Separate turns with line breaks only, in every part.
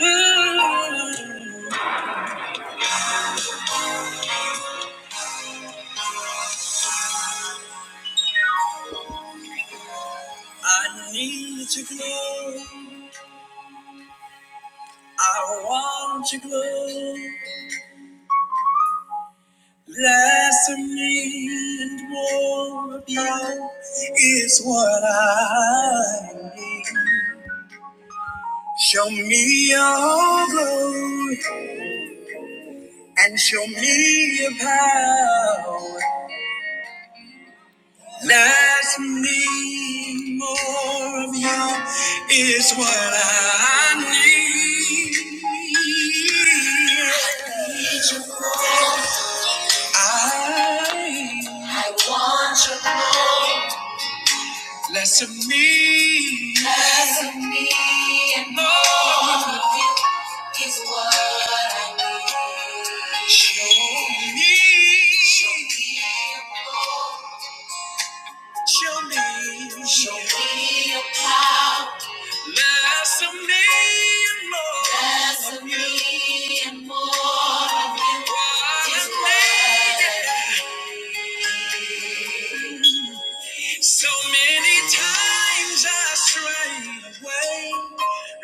Mm, I need to glow. I want to glow. Less of me and more of you is what I need. Show me your glow and show me your power. Less of me, more of you is what I need. I you more. I want you more. less of me, less of me, and more of you is what I need. Show me, show me, show me, show me. your power. Less of me and more Less of you. me and more of you. What is a thing. So many times I strayed away,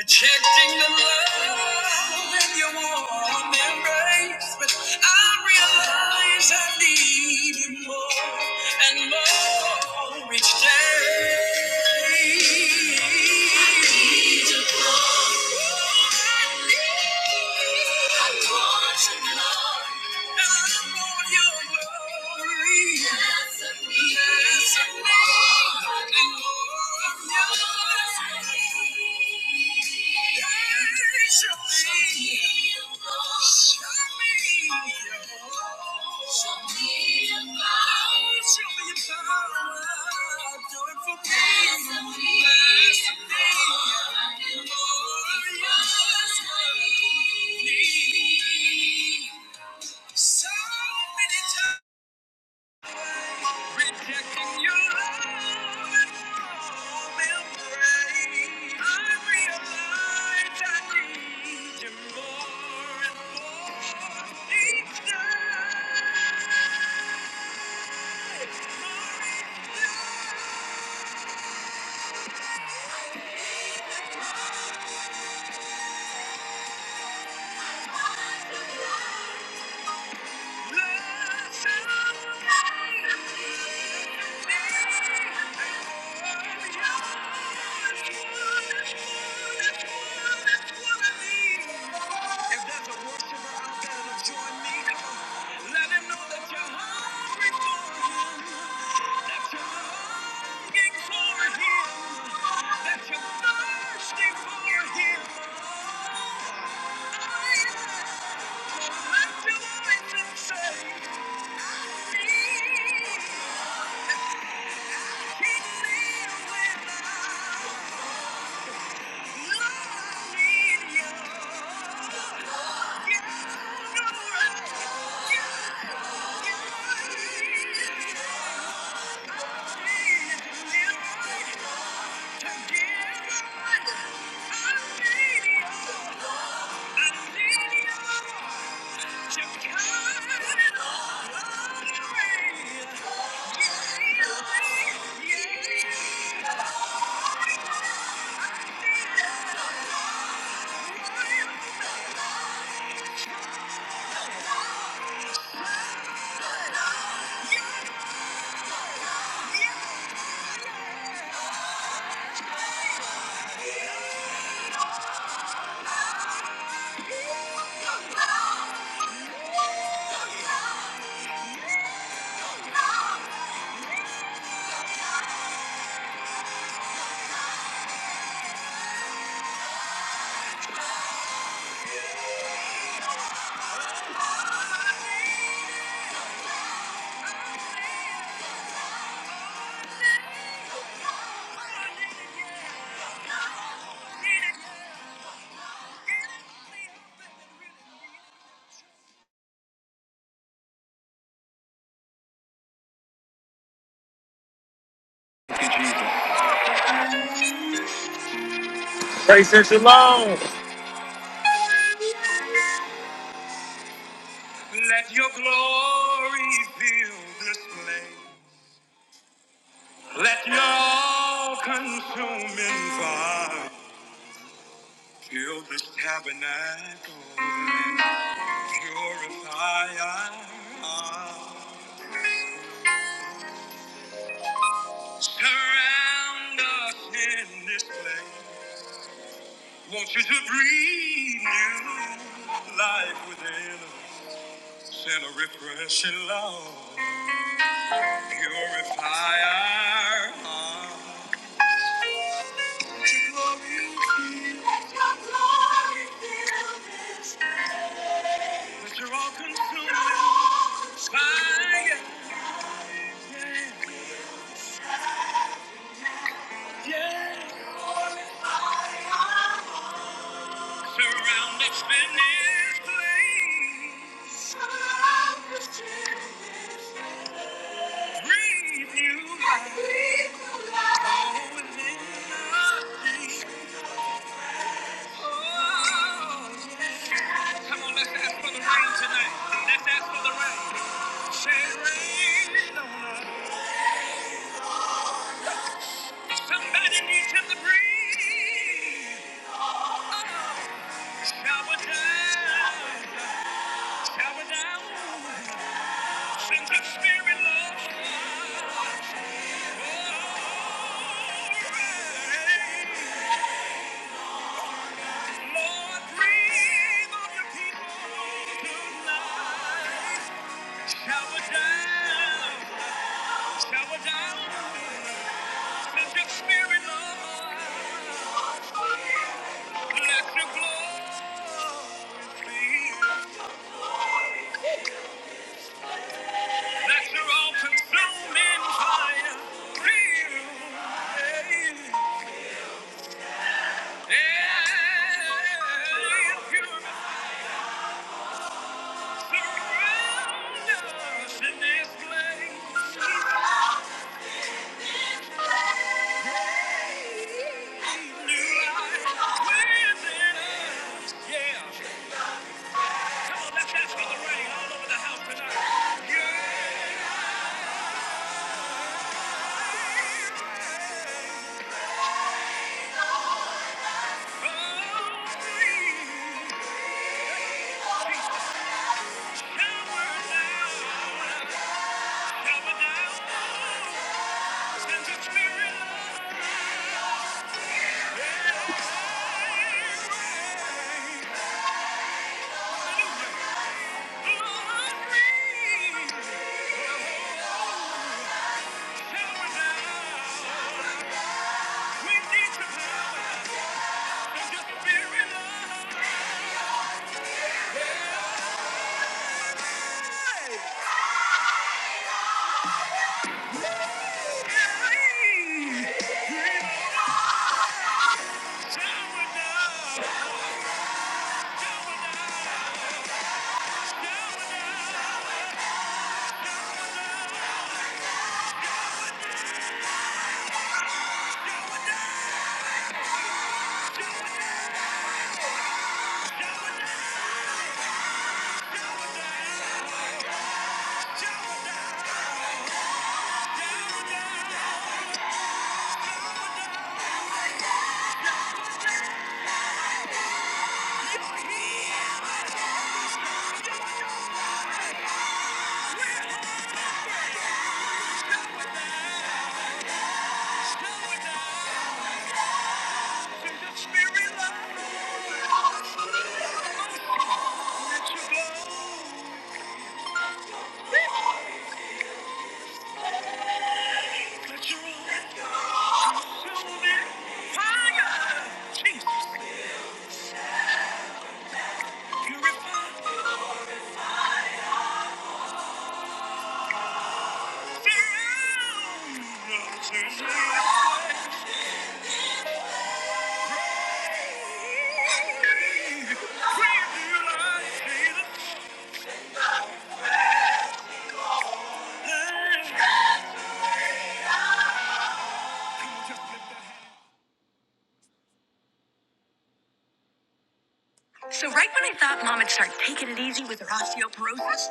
rejecting the love in your warm embrace. But I realize I need you more and more each day. I need you Lord, I want you, Lord. Thank you. So many times rejecting your love and warm embrace. I realize I need you more and more each day, more each day. If there's a worshiper out there to join me, come on. Let him know that you're hungry for him. That you're longing for him. That you're thirsty for him. Thank you. Fill
Grace and shalom.
this tabernacle, purify us. Surround us in this place. Want you to breathe new life within us. And a refreshing love purify our hearts. Let your glory fill Let your glory fill this Let your all-consuming fire surround us in this place. Surround us in this place. Breathe you life. Breathe life. Oh, within us. Oh, Come on, let's ask for the rain tonight. Let's ask for the rain. Somebody needs him to breathe. Shower down, shower down. Send your spirit, Lord. Lord, breathe on your people tonight. Shower down, shower down. Send your spirit, Lord. Let your glory. be. Let your consuming fire real. And pure surround us in this place. New life within us. Yeah. Come on, let's ask for the rain all over the house tonight. Yeah. Oh, please, shower down, shower down. Send your spirit. hallelujah. Purify, surround, turn me away. So right when I thought mom would start taking it easy with her osteoporosis,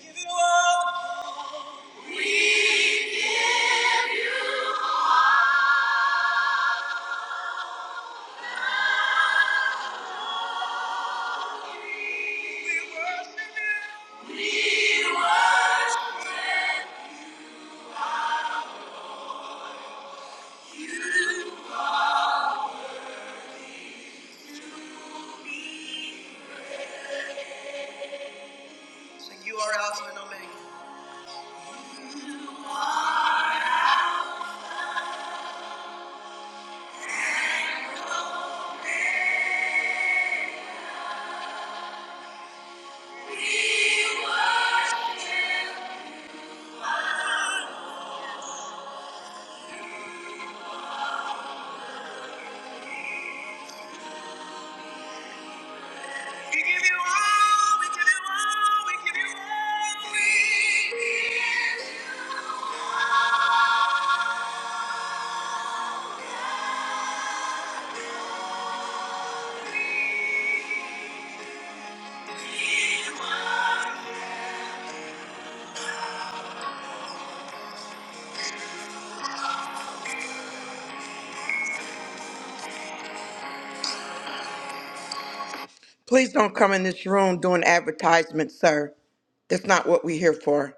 give it all. We give it all. We give it all. We give it all. We give- Please don't come in this room doing advertisements, sir. That's not what we're here for.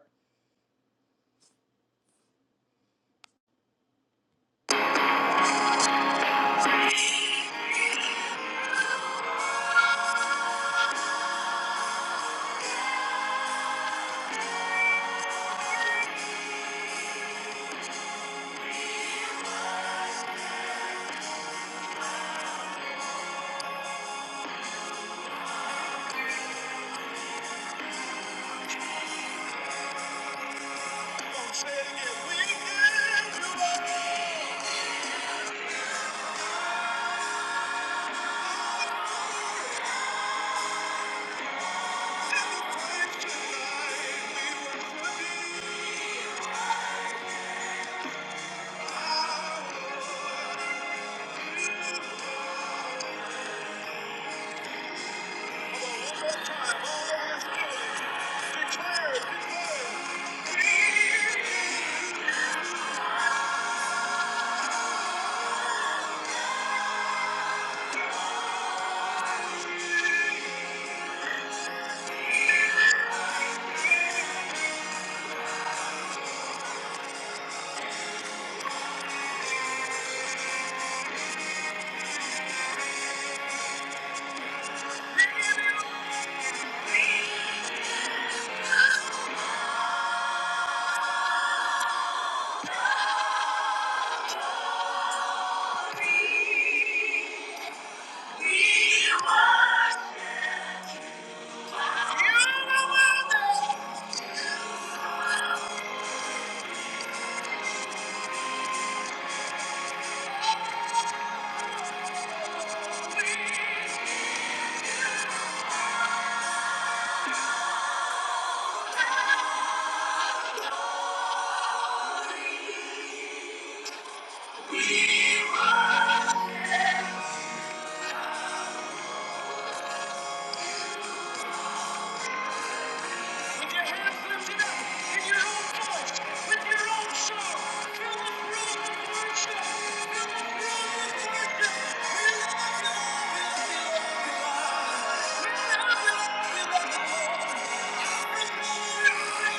to grace,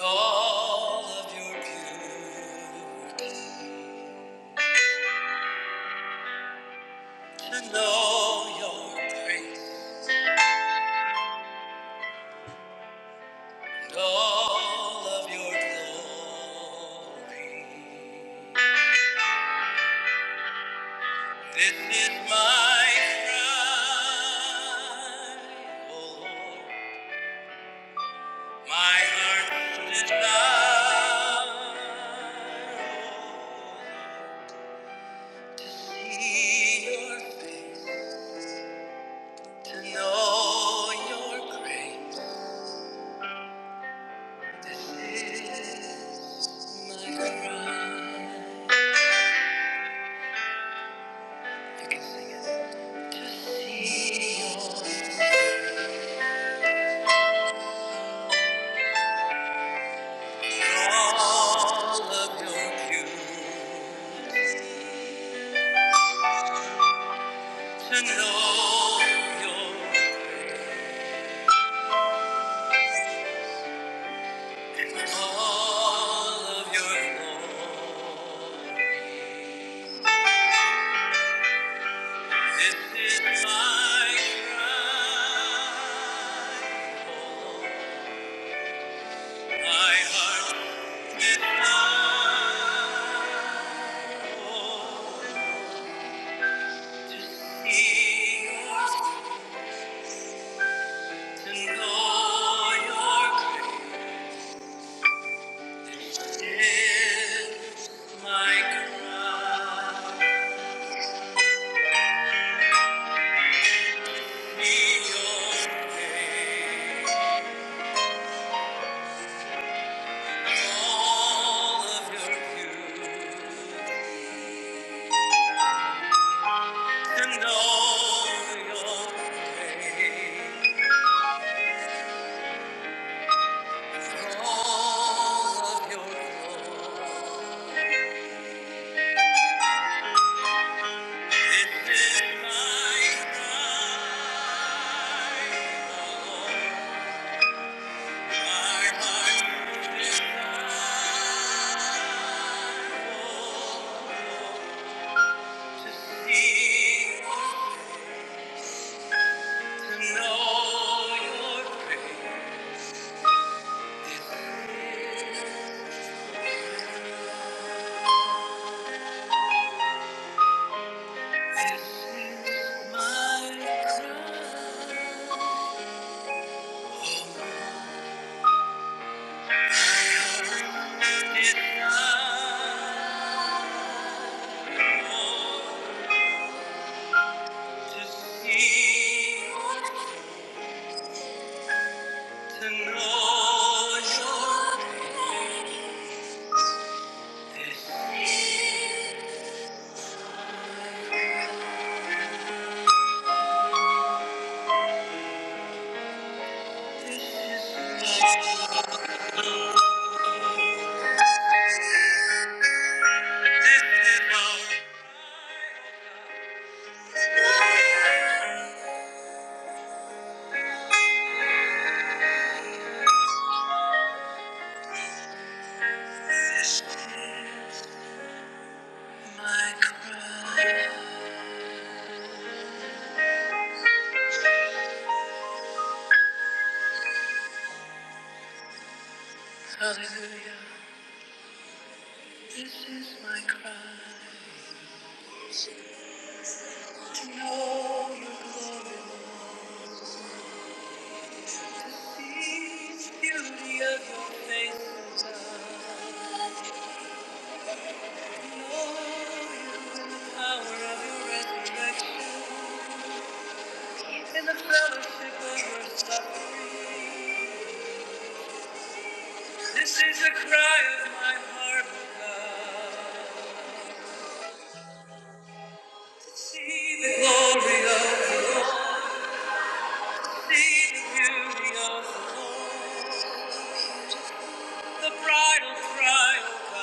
All of your beauty, to know your all of your glory. This is my cry, O Lord, my heart's desire. See your face, know your grace, all of your glory. My cry, my heart's desire. Thank you. In the fellowship of your suffering, this is the cry of my heart, See the glory of the Lord. See the beauty of the Lord. The bridal cry, O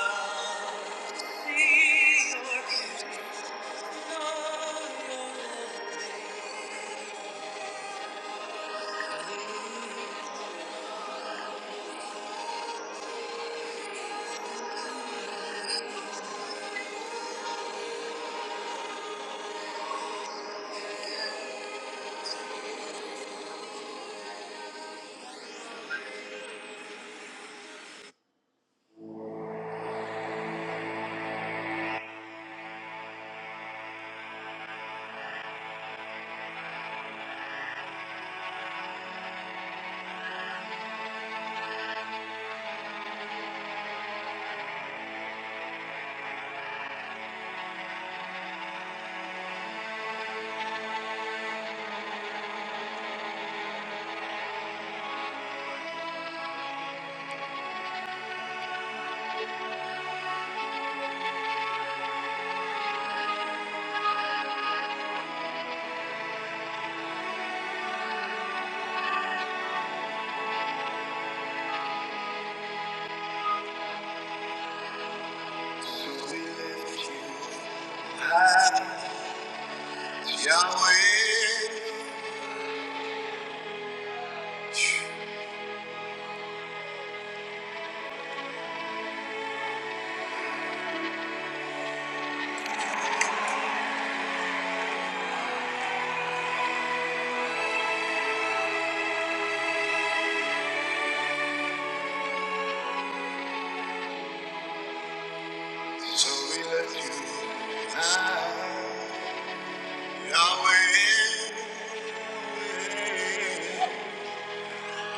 God. Yahweh,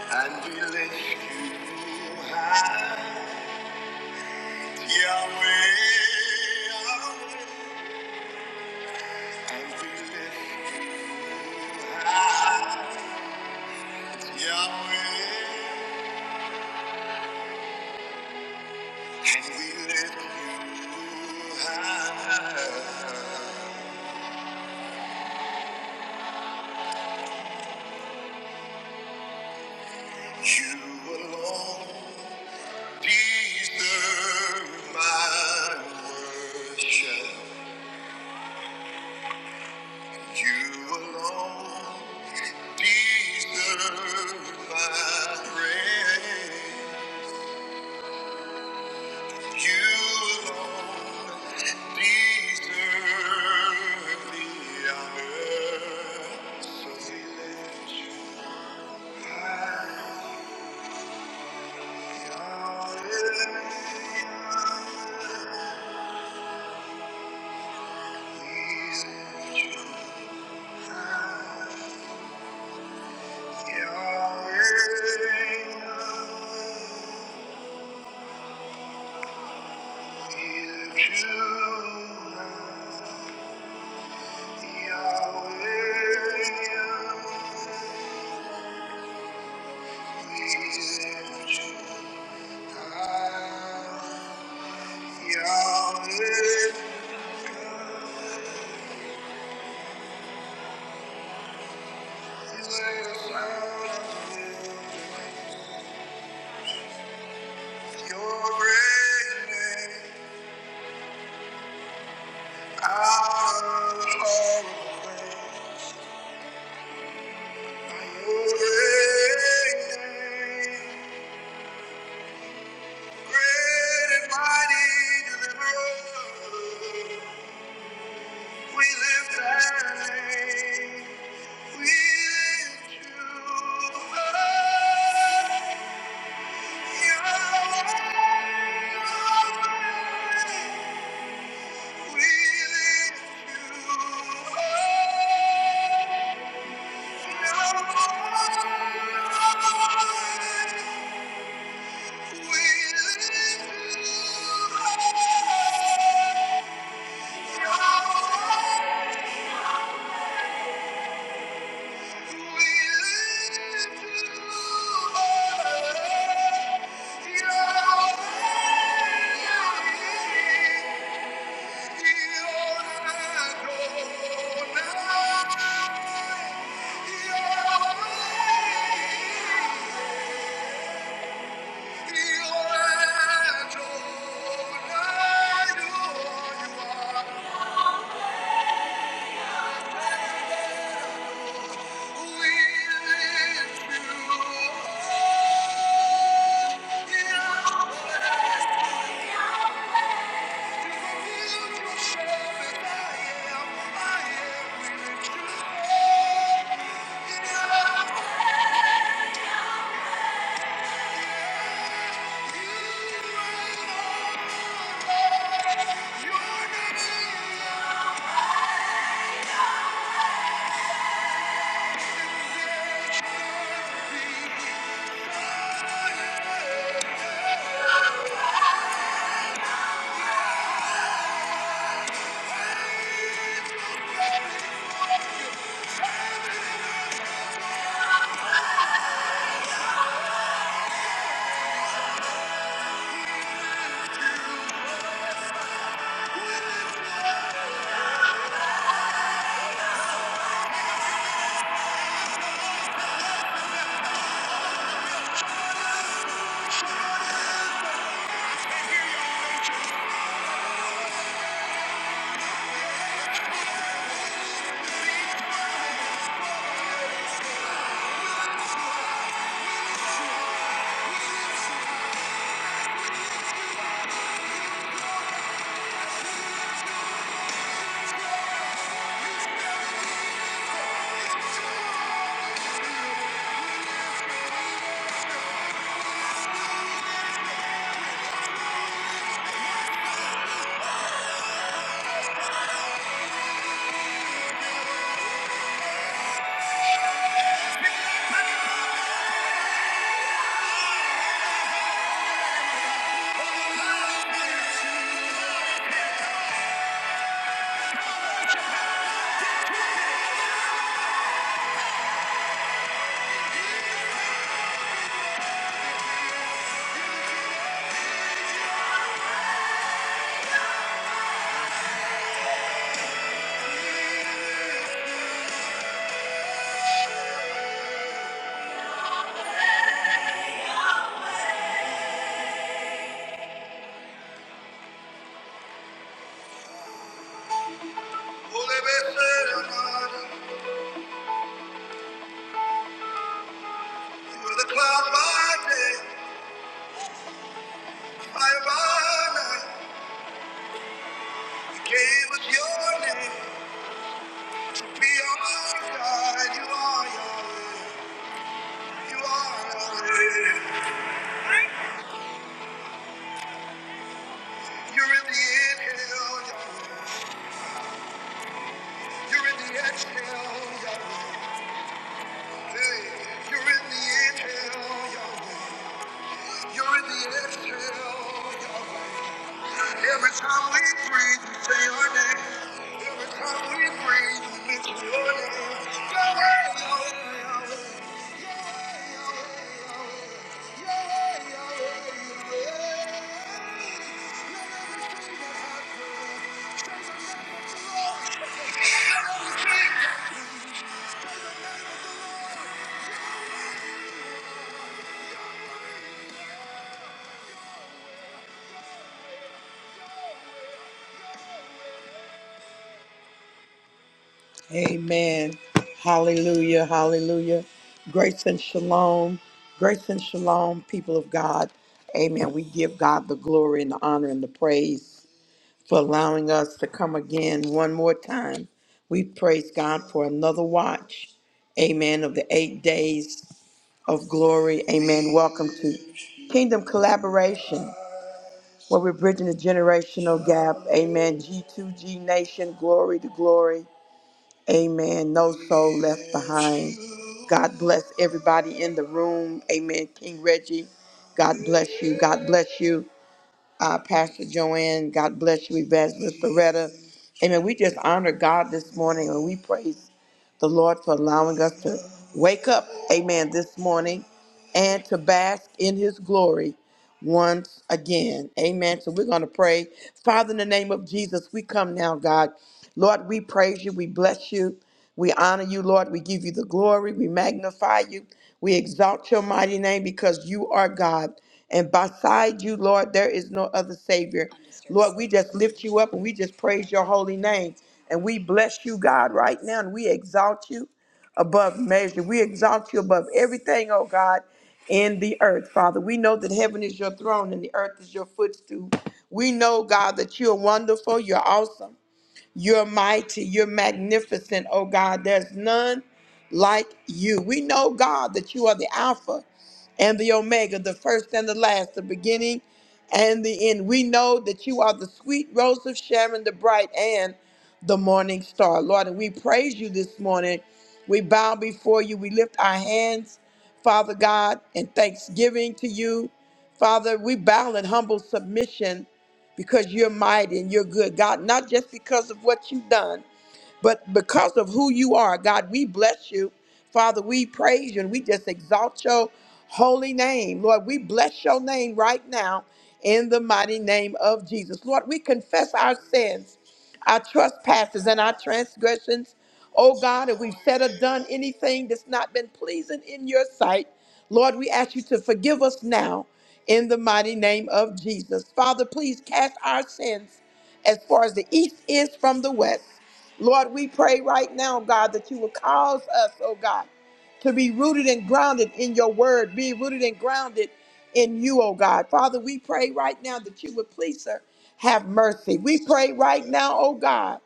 and we lift you high. Yahweh, and we lift you high. Yahweh, and we lift you high. The Lord is the worship. You alone deserve the honor. So we let you high. Yahweh. Your name. Out of our the great Great and mighty deliverer, we lift that name. We lift you up. Yahweh, we lift you up. Yahweh, we lift you up. Thank you. You're in the exhale, Yahweh. You're in the exhale, Every time we breathe, we say your name. Every time we breathe, we mention your name. Yahweh, Yahweh, Yahweh. Yahweh, Yahweh, Yahweh. Yahweh, Yahweh, Yahweh. Let everything that has breath, let the Lord praise. Let everything that happens. Amen. Hallelujah. Hallelujah. Grace and shalom. Grace and shalom, people of God. Amen. We give God the glory and the honor and the praise for allowing us to come again one more time. We praise God for another watch. Amen. Of the eight days of glory. Amen. Welcome to Kingdom Collaboration, where we're bridging the generational gap. Amen. G2G Nation, glory to glory. Amen. No soul left behind. God bless everybody in the room. Amen. King Reggie, God bless you. God bless you, uh, Pastor Joanne. God bless you, Evangelist Loretta. Amen. We just honor God this morning and we praise the Lord for allowing us to wake up. Amen. This morning and to bask in his glory once again. Amen. So we're going to pray. Father, in the name of Jesus, we come now, God. Lord, we praise you. We bless you. We honor you, Lord. We give you the glory. We magnify you. We exalt your mighty name because you are God. And beside you, Lord, there is no other Savior. Lord, we just lift you up and we just praise your holy name. And we bless you, God, right now. And we exalt you above measure. We exalt you above everything, oh God, in the earth, Father. We know that heaven is your throne and the earth is your footstool. We know, God, that you are wonderful, you're awesome. You're mighty. You're magnificent, oh God. There's none like you. We know, God, that you are the Alpha and the Omega, the first and the last, the beginning and the end. We know that you are the sweet rose of Sharon, the bright and the morning star. Lord, and we praise you this morning. We bow before you. We lift our hands, Father God, in thanksgiving to you. Father, we bow in humble submission because you're mighty and you're good, God, not just because of what you've done, but because of who you are, God, we bless you. Father, we praise you and we just exalt your holy name. Lord, we bless your name right now in the mighty name of Jesus. Lord, we confess our sins, our trespasses, and our transgressions. Oh God, if we've said or done anything that's not been pleasing in your sight, Lord, we ask you to forgive us now in the mighty name of Jesus. Father, please cast our sins as far as the east is from the west. Lord, we pray right now, God, that you will cause us, oh God, to be rooted and grounded in your word, be rooted and grounded in you, oh God. Father, we pray right now that you would please her, have mercy. We pray right now, oh God,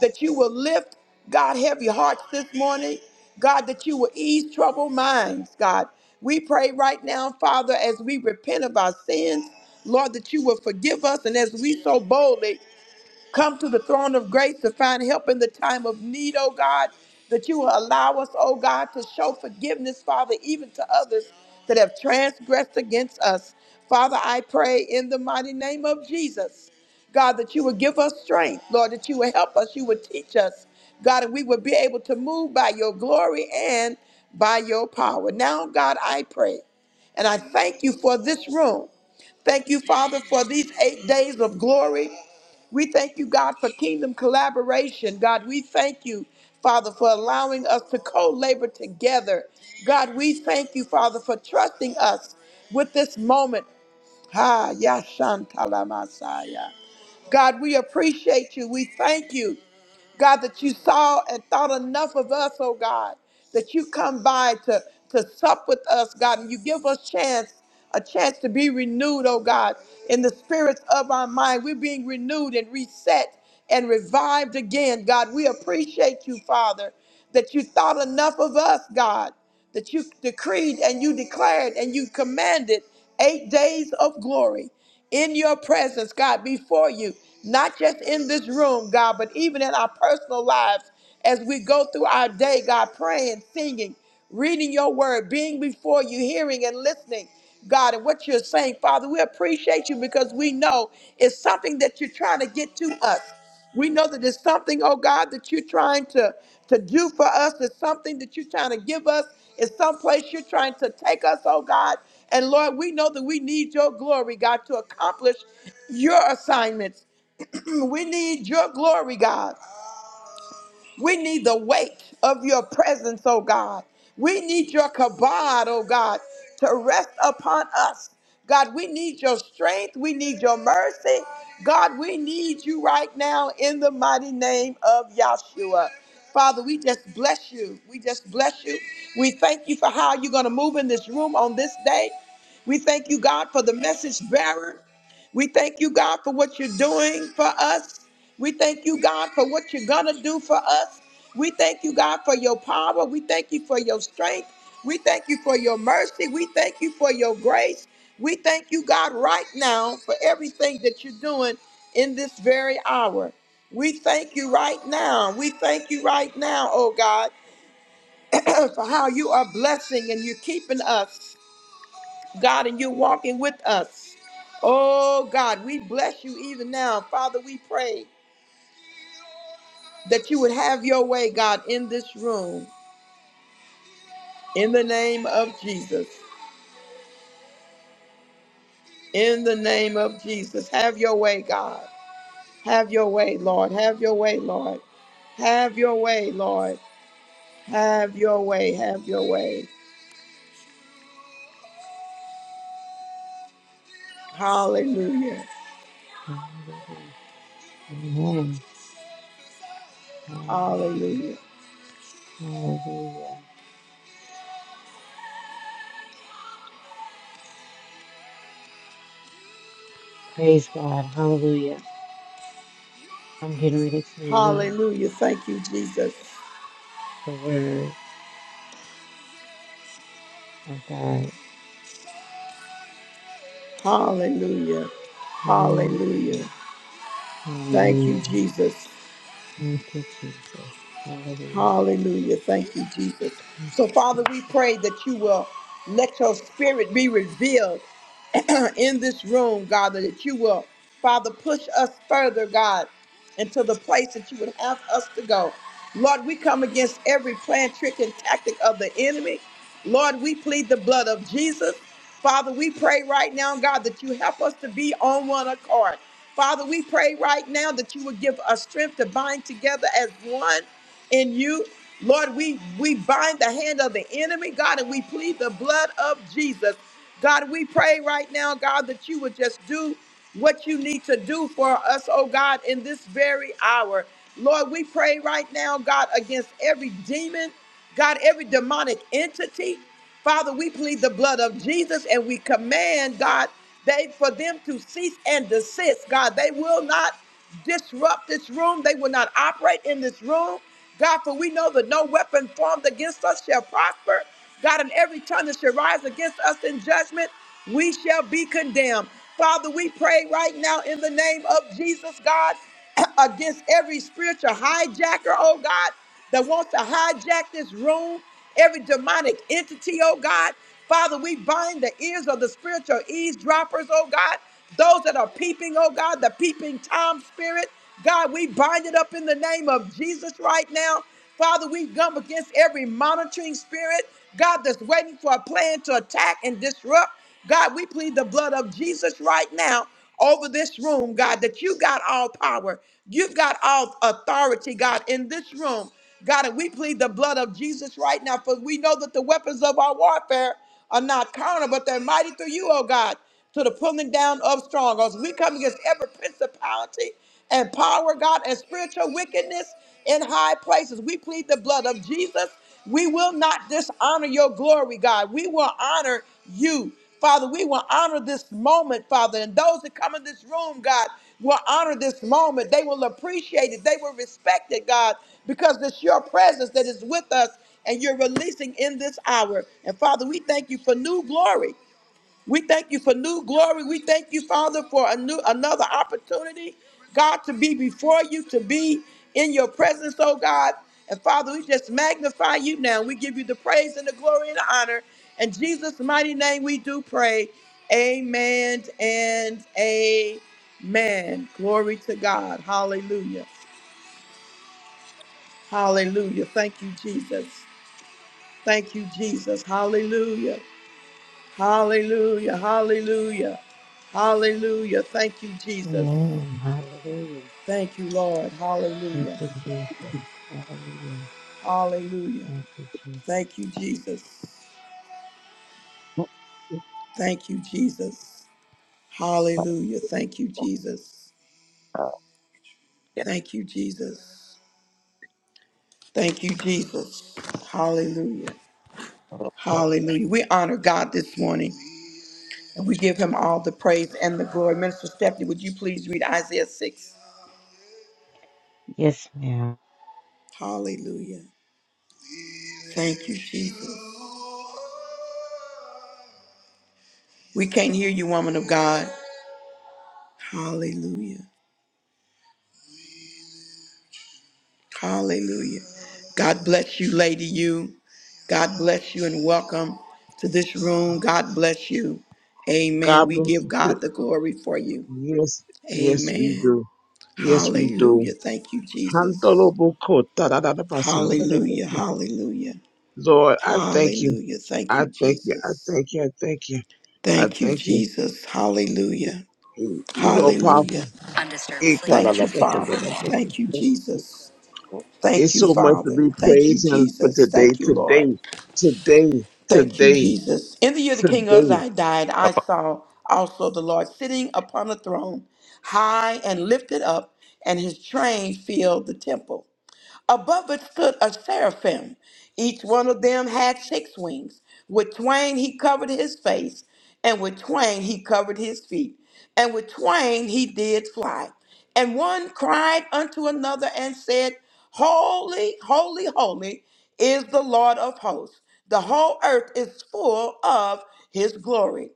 that you will lift, God, heavy hearts this morning. God, that you will ease troubled minds, God. We pray right now, Father, as we repent of our sins, Lord, that you will forgive us. And as we so boldly Come to the throne of grace to find help in the time of need, oh God, that you will allow us, oh God, to show forgiveness, Father, even to others that have transgressed against us. Father, I pray in the mighty name of Jesus, God, that you would give us strength, Lord, that you would help us, you would teach us, God, and we would be able to move by your glory and by your power. Now, God, I pray and I thank you for this room. Thank you, Father, for these eight days of glory. We thank you, God, for kingdom collaboration. God, we thank you, Father, for allowing us to co labor together. God, we thank you, Father, for trusting us with this moment. Ha Yashantala Messiah. God, we appreciate you. We thank you, God, that you saw and thought enough of us, oh God, that you come by to, to sup with us, God, and you give us chance, a chance to be renewed, oh God, in the spirits of our mind. We're being renewed and reset and revived again, God. We appreciate you, Father, that you thought enough of us, God that you decreed and you declared and you commanded eight days of glory in your presence, God, before you, not just in this room, God, but even in our personal lives as we go through our day, God, praying, singing, reading your word, being before you, hearing and listening. God, and what you're saying, Father, we appreciate you because we know it's something that you're trying to get to us. We know that there's something, oh God, that you're trying to, to do for us. There's something that you're trying to give us. It's someplace you're trying to take us, oh God. And Lord, we know that we need your glory, God, to accomplish your assignments. we need your glory, God. We need the weight of your presence, oh God. We need your kabod, oh God, to rest upon us. God, we need your strength. We need your mercy. God, we need you right now in the mighty name of Yahshua. Father, we just bless you. We just bless you. We thank you for how you're going to move in this room on this day. We thank you, God, for the message bearer. We thank you, God, for what you're doing for us. We thank you, God, for what you're going to do for us. We thank you, God, for your power. We thank you for your strength. We thank you for your mercy. We thank you for your grace. We thank you, God, right now for everything that you're doing in this very hour. We thank you right now. We thank you right now, oh God, for how you are blessing and you're keeping us. God, and you're walking with us. Oh, God, we bless you even now. Father, we pray that you would have your way, God, in this room, in the name of Jesus. In the name of Jesus, have your way, God. Have your way, Lord. Have your way, Lord. Have your way, Lord. Have your way. Have your way. Hallelujah.
Hallelujah. Amen. Hallelujah.
Hallelujah.
Hallelujah. Praise God. Hallelujah. I'm getting ready to read
Hallelujah. Thank you, Jesus.
the word of God.
Hallelujah.
Hallelujah.
Hallelujah. Thank you,
Hallelujah.
Jesus.
Thank you, Jesus. Hallelujah.
Hallelujah. Thank you, Jesus.
Thank
So,
you,
Father, we
Jesus.
pray that you will let your spirit be revealed in this room, God, that you will, Father, push us further, God, into the place that you would have us to go. Lord, we come against every plan, trick, and tactic of the enemy. Lord, we plead the blood of Jesus. Father, we pray right now, God, that you help us to be on one accord. Father, we pray right now that you would give us strength to bind together as one in you. Lord, we, we bind the hand of the enemy, God, and we plead the blood of Jesus. God, we pray right now, God, that you would just do what you need to do for us, oh God, in this very hour. Lord, we pray right now, God, against every demon, God, every demonic entity. Father, we plead the blood of Jesus and we command, God. They for them to cease and desist, God. They will not disrupt this room. They will not operate in this room. God, for we know that no weapon formed against us shall prosper. God, And every tongue that shall rise against us in judgment, we shall be condemned. Father, we pray right now in the name of Jesus, God. against every spiritual hijacker, oh God, that wants to hijack this room, every demonic entity, oh God. Father, we bind the ears of the spiritual eavesdroppers, oh God, those that are peeping, oh God, the peeping Tom spirit. God, we bind it up in the name of Jesus right now. Father, we come against every monitoring spirit, God, that's waiting for a plan to attack and disrupt. God, we plead the blood of Jesus right now over this room, God, that you got all power. You've got all authority, God, in this room. God, and we plead the blood of Jesus right now, for we know that the weapons of our warfare are not carnal, but they're mighty through you, oh God, to the pulling down of strongholds. We come against every principality and power, God, and spiritual wickedness in high places. We plead the blood of Jesus. We will not dishonor your glory, God. We will honor you. Father, we will honor this moment, Father, and those that come in this room, God, will honor this moment. They will appreciate it. They will respect it, God, because it's your presence that is with us and you're releasing in this hour. And Father, we thank you for new glory. We thank you for new glory. We thank you, Father, for a new another opportunity, God, to be before you, to be in your presence, oh God. And Father, we just magnify you now. We give you the praise and the glory and the honor. In Jesus' mighty name, we do pray. Amen and amen. Glory to God. Hallelujah. Hallelujah. Thank you, Jesus. Thank you, Jesus. Hallelujah. Hallelujah. Hallelujah. Hallelujah. Thank you, Jesus.
Amen. Hallelujah.
Thank you, Lord.
Thank
Hallelujah.
you, Jesus. Hallelujah.
Hallelujah.
Thank you, Jesus.
Thank you, Jesus.
Hallelujah.
Thank you, Jesus. Hallelujah. Thank you, Jesus.
Oh, my,
Thank you, Jesus. Thank you, Jesus. Hallelujah.
my, my, my,
Hallelujah. We honor God this morning and we give him all the praise and the glory. Minister Stephanie, would you please read Isaiah 6?
Yes, ma'am.
Hallelujah. Thank you, Jesus. We can't hear you, woman of God. Hallelujah. Hallelujah. God bless you, Lady You. God bless you and welcome to this room. God bless you. Amen.
God
We
bless
give
you. too.
God the glory for you.
Yes, yes, we
Amen.
do. Yes, we do.
Hallelujah. Thank you, Jesus.
Handoloboko,
Hallelujah.
tadadadabasandadadaboko.
Hallelujah.
Lord, I thank you.
Hallelujah. Thank
I
you,
thank you. I
Jesus.
thank you. I thank you. I
Thank you,
thank you.
Jesus. Hallelujah.
You you know, powerful.
Hallelujah. Undisturbed sleep. Thank you, Father.
Ikwadadabasandadaboko.
Thank you, Jesus. Thank
It's
you,
so much to
Father.
be
Thank you,
praised Him for
Jesus.
today,
Thank you,
today,
Lord.
today,
Thank you,
today,
Jesus. In the year the King
today.
Uzziah died, I saw also the Lord sitting upon a throne, high and lifted up, and his train filled the temple. Above it stood a seraphim. Each one of them had six wings. With twain he covered his face, and with twain he covered his feet, and with twain he did fly. And one cried unto another and said, Holy, holy, holy is the Lord of hosts. The whole earth is full of his glory.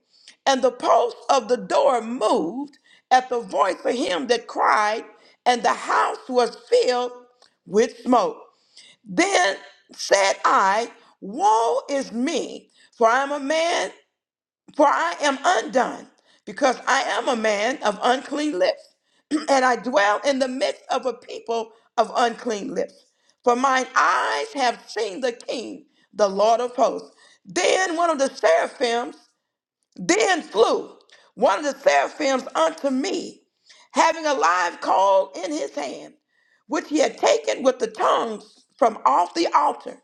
And the post of the door moved at the voice of him that cried, and the house was filled with smoke. Then said I, Woe is me, for I am a man, for I am undone, because I am a man of unclean lips, and I dwell in the midst of a people of unclean lips. For mine eyes have seen the King, the Lord of hosts. Then one of the seraphims then flew, one of the seraphims unto me, having a live coal in his hand which he had taken with the tongues from off the altar.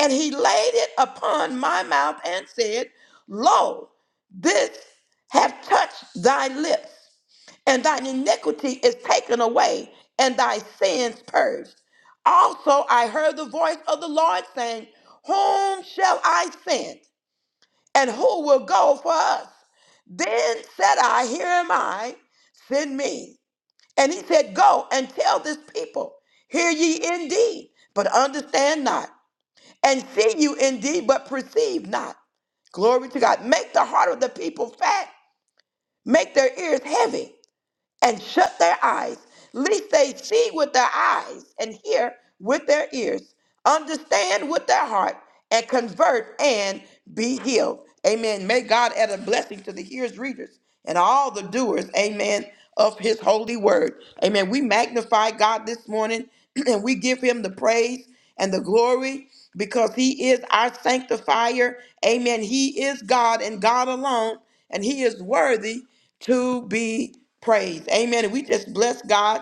And he laid it upon my mouth and said, Lo, this hath touched thy lips, and thine iniquity is taken away, and thy sins purged. Also I heard the voice of the Lord saying, Whom shall I send? And who will go for us? Then said I, Here am I, send me. And he said, Go and tell this people, hear ye indeed, but understand not, and see you indeed, but perceive not. Glory to God. Make the heart of the people fat, make their ears heavy and shut their eyes, lest they see with their eyes and hear with their ears, understand with their heart, and convert and be healed. Amen. May God add a blessing to the hearers, readers, and all the doers. Amen. Of his holy word. Amen. We magnify God this morning and we give him the praise and the glory because he is our sanctifier. Amen. He is God and God alone, and he is worthy to be praised. Amen. And we just bless God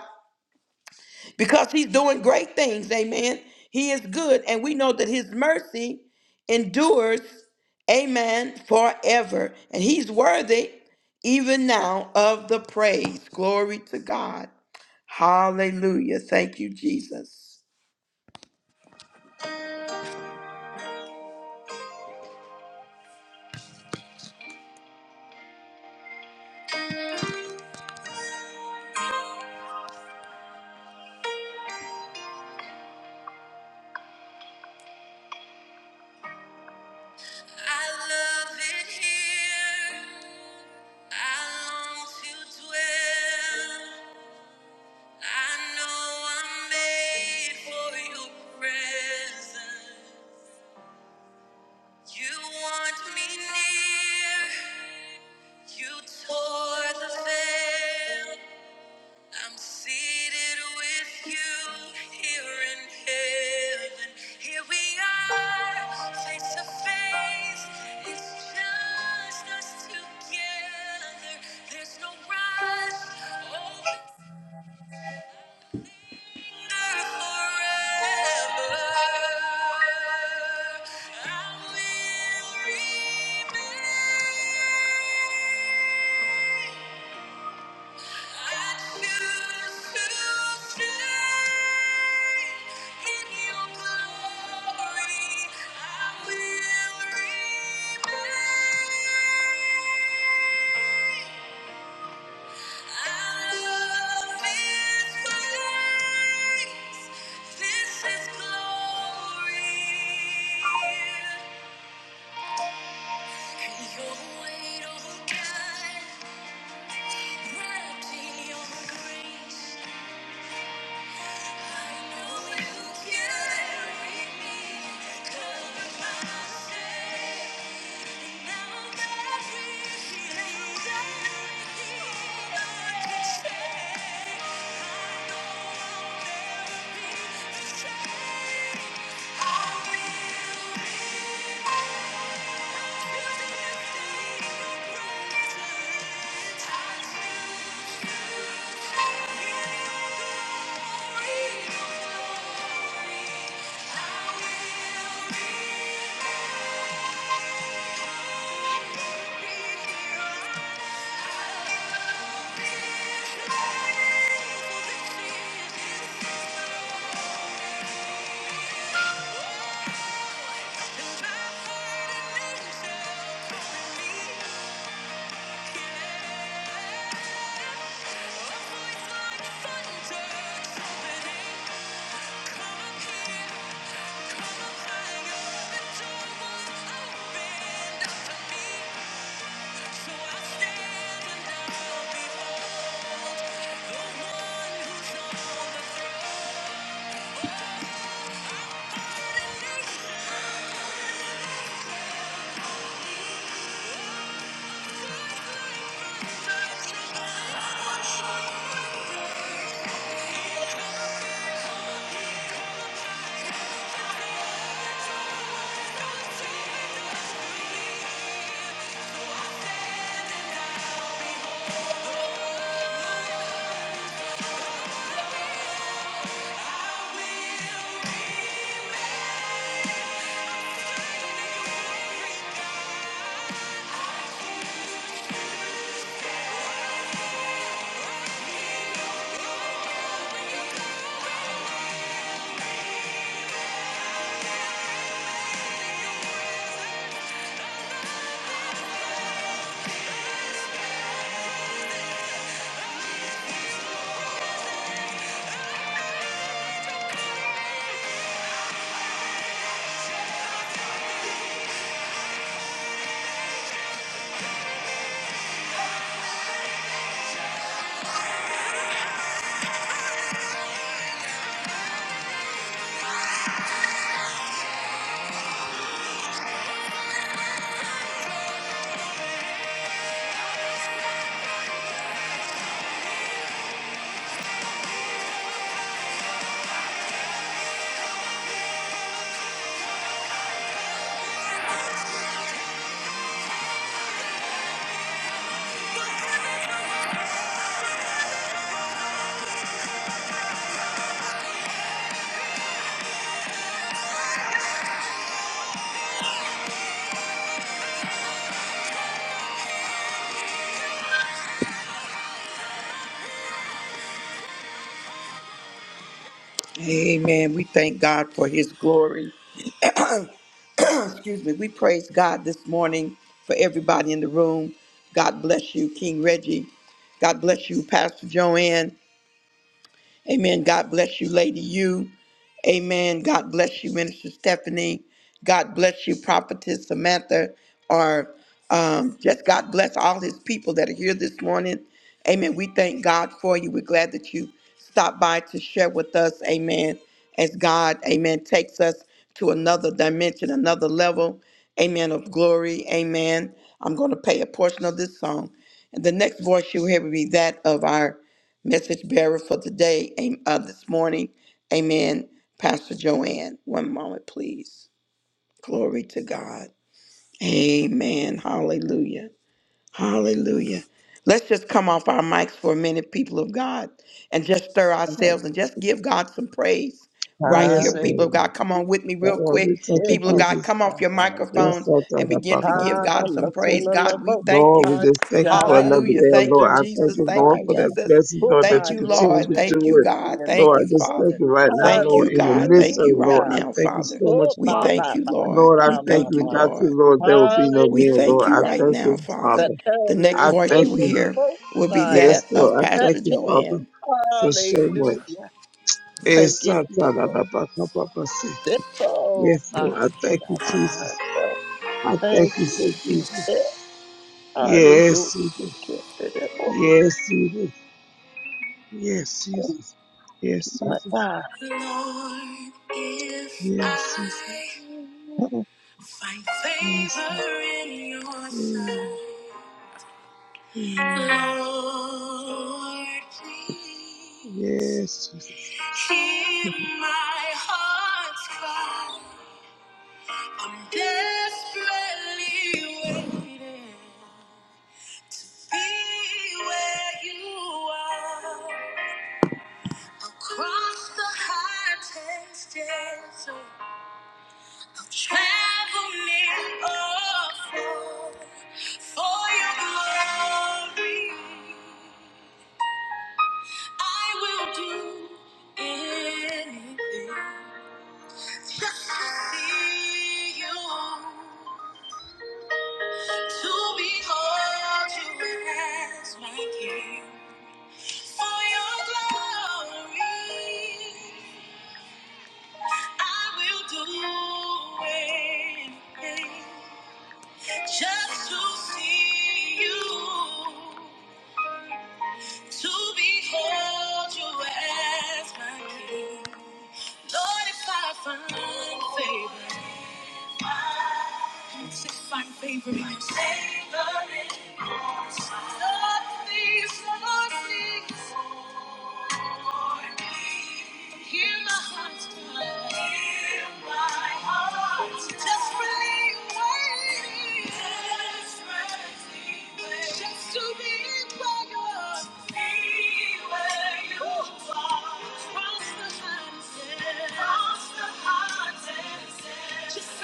because he's doing great things. Amen. He is good, and we know that his mercy endures, amen, forever. And he's worthy even now of the praise. Glory to God. Hallelujah. Thank you, Jesus. I love it here. I long to dwell. I know I'm made for your presence. You want me near. You tore the veil. I'm seated with you here in heaven. Here we are, face to face. It's just us together. There's no rush. Oh, we're forever. I will remain. Your weight, oh God, wrapped in your grace. Amen. We thank God for his glory. Excuse me. We praise God this morning for everybody in the room. God bless you, King Reggie. God bless you, Pastor Joanne. Amen. God bless you, Lady You. Amen. God bless you, Minister Stephanie. God bless you, Prophetess Samantha, or um, just God bless all his people that are here this morning. Amen. We thank God for you. We're glad that you stopped by to share with us. Amen. As God, amen, takes us to another dimension, another level. Amen. Of glory. Amen. I'm going to play a portion of this song. And the next voice you'll hear will be that of our Message bearer for today, am- uh, this morning. Amen. Pastor Joanne, one moment, please. Glory to God. Amen. Hallelujah. Hallelujah. Let's just come off our mics for a minute, people of God, and just stir ourselves and just give God some praise right here,
Yes,
people
Lord.
of God. Come on with me, real
Lord, we
quick.
thank you,
People of God,
Jesus.
come off your
Yes,
microphones
Lord.
and begin to give God some praise. God, we thank
Lord,
you.
we just thank you for another
Hallelujah.
day, oh
Thank
Lord.
you,
I thank
Jesus.
you,
Thank
Lord,
you,
for that
Jesus.
blessing, Lord, that
Thank
you
you,
continue
Lord.
to
Thank
do
you,
it.
God. Thank
Lord, I
you,
just thank
Father.
you right now,
Thank
Lord,
you,
in the
God.
midst of
Thank you
it, Lord.
right
I
now,
thank you
Father.
so much,
We
Father.
thank you, Lord.
Lord, I
We
thank
my,
you.
thank you,
my.
Without you,
Lord.
Lord, there will be no
We
me, oh
thank
Lord.
you
I
Hallelujah.
right
thank
now,
you,
The
Father.
Father.
The
tell
next
I
it,
voice you
thank
will
you.
hear
oh,
will be
Messiah.
that
Yes,
of
Lord. I thank
Pastor
you, Father,
Joanne.
for so
Hallelujah.
much.
Thank
Yes,
you,
Lord.
Jesus. Oh, my
I thank you, Jesus.
God.
I thank
Thank
you,
you,
so
Jesus.
Jesus.
Hallelujah.
Yes, Jesus. Yes, Jesus. Yes,
Oh,
Jesus. Yes,
my
Jesus.
God.
If
Yes, Jesus.
I find
Yes, Jesus.
favor in your
Mm,
sight,
mm.
Lord, please
Yes, Jesus. Yes, Jesus.
hear my heart's cry. I'm desperately waiting. Be where you are. Across the high tense desert, traveling all for your glory, I will do anything just to see you, to behold you as my King. For your glory, I will do anything. Just to see you, to behold you as my king. Lord, if I find favor, if I find favor, my favor is up, please, Lord, please. Hear my heart's cry. Just say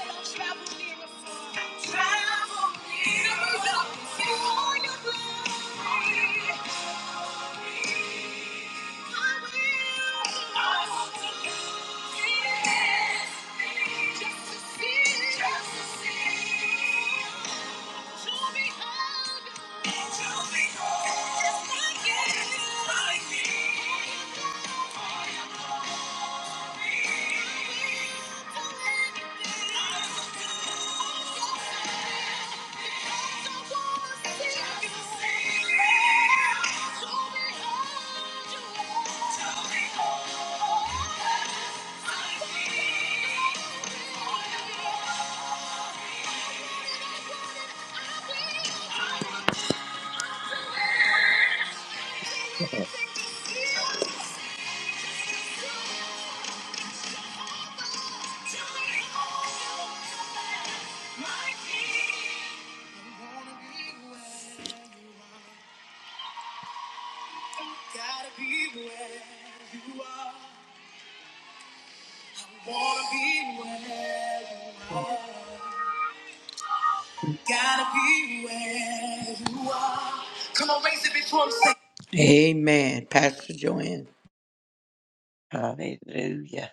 I'll travel near and far. Travel near. Somebody say, "Oh, your glory." Yeah. Amen, Pastor Joanne.
Hallelujah.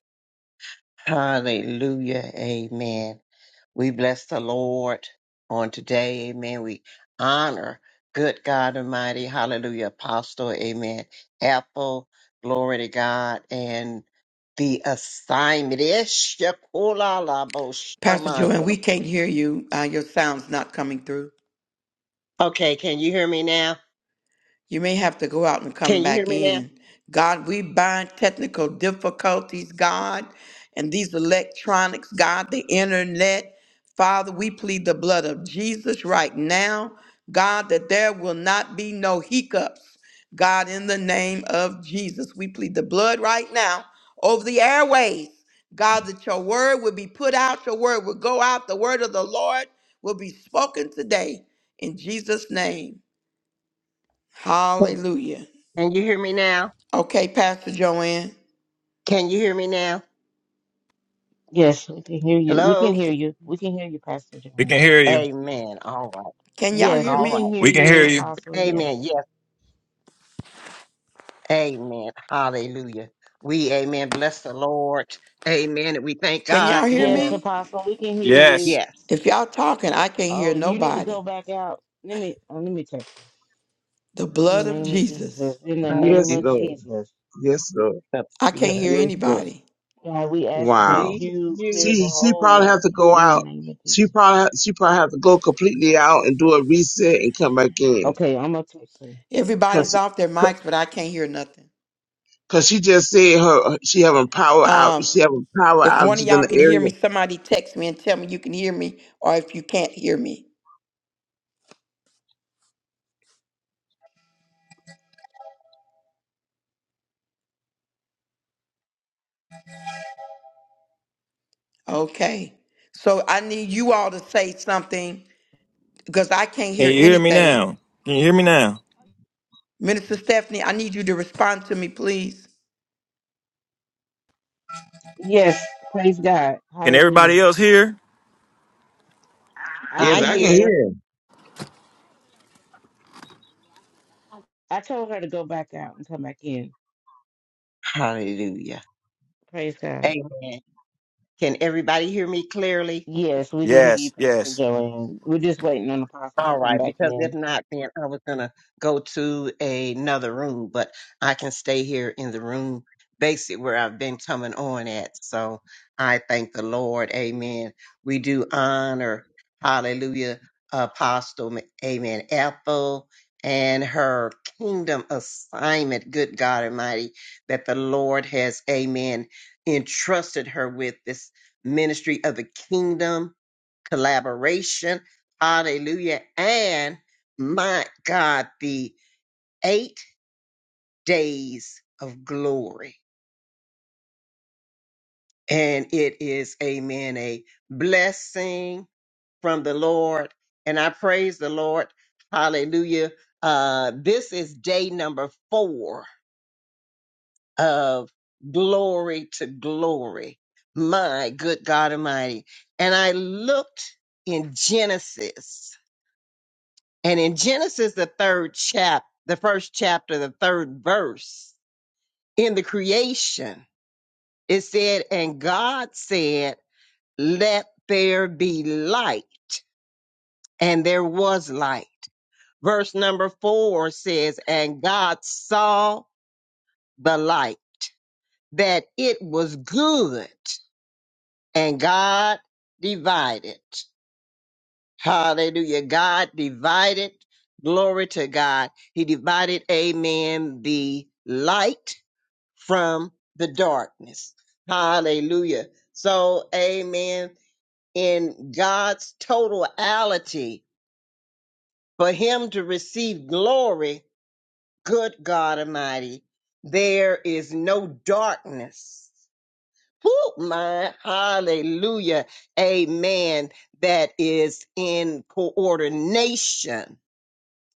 Hallelujah. Amen. We bless the Lord on today. Amen. We honor good God Almighty. Hallelujah. Apostle. Amen. Apple. Glory to God. And the assignment is
Pastor Joanne, we can't hear you. Uh, your sound's not coming through.
Okay, can you hear me now?
You may have to go out and come
Can you hear
back
me now?
in. God, we bind technical difficulties, God, and these electronics, God, the internet. Father, we plead the blood of Jesus right now, God, that there will not be no hiccups. God, in the name of Jesus, we plead the blood right now over the airways. God, that your word will be put out, your word will go out, the word of the Lord will be spoken today in Jesus' name. Hallelujah.
Can you hear me now?
Okay, Pastor Joanne,
Can you hear me now?
Yes, we can hear you. We can
Hello?
Make
hear you. We can hear you, Pastor
We can
Joanne.
hear you.
Amen. All right.
can y'all
Yes,
hear
All
we can
me?
right.
hear
We can hear
you,
you.
Apostle.
Amen.
Yes.
Yes. Amen. Hallelujah. We, amen. Bless the Lord. Amen. And we thank
Can
God
y'all hear
Yes,
for,
me?
Apostle, we can hear you.
Yes,
yes.
If y'all talking, I can't hear
Oh, you need to
nobody.
go back out. Let me uh, let me text her.
The blood
In the
of
name of
Jesus.
Jesus. In the name
Yes,
Hallelujah.
of
Lord.
Jesus.
Yes, Lord.
The
I can't
blood.
hear
Yes, Lord.
anybody.
God, we ask that
Wow.
We,
you
you,
clear
She
the
she
whole
probably have to
world.
go
in the
out.
name of
She
Jesus.
probably she probably have to go completely out and do a reset and come back in.
Okay, I'm gonna text her.
Everybody's
Cause,
off their mics, but I can't hear nothing.
Cause she just said her she having power out
Um,
she having power
if one of
outages in
y'all
the
can hear
area.
me, somebody text me and tell me you can hear me, or if you can't hear me. Okay. So I need you all to say something because I can't
Can
hear
you hear me
anything.
now? Can you hear me now?
Minister Stephanie, I need you to respond to me, please.
Yes, praise God.
Can
Hallelujah.
everybody else hear?
I
Yes,
I
can
I can
hear her.
hear.
hear.
I told her to go back out and come back in.
Hallelujah.
Praise God.
Amen. Can everybody hear me clearly?
Yes, we can hear you,
Yes,
Pastor
yes.
Joanne. We're just waiting on the Apostle to
All
come
right,
back
because if
in.
not, then I was gonna go to another room, but I can stay here in the room basic where I've been coming on at. So I thank the Lord. Amen. We do honor, hallelujah, Apostle, amen, Ethel and her kingdom assignment, good God Almighty, that the Lord has, amen, entrusted her with this ministry of the kingdom collaboration. Hallelujah. And my God, the eight days of glory. And it is, amen, a blessing from the Lord. And I praise the Lord. Hallelujah. Uh, this is day number four of glory to glory. My good God Almighty. And I looked in Genesis And in Genesis, the third chap, the first chapter, the third verse, in the creation, it said, And God said, Let there be light. And there was light. Verse number four says, And God saw the light, that it was good, and God divided. Hallelujah. God divided. Glory to God. He divided, amen, the light from the darkness. Hallelujah. So, amen, in God's totality, for him to receive glory, good God Almighty, there is no darkness. Whoo, my hallelujah, amen, that is in coordination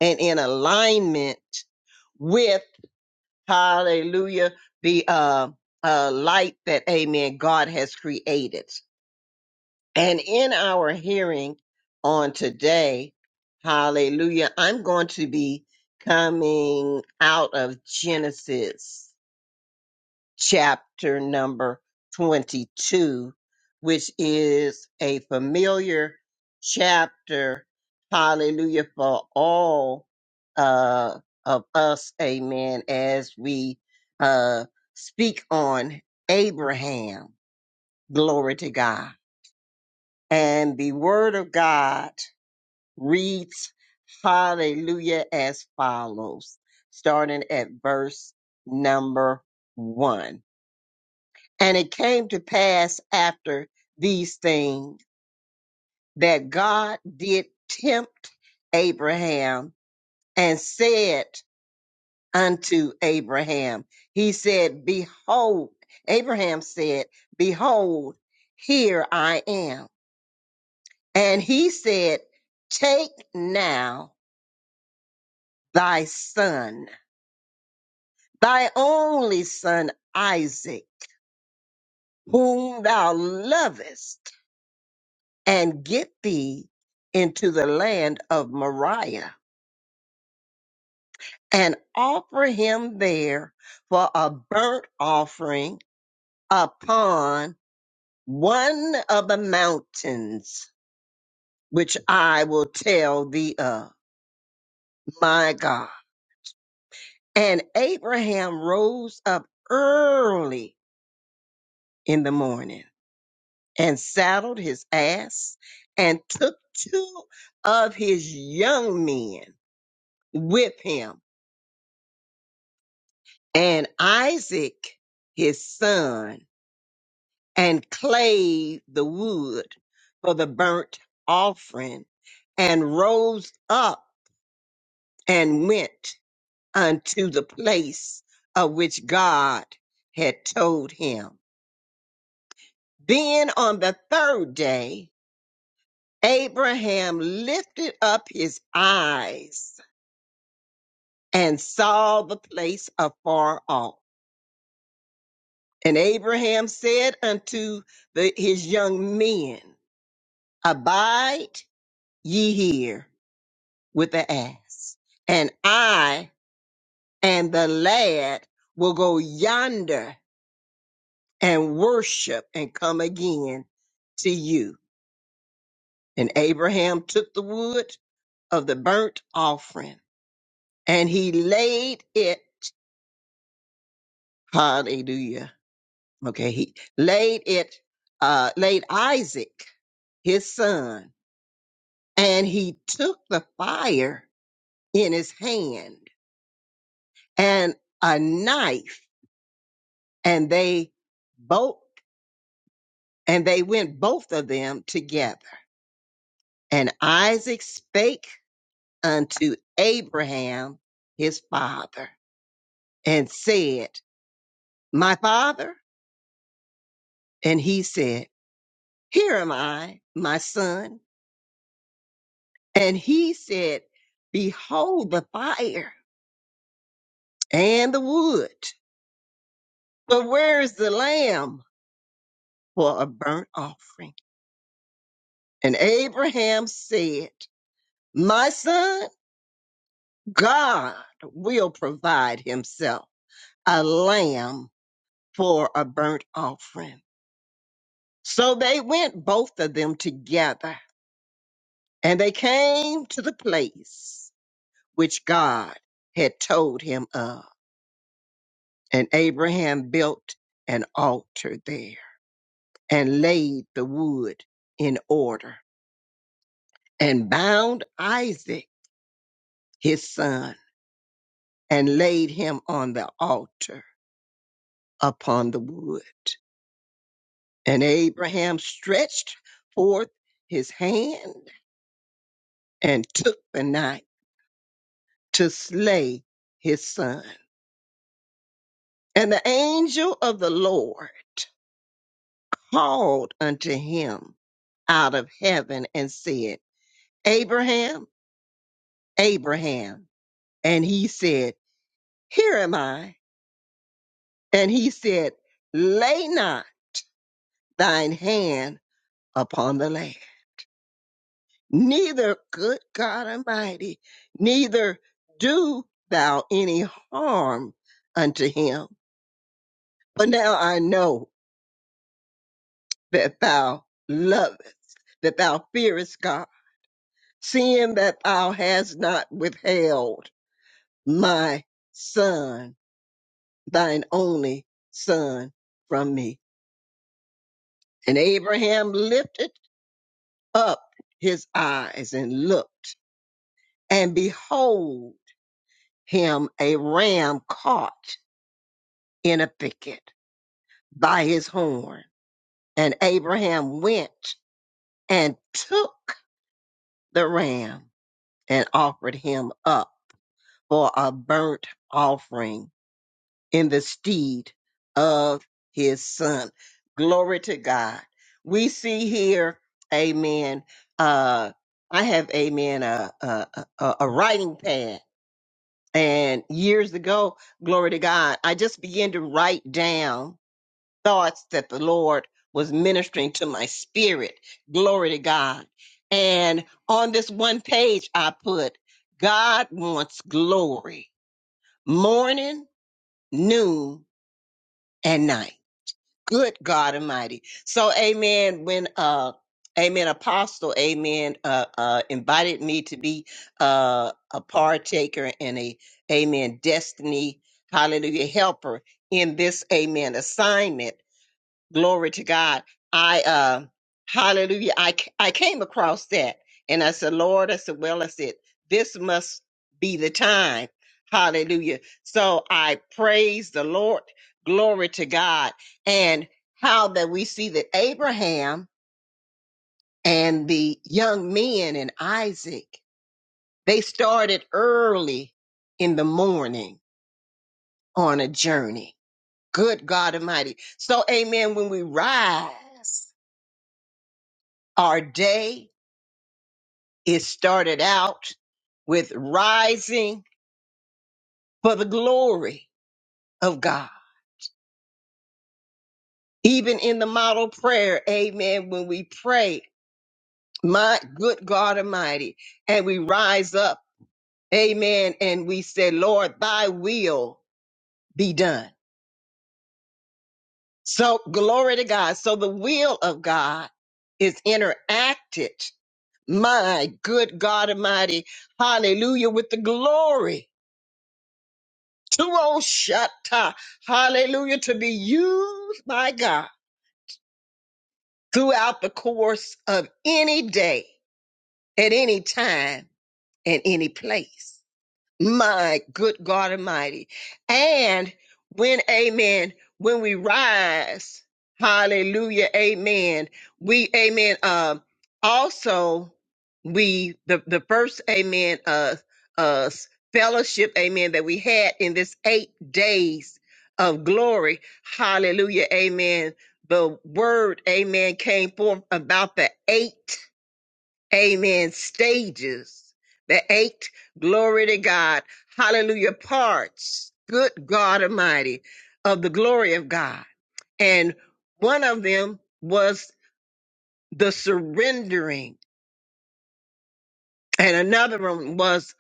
and in alignment with hallelujah the uh, uh light that amen god has created and in our hearing on today hallelujah i'm going to be coming out of genesis chapter number 22, which is a familiar chapter, hallelujah, for all uh, of us, amen, as we uh, speak on Abraham. Glory to God. And the word of God reads, hallelujah, as follows, starting at verse number one. And it came to pass after these things that God did tempt Abraham and said unto Abraham, He said, Behold, Abraham said, Behold, here I am. And he said, Take now thy son, thy only son Isaac, whom thou lovest, and get thee into the land of Moriah, and offer him there for a burnt offering upon one of the mountains which I will tell thee of, my God. And Abraham rose up early in the morning and saddled his ass and took two of his young men with him And Isaac, his son, and clave the wood for the burnt offering and rose up and went unto the place of which God had told him. Then on the third day, Abraham lifted up his eyes and saw the place afar off. And Abraham said unto the, his young men, Abide ye here with the ass, and I and the lad will go yonder and worship and come again to you. And Abraham took the wood of the burnt offering and he laid it, hallelujah. Okay, he laid it, uh, laid Isaac, his son, and he took the fire in his hand and a knife and they both and they went both of them together. And Isaac spake unto Abraham his father and said, My father? And he said, Here am I, my son. And he said, Behold the fire and the wood, but where is the lamb for a burnt offering? And Abraham said, My son God will provide himself a lamb for a burnt offering. So they went both of them together and they came to the place which God had told him of. And Abraham built an altar there and laid the wood in order and bound Isaac, his son, and laid him on the altar upon the wood. And Abraham stretched forth his hand and took the knife to slay his son. And the angel of the Lord called unto him out of heaven and said, Abraham, Abraham. And he said, Here am I. And he said, Lay not thine hand upon the land neither good God Almighty, neither do thou any harm unto him. For now I know that thou lovest, that thou fearest God, seeing that thou hast not withheld my son, thine only son, from me. And Abraham lifted up his eyes and looked, and behold him a ram caught in a picket by his horn. And Abraham went and took the ram and offered him up for a burnt offering in the stead of his son. Glory to God. We see here, amen. Uh, I have, amen, a, a, a, a writing pad. And years ago, glory to God, I just began to write down thoughts that the Lord was ministering to my spirit. Glory to God. And on this one page, I put, God wants glory morning, noon, and night. Good God Almighty. So, amen. When, uh, Amen. Apostle, amen. Uh, uh, invited me to be uh, a partaker and a, amen, destiny, hallelujah, helper in this, amen, assignment Glory to God. I, uh, hallelujah. I, c- I came across that and I said, Lord, I said, well, I said, this must be the time. Hallelujah. So I praise the Lord. Glory to God. And how that we see that Abraham and the young men and Isaac, they started early in the morning on a journey. Good God Almighty. So, amen. When we rise our day, It started out with rising for the glory of God. Even in the model prayer, amen, when we pray, my good God Almighty, and we rise up, amen, and we say, Lord, thy will be done. So glory to God. So the will of God is interacted, my good God Almighty, hallelujah, with the glory Tuoshata, hallelujah, to be used by God throughout the course of any day, at any time, and any place. My good God Almighty. And when, amen, when we rise, hallelujah, amen, we, amen, um, also we, the, the first, amen, uh, uh, fellowship, amen, that we had in this eight days of glory, hallelujah, amen. The word, amen, came forth about the eight amen, stages, the eight, glory to God, hallelujah, parts, good God Almighty, of the glory of God. And one of them was the surrendering, and another one was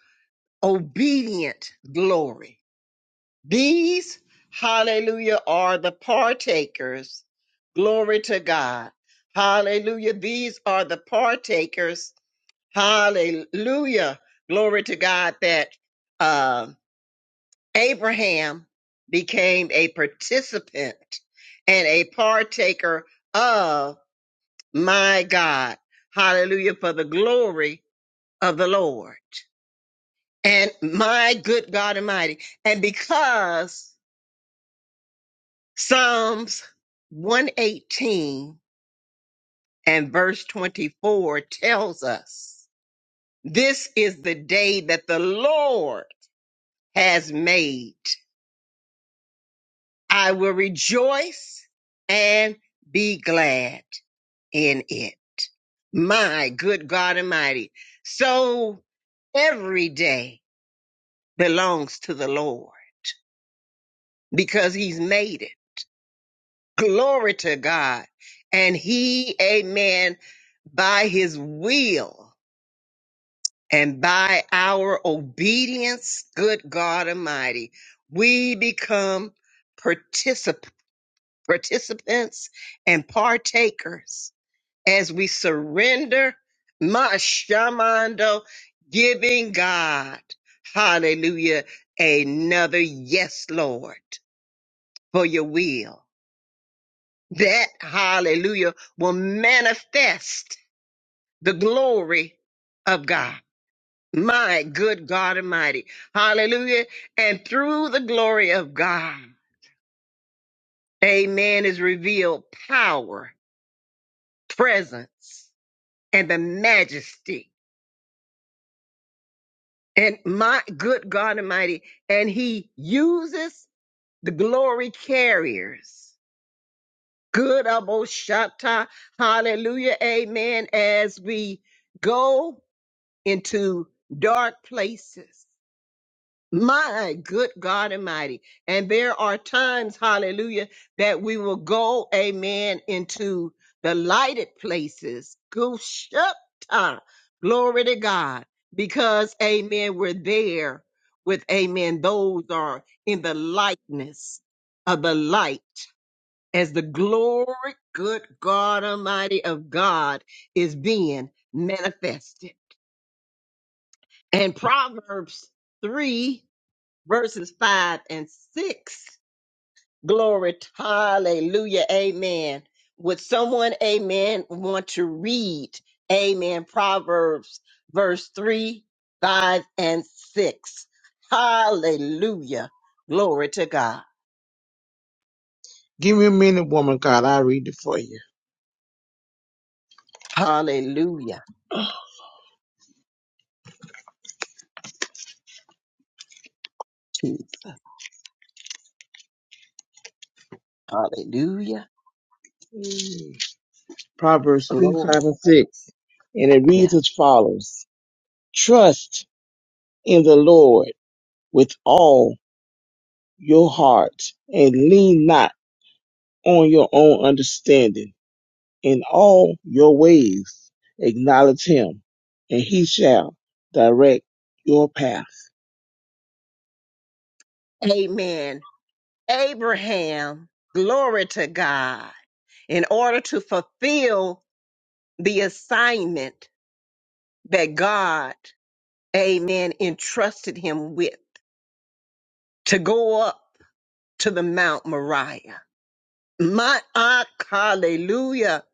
obedient glory. These, hallelujah, are the partakers, glory to God. Hallelujah. These are the partakers Hallelujah. Glory to God that uh, Abraham became a participant and a partaker of my God. Hallelujah for the glory of the Lord. And my good God Almighty. And because Psalms 118 and verse 24 tells us this is the day that the Lord has made I will rejoice and be glad in it. My good God Almighty. So every day belongs to the Lord because he's made it. Glory to God. And he, amen, by his will and by our obedience, good God Almighty, we become particip- participants and partakers as we surrender Mashamando, giving God, hallelujah, another yes, Lord, for your will. That, hallelujah, will manifest the glory of God. My good God Almighty. Hallelujah. And through the glory of God, amen, is revealed power, presence, and the majesty And my good God Almighty, and he uses the glory carriers. Good Aboshata. Hallelujah. Amen. As we go into dark places. My good God Almighty. And there are times, hallelujah, that we will go, amen, into the lighted places. Gushupta. Glory to God. Because, amen, we're there with, amen, those are in the likeness of the light as the glory, good God Almighty of God is being manifested. And Proverbs 3 verses 5 and 6. Glory, hallelujah, amen. Would someone, amen, want to read, amen, Proverbs verse 3, 5, and 6? Hallelujah, glory to God.
Give me a minute, woman. God, I will read it for you.
Hallelujah, Jesus. Hallelujah,
Mm. Proverbs 3, 5,
glory.
and 6. And it
Yeah.
reads as follows Trust in the Lord with all your heart and lean not on your own understanding. In all your ways, acknowledge him, and he shall direct your path.
Amen. Abraham, glory to God. In order to fulfill the assignment that God amen, entrusted him with to go up to the Mount Moriah. My ah, hallelujah.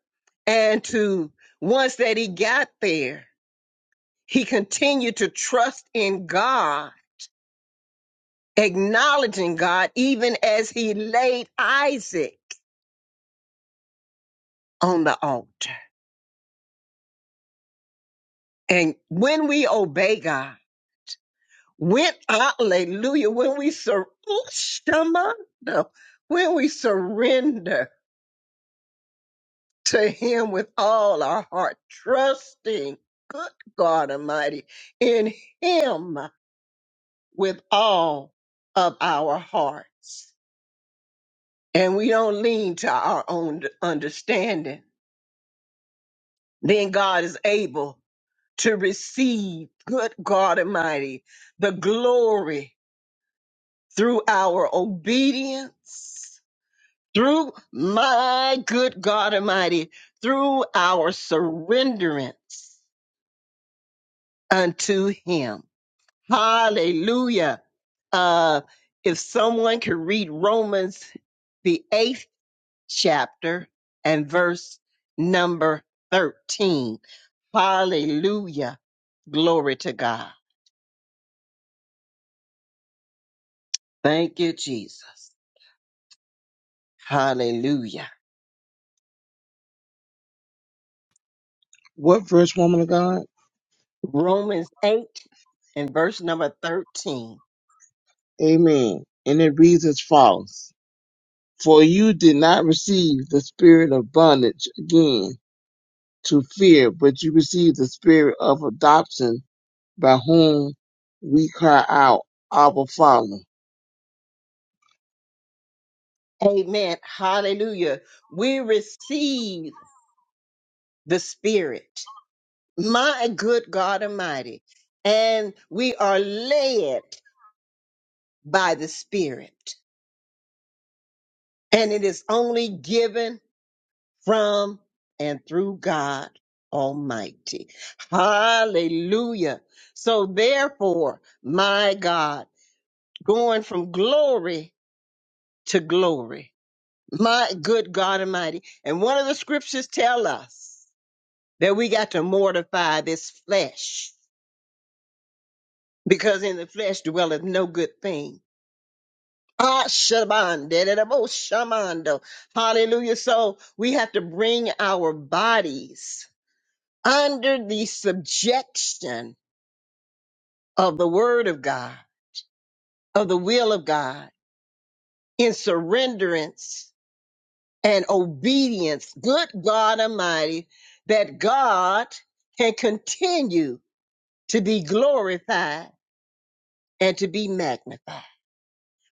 And to once that he got there, he continued to trust in God, acknowledging God, even as he laid Isaac on the altar. And when we obey God, when hallelujah, when we sur- ooh, shama, no, when we surrender, to him with all our heart, trusting, good God Almighty, in him with all of our hearts. And we don't lean to our own understanding. Then God is able to receive, good God Almighty, the glory through our obedience, through my good God Almighty, through our surrenderance unto him. Hallelujah. Uh, if someone could read Romans, the eighth chapter and verse number 13. Hallelujah. Glory to God. Thank you, Jesus. Hallelujah.
What verse, woman of God?
Romans 8 and verse number 13.
Amen. And it reads as follows For you did not receive the spirit of bondage again to fear, but you receive the spirit of adoption by whom we cry out, Abba Father.
Amen. Hallelujah. We receive the Spirit, my good God Almighty, and we are led. by the Spirit. And it is only given from and through God Almighty. Hallelujah. So therefore, my God, going from glory to glory, my good God Almighty. And one of the scriptures tell us that we got to mortify this flesh because in the flesh dwelleth no good thing Ah, shaman, dededebo, shamando. Hallelujah. So we have to bring our bodies under the subjection of the word of God, of the will of God, in surrenderance and obedience. Good God Almighty, that God can continue to be glorified and to be magnified.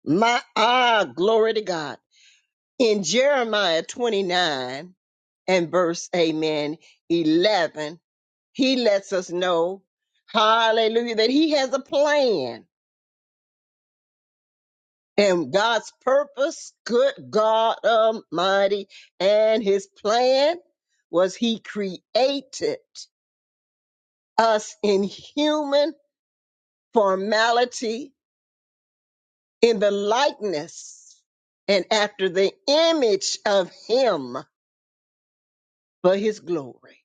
My ah, glory to God. in Jeremiah 29 and verse, amen, 11, he lets us know, hallelujah, that he has a plan and God's purpose, good God Almighty. And his plan was he created us in human formality, in the likeness and after the image of him for his glory.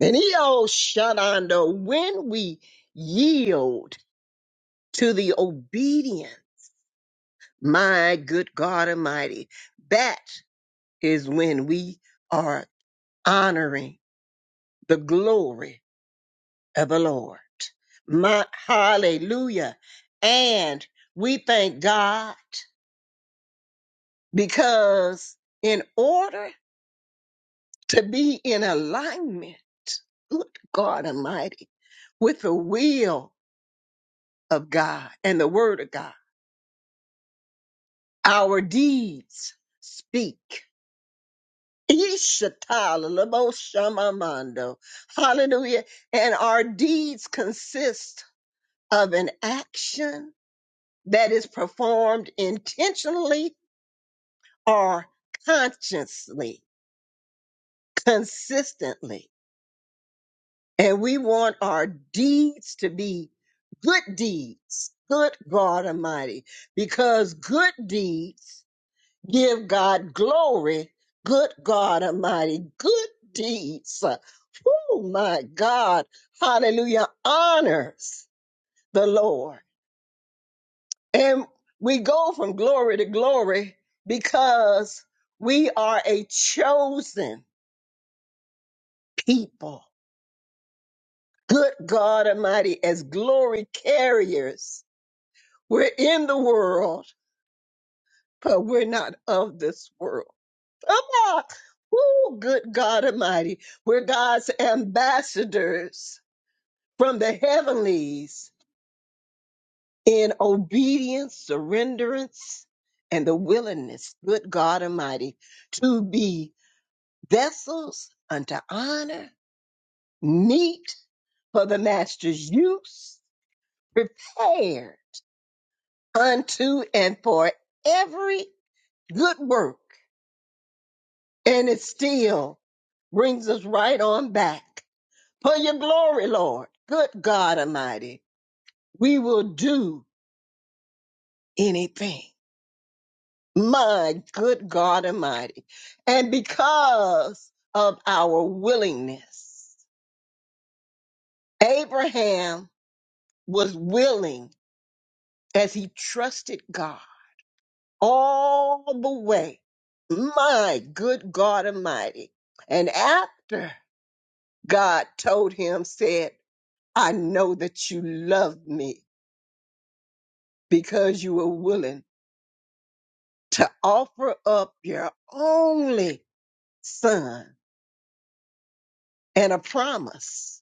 And he all shut under when we yield to the obedient, my good God Almighty, that is when we are honoring the glory of the Lord. My hallelujah. And we thank God because in order to be in alignment, good God Almighty, with the will of God and the word of God Our deeds speak. Ishatalaboshamamando. Hallelujah. And our deeds consist of an action that is performed intentionally or consciously, consistently. And we want our deeds to be good deeds. Good God Almighty, because good deeds Give God glory. Good God Almighty. Good deeds. Oh my God. Hallelujah. Honors the Lord. And we go from glory to glory because we are a chosen people. Good God Almighty, as glory carriers, we're in the world, but we're not of this world. Come on. Woo, good God Almighty. We're God's ambassadors from the heavenlies in obedience, surrenderance, and the willingness, good God Almighty, to be vessels unto honor, meet for the Master's use, prepared unto and for every good work. And it still brings us right on back for your glory, Lord. Good God Almighty, we will do anything. My good God Almighty. And because of our willingness, Abraham was willing as he trusted God all the way. My good God Almighty. And after God told him, said, I know that you love me because you were willing to offer up your only son and a promise,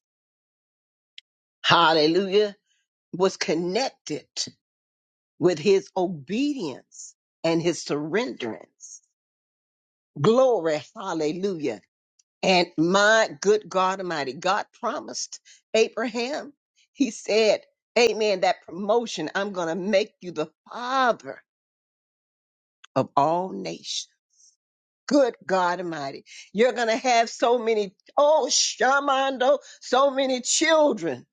hallelujah, was connected with his obedience and his surrenderance. Glory, hallelujah. And my good God Almighty, God promised Abraham, he said, Amen, that promotion, I'm going to make you the father of all nations. Good God Almighty. You're going to have so many, oh, Shamando, so many children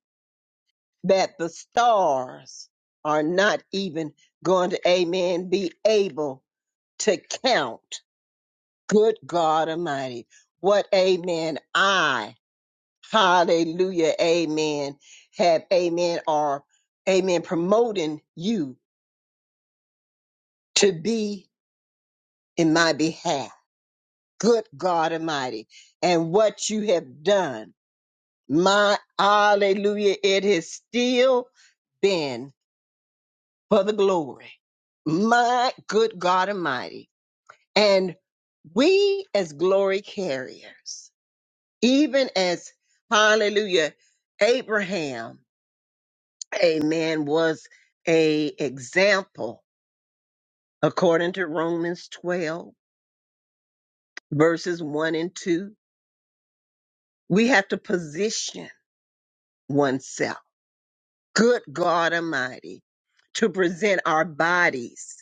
that the stars are not even going to, amen, be able to count. Good God Almighty. What, amen, I, hallelujah, amen, have, amen, are, amen, promoting you to be in my behalf. Good God Almighty. And what you have done. My hallelujah, it has still been for the glory. My good God Almighty. And we as glory carriers, even as hallelujah, Abraham, amen, was a example according to Romans 12 verses 1 and 2. We have to position oneself. Good God Almighty to present our bodies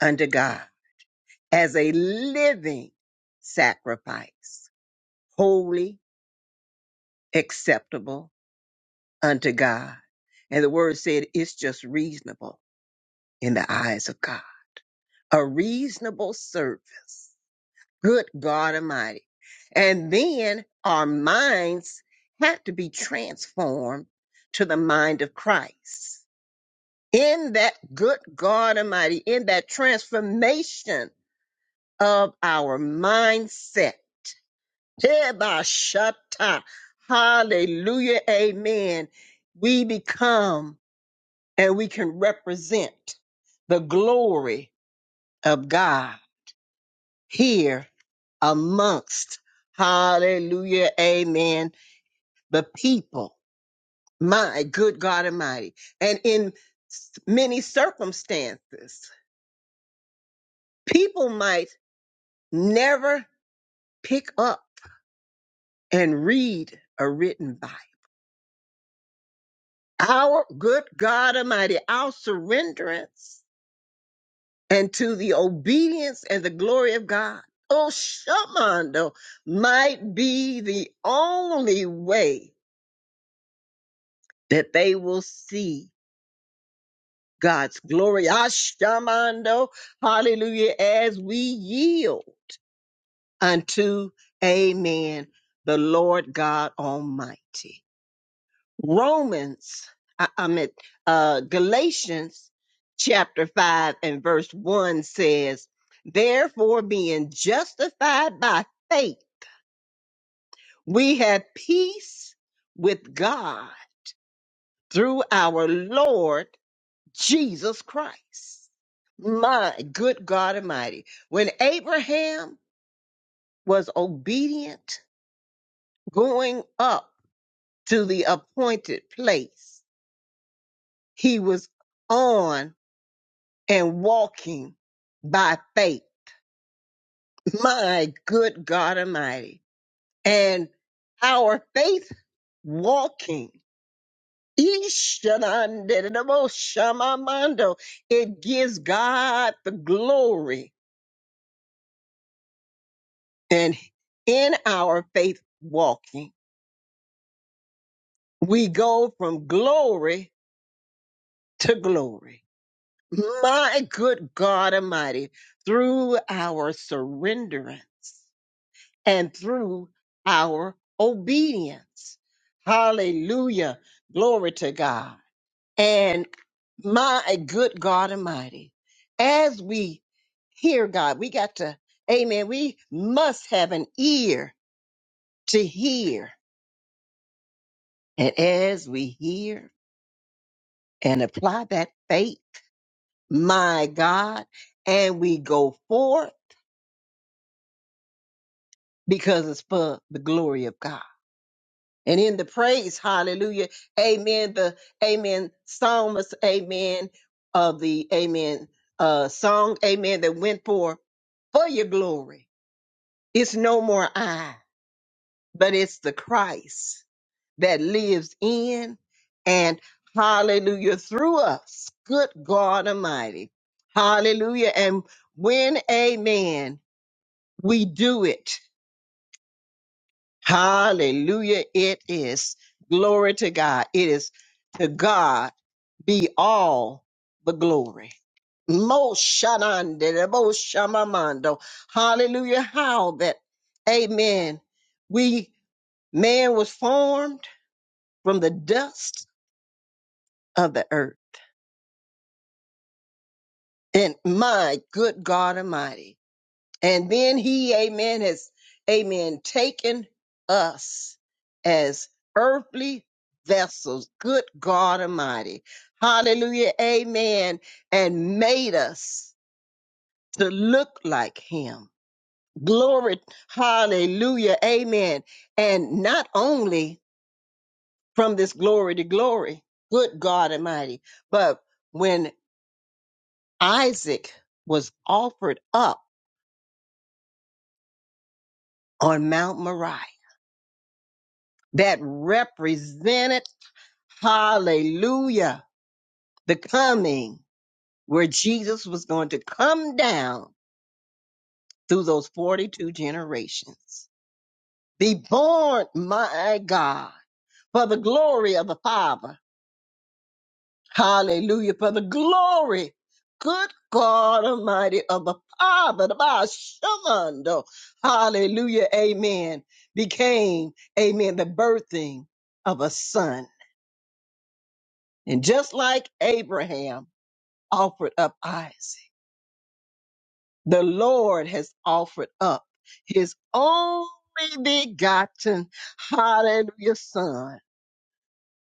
unto God as a living sacrifice, holy, acceptable unto God. And the word said it's just reasonable in the eyes of God, a reasonable service. Good God Almighty. And then our minds have to be transformed to the mind of Christ. In that good God Almighty, in that transformation of our mindset Tebashata. Hallelujah. Amen. We become and we can represent the glory of God here amongst, hallelujah, amen, the people, my good God Almighty. And in s- many circumstances, people might never pick up and read a written Bible. Our good God Almighty, our surrenderance and to the obedience and the glory of God. Oh, Shamando might be the only way that they will see God's glory. Ah, Shamando, hallelujah, as we yield unto, amen, the Lord God Almighty. Romans, I, I meant uh, Galatians chapter 5 and verse 1 says, Therefore, being justified by faith, we have peace with God through our Lord Jesus Christ. My good God Almighty. When Abraham was obedient, going up to the appointed place, he was on and walking by faith. My good God Almighty. And our faith walking. Ishanandedaboshamamando. It gives God the glory. And in our faith walking, we go from glory to glory. My good God Almighty, through our surrenderance. and through our obedience. Hallelujah. Glory to God. And my good God Almighty, as we hear God, we got to, amen, we must have an ear to hear. And as we hear and apply that faith, my God, and we go forth because it's for the glory of God. and in the praise, hallelujah, amen, the amen psalmist, amen, of the amen uh, song, amen, that went for for your glory. It's no more I, but it's the Christ that lives in and hallelujah through us. Good God Almighty, hallelujah. And when amen, we do it, hallelujah, it is glory to God. It is to God be all the glory. Moshanande, Moshamamando. Hallelujah. How that, amen. We, man was formed from the dust of the earth. And my good God Almighty. And then he, amen, has, amen, taken us as earthly vessels. Good God Almighty. Hallelujah. Amen. And made us. to look like him. Glory, hallelujah, amen. And not only from this glory to glory, good God Almighty, but when Isaac was offered up on Mount Moriah, that represented, hallelujah, the coming where Jesus was going to come down through those 42 generations. Be born, my God, for the glory of the Father Hallelujah for the glory. Good God Almighty of the Father, the Ba- Shamando. Hallelujah. Amen. Became, amen, the birthing of a son. And just like Abraham offered up Isaac, the Lord has offered up his only begotten, hallelujah, son.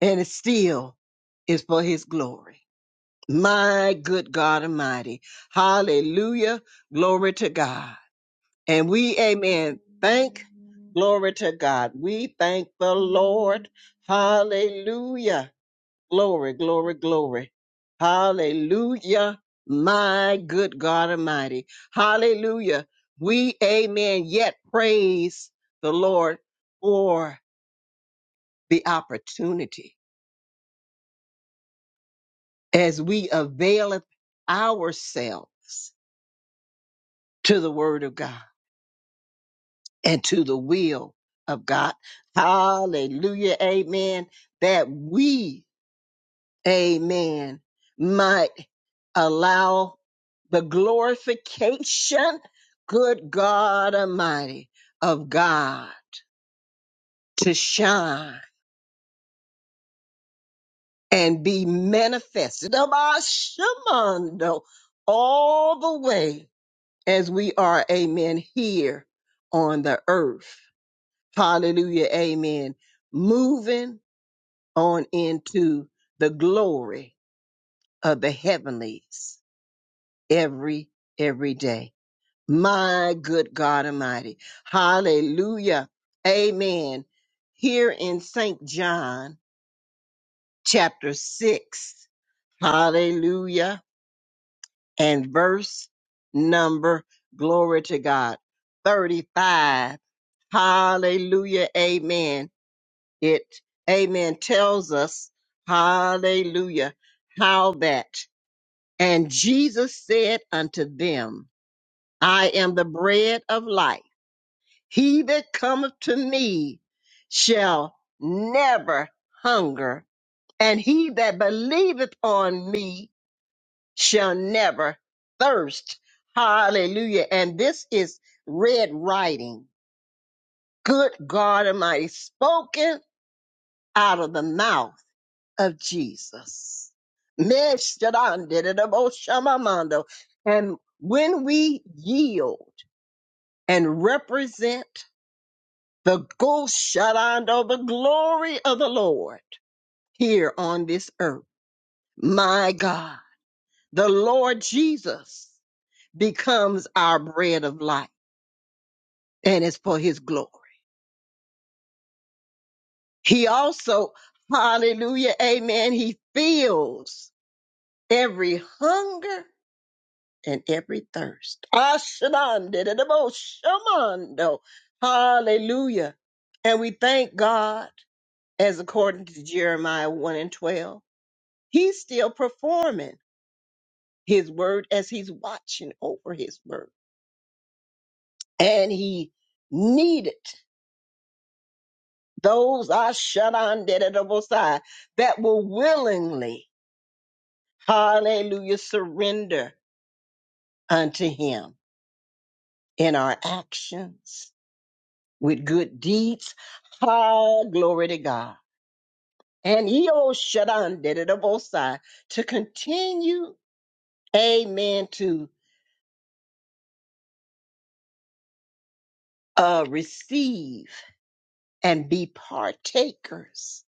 And it still is for his glory. My good God Almighty. Hallelujah. Glory to God. And we, amen. Thank, glory to God. We thank the Lord. Hallelujah. Glory, glory, glory. Hallelujah. My good God Almighty. Hallelujah. We, amen, yet praise the Lord for the opportunity as we availeth ourselves to the word of God. and to the will of God. Hallelujah. Amen. That we, amen, might allow the glorification, good God Almighty, of God to shine and be manifested about Shemando all the way as we are, amen, here on the earth. Hallelujah. Amen. Moving on into the glory of the heavenlies every, every day. My good God Almighty. Hallelujah. Amen. Here in St. John chapter 6, hallelujah, and verse number, glory to God, 35. Hallelujah. Amen. It, amen, tells us, hallelujah, how that. And Jesus said unto them, I am the bread of life. He that cometh to me shall never hunger, and he that believeth on me shall never thirst. Hallelujah. And this is red writing. Good God Almighty, spoken out of the mouth of Jesus. Meshadandidaboshamamando. And when we yield and represent the ghost Goshadando, the glory of the Lord here on this earth, my God, the Lord Jesus becomes our bread of life and it's for his glory. He also, hallelujah, amen, he fills every hunger and every thirst. Ashandidaboshamando. Hallelujah. And we thank God, as according to Jeremiah 1 and 12, he's still performing his word as he's watching over his word. And he needed those Ashandidabosai that will willingly, hallelujah, surrender unto him in our actions with good deeds. Ah, glory to God. And Eo Shaddai did it abosai to continue, amen, to uh, receive and be partakers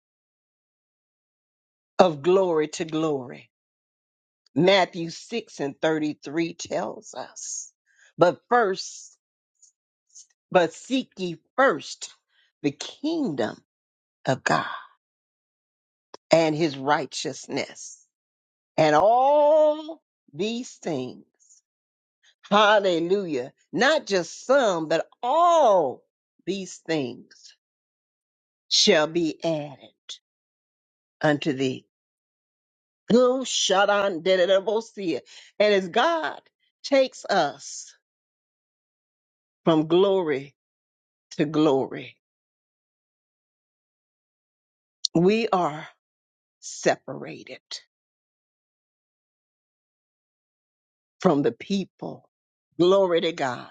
of glory to glory. Matthew 6 and 33 tells us, but first, but seek ye first the kingdom of God and his righteousness and all these things Hallelujah. Not just some, but all these things shall be added unto thee. Go shut on dedebosia. And as God takes us from glory to glory, we are separated from the people. Glory to God.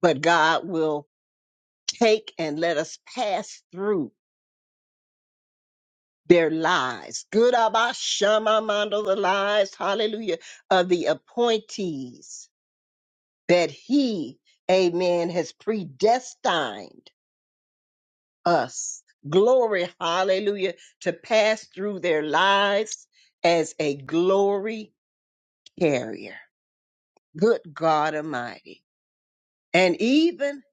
But God will take and let us pass through their lives. Good Abba, Abashamamando, the lives, hallelujah, of the appointees that he, amen, has predestined us. Glory, hallelujah, to pass through their lives as a glory carrier. Good God Almighty. And even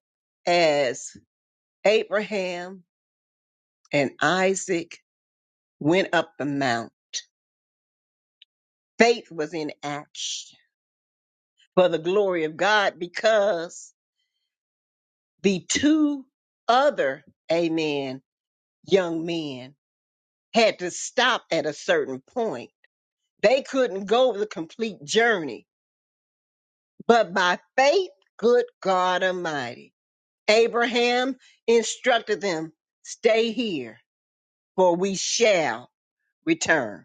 as Abraham and Isaac went up the mount, faith was in action for the glory of God because the two other, amen, young men had to stop at a certain point. They couldn't go the complete journey, but by faith, good God Almighty, Abraham instructed them, stay here for we shall return.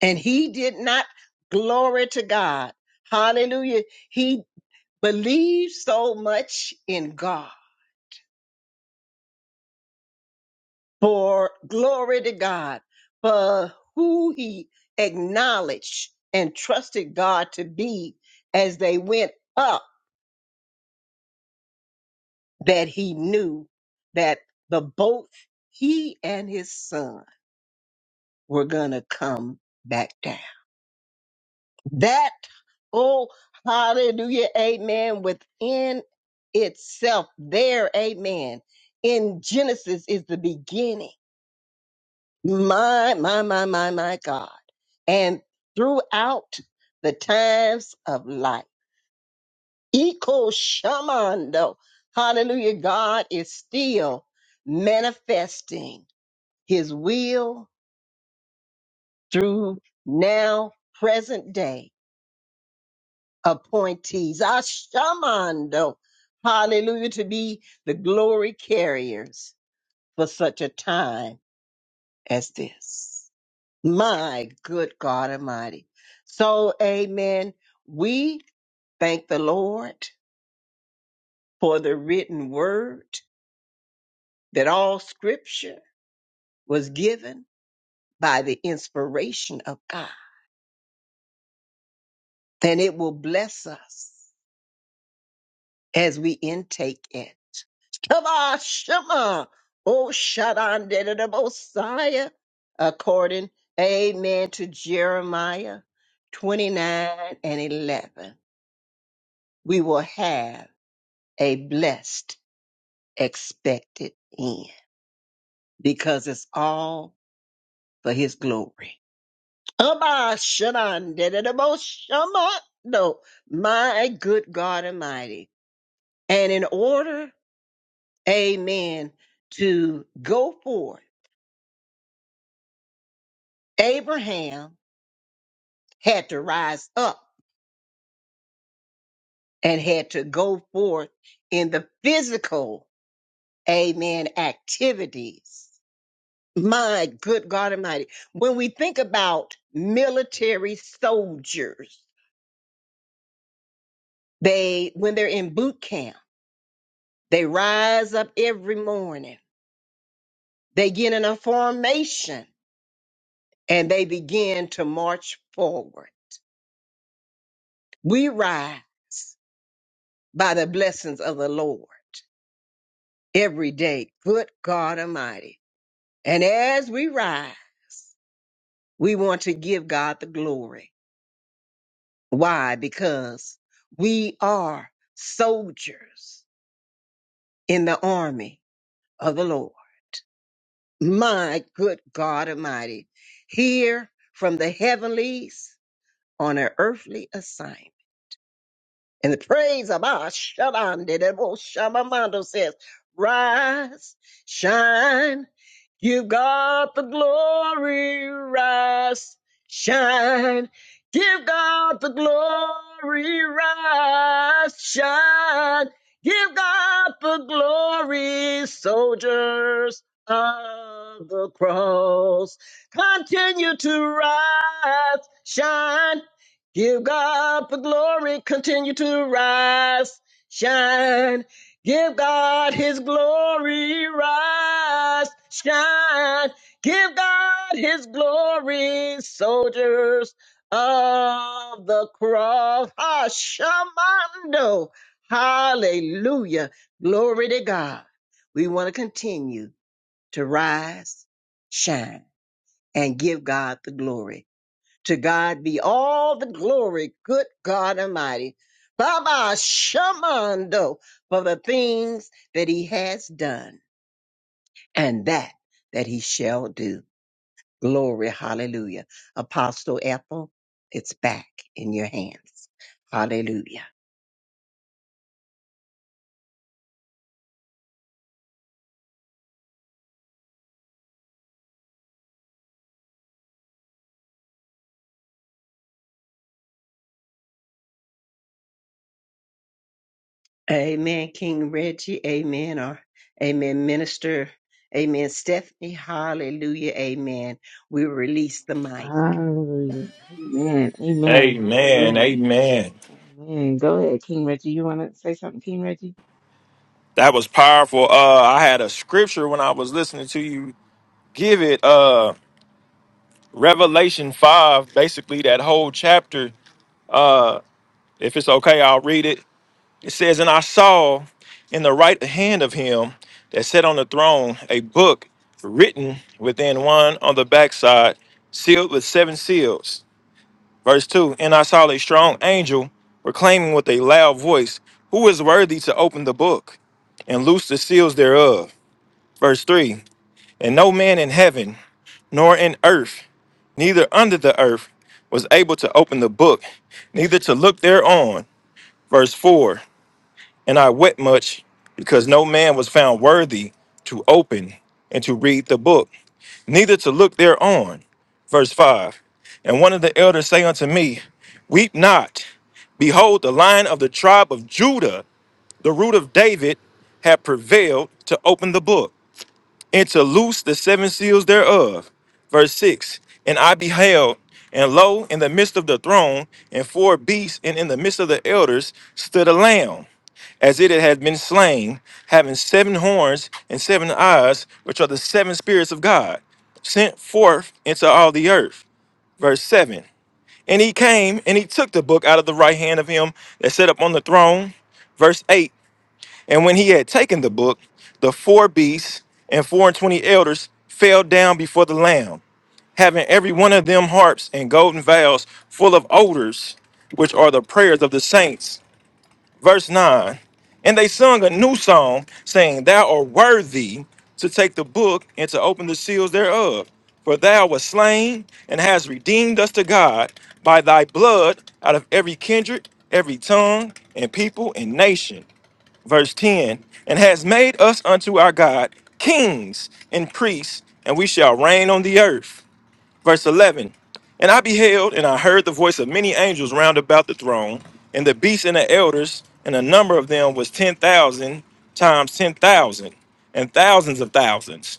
And he did not glory to God. Hallelujah. He believed so much in God for glory to God, for who he acknowledged and trusted God to be as they went up, that he knew that the both he and his son were gonna come back down. That, oh, hallelujah, amen, within itself, there, amen, in Genesis is the beginning My, my, my, my, my God. And throughout the times of life, Eco Shamando, hallelujah, God is still manifesting his will through now present day appointees. Ashamando, hallelujah, to be the glory carriers for such a time as this. My good God Almighty. So, amen. We thank the Lord for the written word that all scripture was given by the inspiration of God. And it will bless us as we intake it. Shema, Shema, O Shaddai, the Messiah, according, amen, to Jeremiah 29 and 11. We will have a blessed expected end because it's all for his glory. Abba, Shanan, Dededebo, Shama. No, my good God Almighty. And in order, amen, to go forth, Abraham had to rise up and had to go forth in the physical, amen, activities. My good God Almighty. When we think about military soldiers, They, when they're in boot camp, they rise up every morning. They get in a formation and they begin to march forward. We ride by the blessings of the Lord every day. Good God Almighty. And as we rise, we want to give God the glory. Why? Because we are soldiers in the army of the Lord. My good God Almighty, here from the heavenlies on an earthly assignment. And the praise of our Shalande, that old Shamamando says, Rise, shine, give got the glory. Rise, shine, give God the glory. Rise, shine, give God the glory. Soldiers of the cross, continue to rise, shine. Give God the glory, continue to rise, shine. Give God his glory, rise, shine. Give God his glory, soldiers of the cross. Hashamando. Hallelujah. Glory to God. We want to continue to rise, shine, and give God the glory. To God be all the glory, good God Almighty. Baba Shamando for the things that he has done and that that he shall do. Glory, hallelujah. Apostle Ethel, it's back in your hands. Hallelujah. Amen, King Reggie. Amen. Or amen, Minister. Amen, Stephanie. Hallelujah. Amen. We release the mic.
Hallelujah. Amen. Amen.
Amen.
Hallelujah.
Amen.
Oh, Man, Go ahead, King Reggie. You want to say something, King Reggie?
That was powerful. Uh I had a scripture when I was listening to you give it uh Revelation 5, basically that whole chapter. If it's okay, I'll read it. It says, And I saw in the right hand of him that sat on the throne a book written within one on the backside, sealed with seven seals. Verse 2 And I saw a strong angel proclaiming with a loud voice, Who is worthy to open the book and loose the seals thereof? Verse 3 And no man in heaven, nor in earth, neither under the earth, was able to open the book, neither to look thereon. Verse 4 And I wept much because no man was found worthy to open and to read the book, neither to look thereon. Verse 5 And one of the elders say unto me, Weep not. Behold, the lion of the tribe of Judah, the root of David, hath prevailed to open the book and to loose the seven seals thereof. Verse 6 And I beheld, and lo, in the midst of the throne, and four beasts, and in the midst of the elders, stood a lamb as it had been slain, having seven horns and seven eyes, which are the seven spirits of God, sent forth into all the earth. Verse 7. And he came and he took the book out of the right hand of him that sat upon the throne. Verse 8. And when he had taken the book, the four beasts and four and twenty elders fell down before the Lamb, having every one of them harps and golden vials full of odors, which are the prayers of the saints verse 9 and they sung a new song saying thou art worthy to take the book and to open the seals thereof for thou wast slain and hast redeemed us to god by thy blood out of every kindred every tongue and people and nation verse 10 and has made us unto our god kings and priests and we shall reign on the earth Verse 11 And I beheld, and I heard the voice of many angels round about the throne, and the beasts and the elders, and the number of them was 10,000 times ten thousand, and thousands of thousands.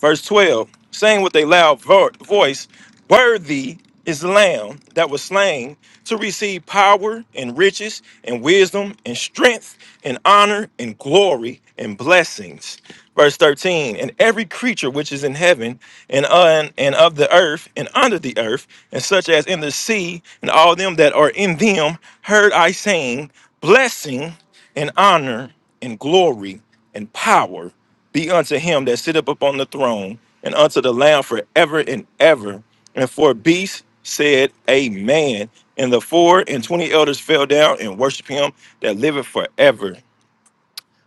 Verse 12, saying with a loud vo- voice, Worthy is the Lamb that was slain to receive power and riches and wisdom and strength and honor and glory and blessings. Verse 13, and every creature which is in heaven and on and of the earth and under the earth, and such as in the sea, and all them that are in them, heard I saying, Blessing and honor and glory and power be unto him that sitteth upon the throne and unto the lamb forever and ever and four beasts said amen and the four and twenty elders fell down and worshiped him that liveth forever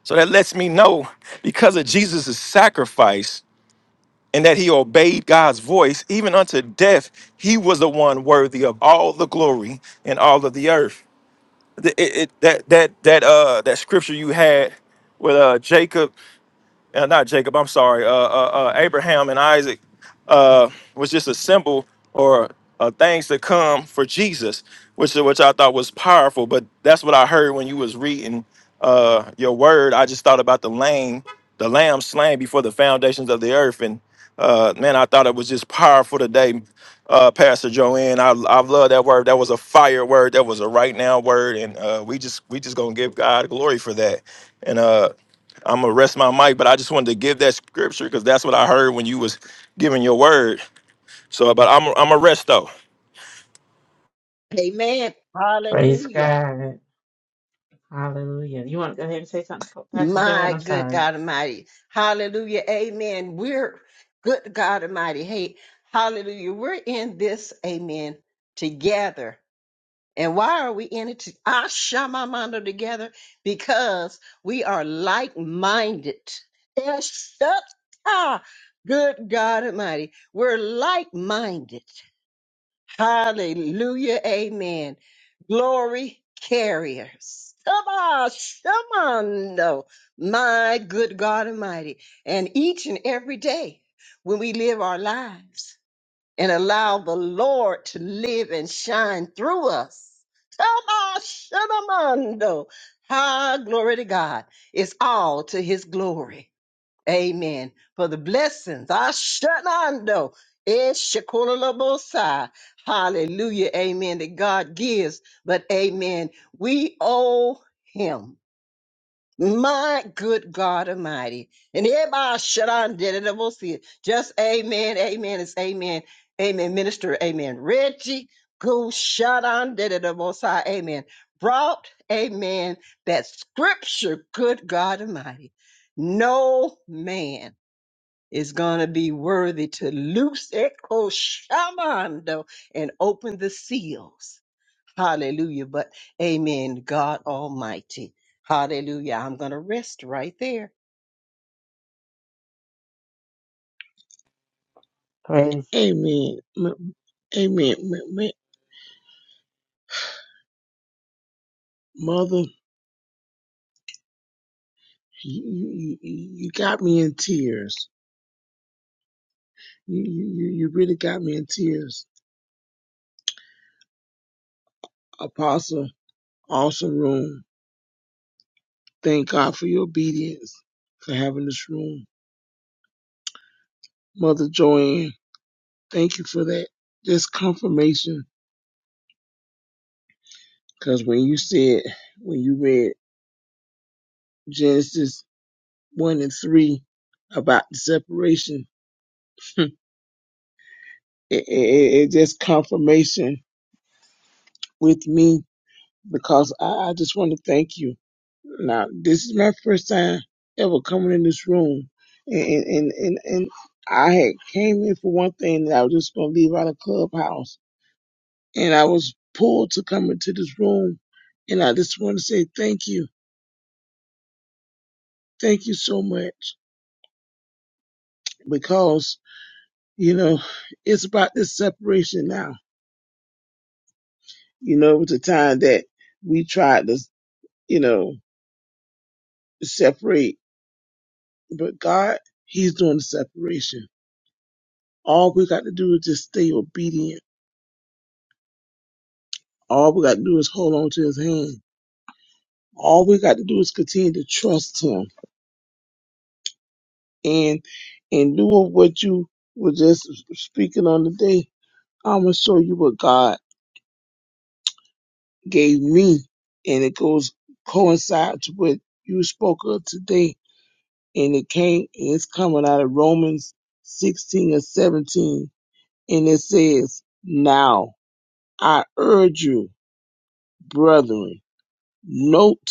so that lets me know because of jesus' sacrifice and that he obeyed god's voice even unto death he was the one worthy of all the glory and all of the earth Th- it- it- that that that uh that scripture you had with uh jacob uh, not Jacob, I'm sorry, uh, uh, uh, Abraham and Isaac uh, was just a symbol or uh, things to come for Jesus, which which I thought was powerful. But that's what I heard when you was reading uh, your word. I just thought about the lamb, the lamb slain before the foundations of the earth, and uh, man, I thought it was just powerful today, uh, Pastor Joanne. I I love that word. That was a fire word. That was a right now word, and uh, we just we just gonna give God glory for that. And uh, I'm gonna rest my mic, but I just wanted to give that scripture because that's what I heard when you was giving your word. So, but I'm I'm a rest though.
Amen.
Praise
Hallelujah.
God. Hallelujah. You want to go ahead and say something, Pastor Joanne?
My
I'm
good
sorry.
God Almighty. Hallelujah. Amen. We're good God Almighty. Hey, hallelujah. We're in this, amen, together. And why are we in it? To, Ashamamando together because we are like minded. Good God Almighty. We're like minded. Hallelujah. Amen. Glory carriers. Shema, Shemando. My good God Almighty. And each and every day when we live our lives and allow the Lord to live and shine through us. Shema, Shemando. Ah, glory to God. It's all to his glory. Amen. For the blessings, I shut Ashanando, Eshakololobosai. Hallelujah. Amen. That God gives. But amen. We owe him. My good God Almighty. And everybody shut on did it. We'll see it. Just amen. Amen. It's amen. Amen. Minister. Amen. Reggie. Go shut on did it. I will see. Amen. Brought. Amen. That scripture. Good God Almighty. No man is going to be worthy to loose it, Koshamando, and open the seals. Hallelujah. But amen, God Almighty. Hallelujah. I'm going to rest right there.
Praise.
Amen. M- Amen. M- m- Mother, you, you, you you got me in tears. You, you, you really got me in tears. Apostle, awesome room. Thank God for your obedience, for having this room. Mother Joanne, thank you for that. Just confirmation. Because when you said, when you read Genesis one and three about the separation. it, it, it it just confirmation with me because I, I just want to thank you. Now, this is my first time ever coming in this room, and and and, and I had came in for one thing, and I was just gonna leave out of clubhouse, and I was pulled to come into this room, and I just want to say thank you, thank you so much because you know it's about this separation now You know, it was a time that we tried to, you know, separate, but God, He's doing the separation. All we got to do is just stay obedient. All we got to do is hold on to His hand. All we got to do is continue to trust Him. And in lieu of what you were just speaking on today, I'm gonna show you what God gave me, and it goes coincides with you spoke of today and it came it's coming out of Romans 16 and 17 and it says now I urge you brethren note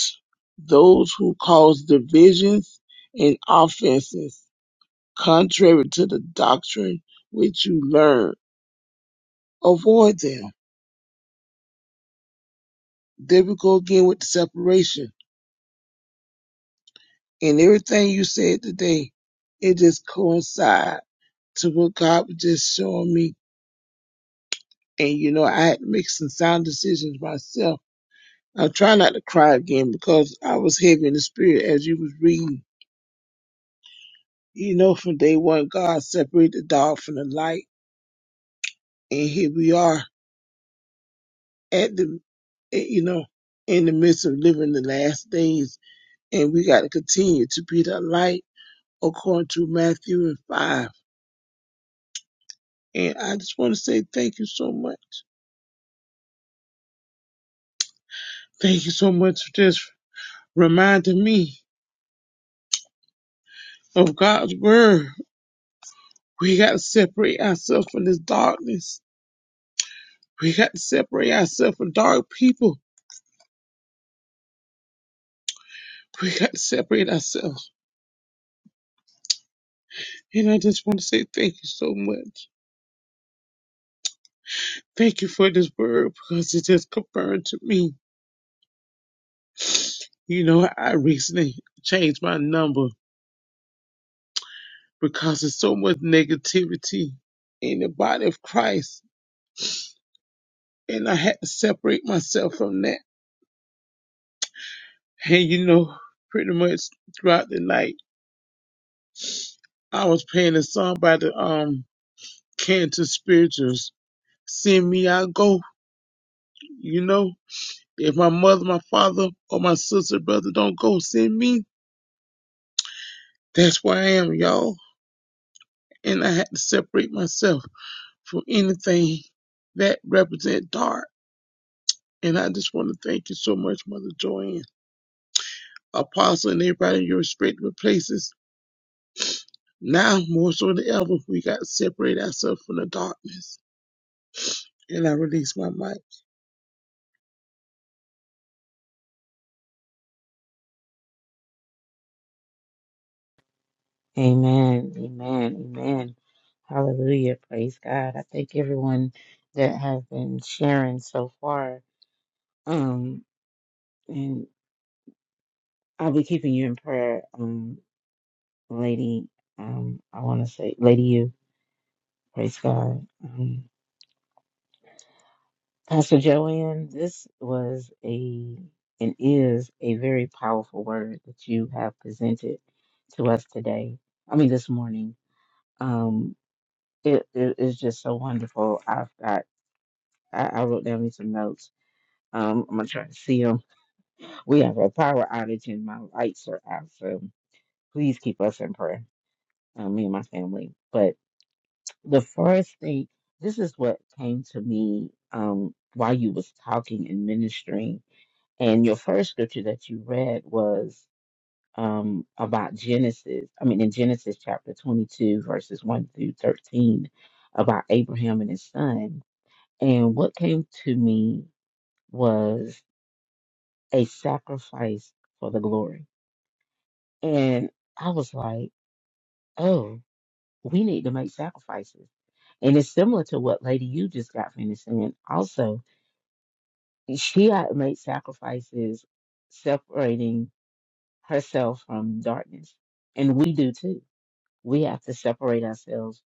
those who cause divisions and offenses contrary to the doctrine which you learn avoid them there we go again with the separation and everything you said today it just coincides to what God was just showing me and you know I had to make some sound decisions myself. I'm trying not to cry again because I was heavy in the spirit as you was reading. You know, from day one, God separated the dark from the light, and here we are at the, eh, you know, in the midst of living the last days, and we got to continue to be the light according to Matthew and five. And I just want to say thank you so much. Thank you so much for just reminding me of God's word We got to separate ourselves from this darkness. We got to separate ourselves from dark people. We got to separate ourselves. And I just want to say thank you so much. Thank you for this word because it just confirmed to me. You know, I recently changed my number because there's so much negativity in the body of Christ. And I had to separate myself from that. And you know, pretty much throughout the night, I was playing a song by the um Canton Spirituals Send me, I'll go. You know, if my mother, my father, or my sister, brother don't go, send me. That's where I am, y'all. And I had to separate myself from anything that represent dark. And I just want to thank you so much, Mother Joanne, Apostle, and everybody in your respective places. Now, more so than ever, we got to separate ourselves from the darkness. And I release my mic.
Amen. Amen. Amen. Hallelujah. Praise God. I thank everyone that has been sharing so far. Um, and I'll be keeping you in prayer, um, lady. Um, I want to say, lady, you. Praise God. Um, Pastor Joanne, this was a and is a very powerful word that you have presented to us today. I mean, this morning. Um, it it is just so wonderful. I've got I, I wrote down me some notes. Um, I'm gonna try to see them. We have a power outage and my lights are out, so please keep us in prayer, uh, me and my family. But the first thing, this is what came to me um, while you was talking and ministering And your first scripture that you read was um, about Genesis, I mean, in Genesis chapter 22, verses 1 through 13, about Abraham and his son. And what came to me was a sacrifice for the glory. And I was like, oh, we need to make sacrifices. And it's similar to what Lady You just got finished saying. Also, she had made sacrifices separating herself from darkness. And we do too. We have to separate ourselves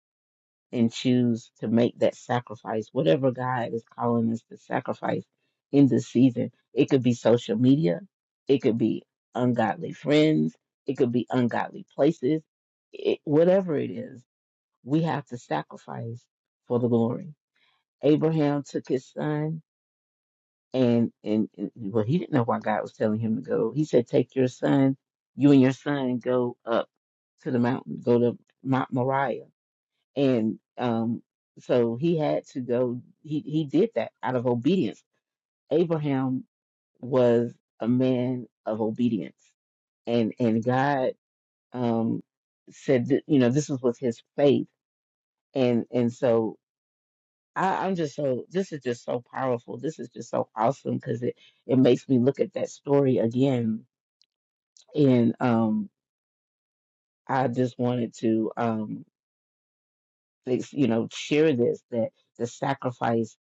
and choose to make that sacrifice, whatever God is calling us to sacrifice in this season. It could be social media, it could be ungodly friends, it could be ungodly places, it, whatever it is, we have to sacrifice for the glory. Abraham took his son and and, and well, he didn't know why God was telling him to go. He said, "Take your son, you and your son, and go up to the mountain, go to Mount Moriah." And um, so he had to go. He he did that out of obedience. Abraham was a man of obedience, and and God um said that you know this was with his faith, and and so. I, I'm just so this is just so powerful. This is just so awesome because it it makes me look at that story again. And um, I just wanted to um, ex- you know, share this that the sacrifice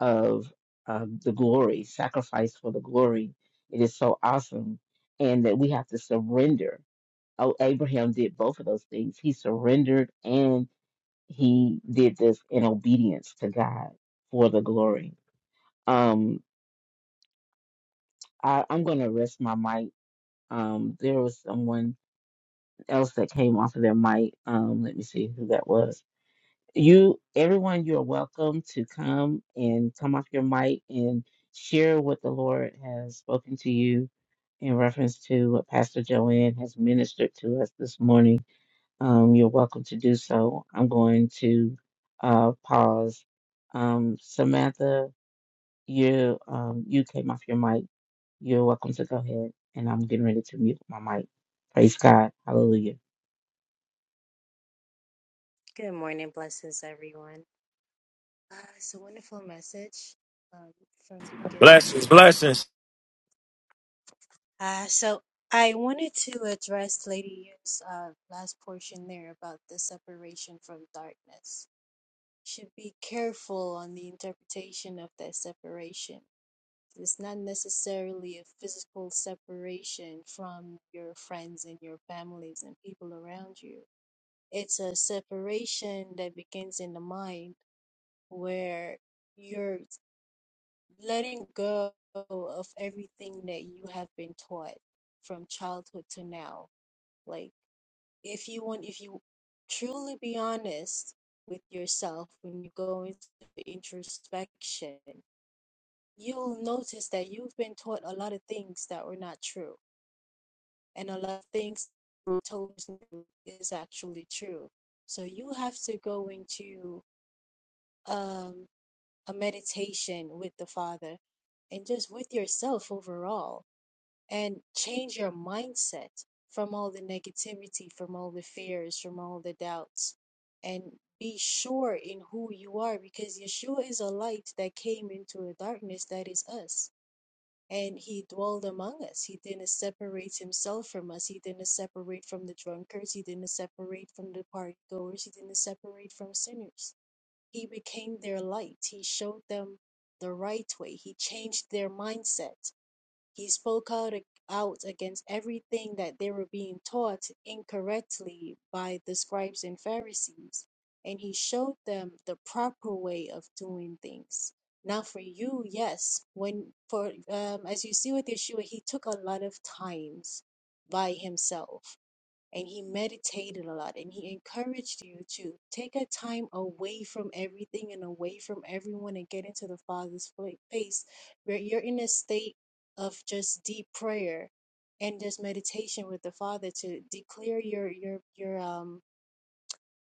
of uh, the glory, sacrifice for the glory. It is so awesome, and that we have to surrender. Oh, Abraham did both of those things. He surrendered and he did this in obedience to God for the glory. Um, I, I'm gonna rest my mic. Um, there was someone else that came off of their mic. Um, let me see who that was. You, everyone, you are welcome to come and come off your mic and share what the Lord has spoken to you in reference to what Pastor Joanne has ministered to us this morning. Um, you're welcome to do so. I'm going to uh, pause. Um, Samantha, you um, you came off your mic. You're welcome to go ahead. And I'm getting ready to mute my mic. Praise God. Hallelujah.
Good morning, blessings, everyone. Uh, it's a wonderful message um, from beginning.
Blessings, blessings.
Uh, so I wanted to address Lady Yu's uh, last portion there about the separation from darkness. Should be careful on the interpretation of that separation. It's not necessarily a physical separation from your friends and your families and people around you. It's a separation that begins in the mind where you're letting go of everything that you have been taught from childhood to now. Like if you want if you truly be honest with yourself when you go into introspection, you'll notice that you've been taught a lot of things that were not true and a lot of things were told is actually true. So you have to go into um. a meditation with the Father and just with yourself overall and change your mindset from all the negativity, from all the fears, from all the doubts, and be sure in who you are because Yeshua is a light that came into a darkness that is us. And he dwelled among us. He didn't separate himself from us. He didn't separate from the drunkards. He didn't separate from the partygoers. He didn't separate from sinners he became their light. He showed them the right way. He changed their mindset. He spoke out, out against everything that they were being taught incorrectly by the scribes and Pharisees. And he showed them the proper way of doing things. Now, for you, yes, when for um, as you see with Yeshua, he took a lot of times by himself and he meditated a lot and he encouraged you to take a time away from everything and away from everyone and get into the father's fa- face where you're in a state of just deep prayer and just meditation with the father to declare your your your um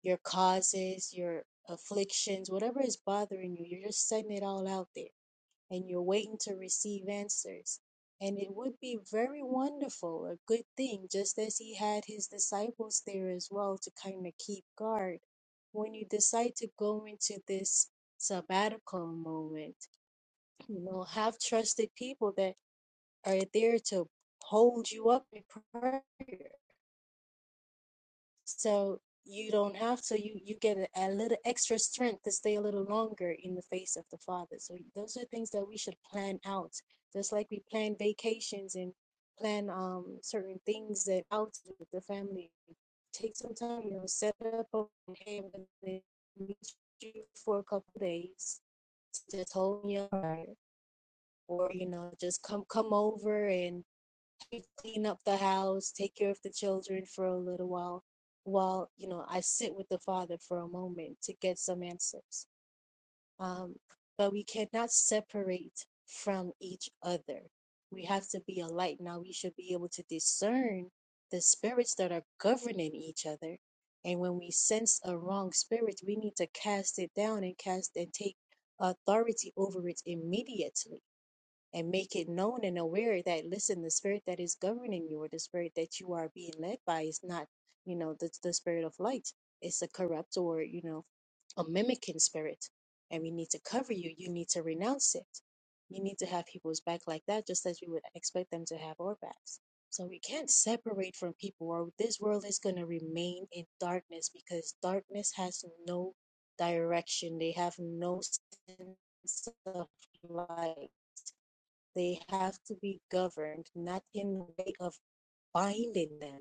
your causes your afflictions whatever is bothering you you're just setting it all out there and you're waiting to receive answers. And it would be very wonderful, a good thing, just as he had his disciples there as well to kind of keep guard. When you decide to go into this sabbatical moment, you know, have trusted people that are there to hold you up in prayer so you don't have to. You you get a, a little extra strength to stay a little longer in the face of the Father. So those are things that we should plan out, just like we plan vacations and plan um certain things that out with the family. Take some time, you know, set up. a- Hey, i meet you for a couple of days. Just hold me up, or you know, just come come over and you clean up the house, take care of the children for a little while, while, you know, I sit with the Father for a moment to get some answers. Um, but we cannot separate from each other. We have to be a light. Now we should be able to discern the spirits that are governing each other. And when we sense a wrong spirit, we need to cast it down and cast and take authority over it immediately and make it known and aware that listen the spirit that is governing you or the spirit that you are being led by is not you know the, the spirit of light it's a corrupt or you know a mimicking spirit and we need to cover you you need to renounce it you need to have people's back like that just as we would expect them to have our backs so we can't separate from people or this world is going to remain in darkness because darkness has no direction they have no sense of light they have to be governed not in the way of binding them,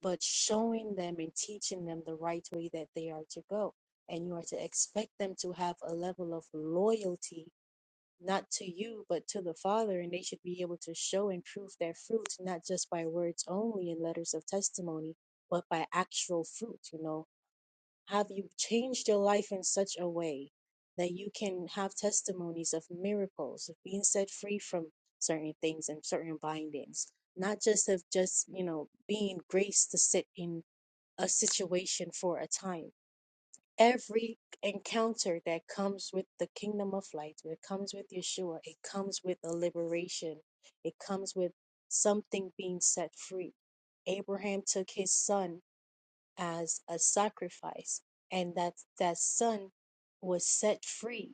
but showing them and teaching them the right way that they are to go. And you are to expect them to have a level of loyalty, not to you, but to the Father. And they should be able to show and prove their fruit, not just by words only and letters of testimony, but by actual fruit, you know have you changed your life in such a way that you can have testimonies of miracles, of being set free from certain things and certain bindings, not just of just, you know, being graced to sit in a situation for a time? Every encounter that comes with the kingdom of light, that comes with Yeshua, it comes with a liberation, it comes with something being set free. Abraham took his son as a sacrifice and that that son was set free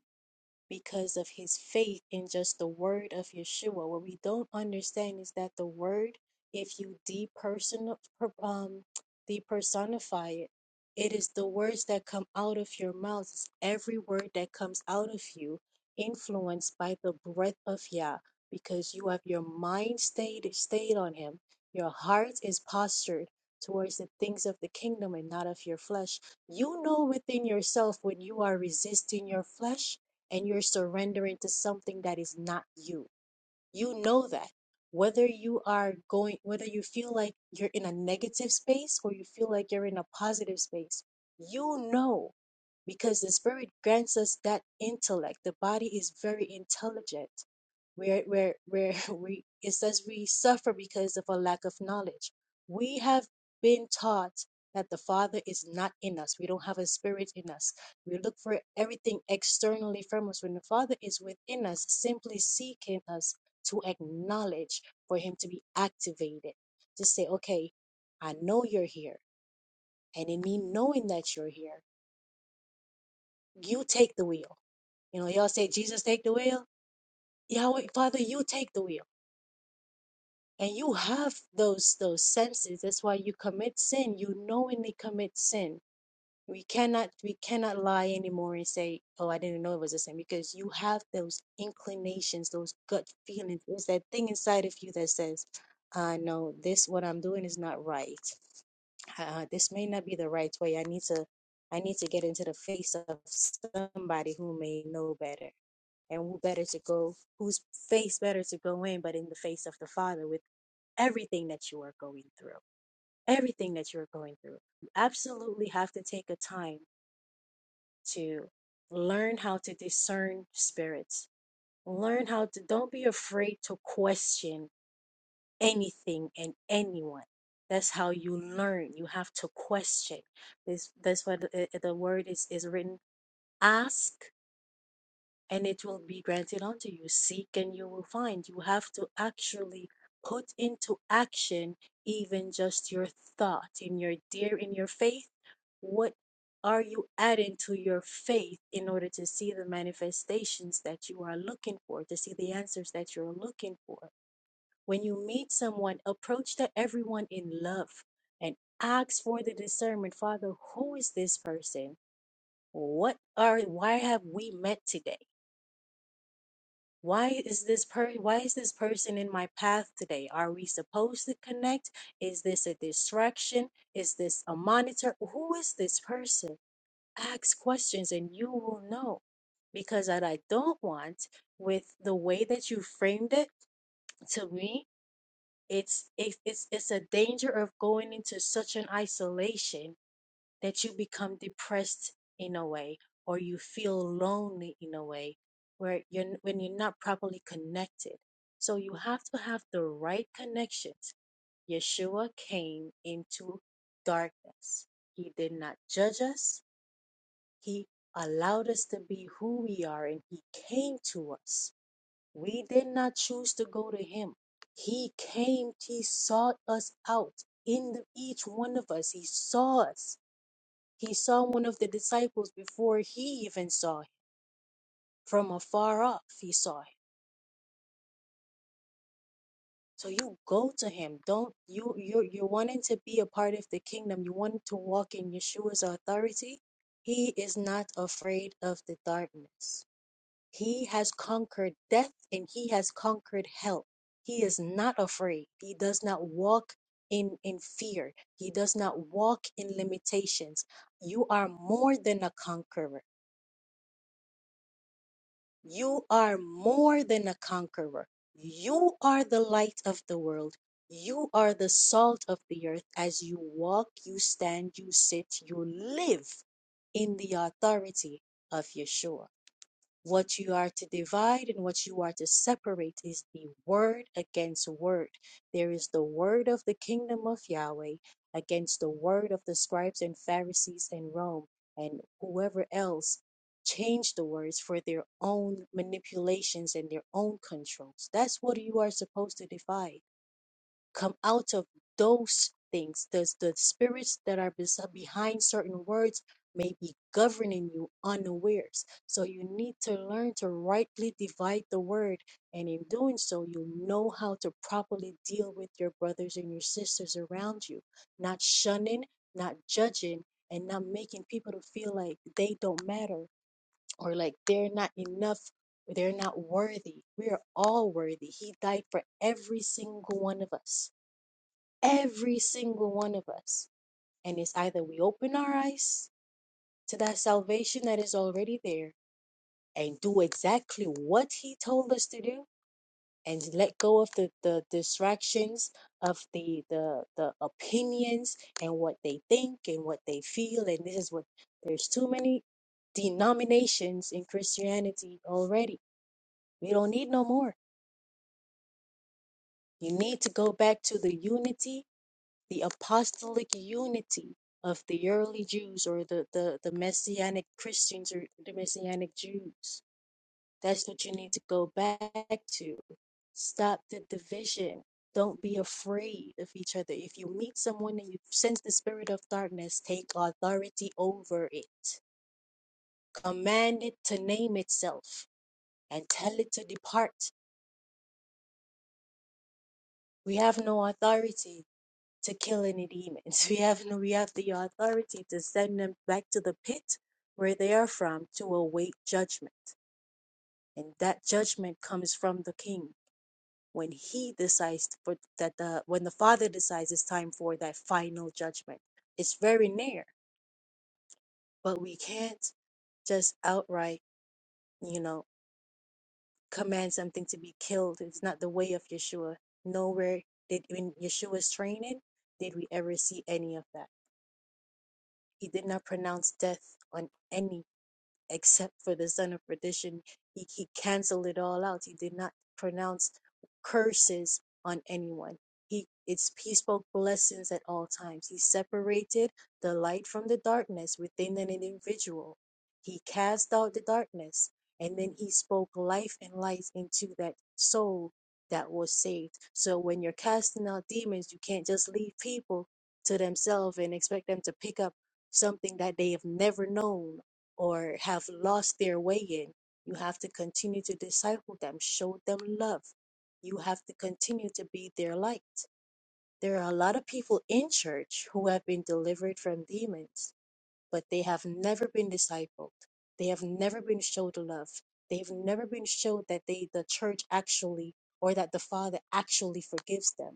because of his faith in just the word of Yeshua. What we don't understand is that the word, if you depersonal, per- um, depersonify it, it is the words that come out of your mouth. It's every word that comes out of you, influenced by the breath of Yah, because you have your mind stayed stayed on Him. Your heart is postured towards the things of the kingdom and not of your flesh. You know within yourself when you are resisting your flesh and you're surrendering to something that is not you. You know that. Whether you are going, whether you feel like you're in a negative space or you feel like you're in a positive space, you know because the spirit grants us that intellect. The body is very intelligent. Where where where we it says we suffer because of a lack of knowledge. We have been taught that the Father is not in us. We don't have a spirit in us. We look for everything externally from us. When the Father is within us, simply seeking us to acknowledge, for him to be activated, to say, okay, I know you're here. And in me knowing that you're here, you take the wheel. You know, y'all say, Jesus, take the wheel. Yahweh, Father, you take the wheel. And you have those those senses. That's why you commit sin. You knowingly commit sin We cannot we cannot lie anymore and say, "Oh, I didn't know it was the same," because you have those inclinations, those gut feelings. There's that thing inside of you that says, "Uh, no, this what I'm doing is not right. Uh, this may not be the right way. I need to, I need to get into the face of somebody who may know better." and who better to go whose face better to go in but in the face of the father with everything that you are going through everything that you're going through you absolutely have to take a time to learn how to discern spirits. Learn how to, don't be afraid to question anything and anyone. That's how you learn. You have to question. This, that's what the, the word is, is written. Ask and it will be granted unto you. Seek and you will find. You have to actually put into action even just your thought in your dear in your faith. What are you adding to your faith in order to see the manifestations that you are looking for, to see the answers that you're looking for? When you meet someone, approach to everyone in love and ask for the discernment. Father, who is this person? What are why have we met today? Why is this per why is this person in my path today? Are we supposed to connect? Is this a distraction? Is this a monitor? Who is this person? Ask questions and you will know. Because what I don't want with the way that you framed it to me, it's it's it's it's a danger of going into such an isolation that you become depressed in a way or you feel lonely in a way where you're when you're not properly connected so you have to have the right connections yeshua came into darkness he did not judge us he allowed us to be who we are and he came to us we did not choose to go to him he came he sought us out in the, each one of us he saw us he saw one of the disciples before he even saw him. From afar off, he saw him. So you go to him. Don't you you're you're wanting to be a part of the kingdom. You want to walk in Yeshua's authority. He is not afraid of the darkness. He has conquered death and he has conquered hell. He is not afraid. He does not walk in in fear. He does not walk in limitations. You are more than a conqueror. You are more than a conqueror. You are the light of the world. You are the salt of the earth. As you walk, you stand, you sit, you live in the authority of Yeshua. What you are to divide and what you are to separate is the word against word. There is the word of the kingdom of Yahweh against the word of the scribes and Pharisees in Rome and whoever else changed the words for their own manipulations and their own controls. That's what you are supposed to divide come out of those things. Does the spirits that are bes- behind certain words may be governing you unawares? So you need to learn to rightly divide the word, and in doing so, you know how to properly deal with your brothers and your sisters around you, not shunning, not judging, and not making people to feel like they don't matter or like they're not enough they're not worthy. We are all worthy. He died for every single one of us. Every single one of us. And it's either we open our eyes to that salvation that is already there and do exactly what he told us to do and let go of the, the distractions of the, the the opinions and what they think and what they feel and this is what there's too many denominations in Christianity already. We don't need no more. You need to go back to the unity the apostolic unity of the early Jews or the, the, the messianic Christians or the messianic Jews. That's what you need to go back to. Stop the division. Don't be afraid of each other. If you meet someone and you sense the spirit of darkness, take authority over it. Command it to name itself and tell it to depart. We have no authority. to kill any demons. We have no, we have the authority to send them back to the pit where they are from to await judgment. And that judgment comes from the king when he decides for that the when the father decides it's time for that final judgment. It's very near, but we can't just outright, you know, command something to be killed. It's not the way of Yeshua. Nowhere did in Yeshua's training did we ever see any of that. He did not pronounce death on any except for the son of perdition. He, he canceled it all out. He did not pronounce curses on anyone. He, it's, he spoke blessings at all times. He separated the light from the darkness within an individual. He cast out the darkness and then he spoke life and light into that soul that was saved. So when you're casting out demons, you can't just leave people to themselves and expect them to pick up something that they have never known or have lost their way in, you have to continue to disciple them, show them love. You have to continue to be their light. There are a lot of people in church who have been delivered from demons, but they have never been discipled. They have never been showed love. They've never been showed that they, the church actually, or that the Father actually forgives them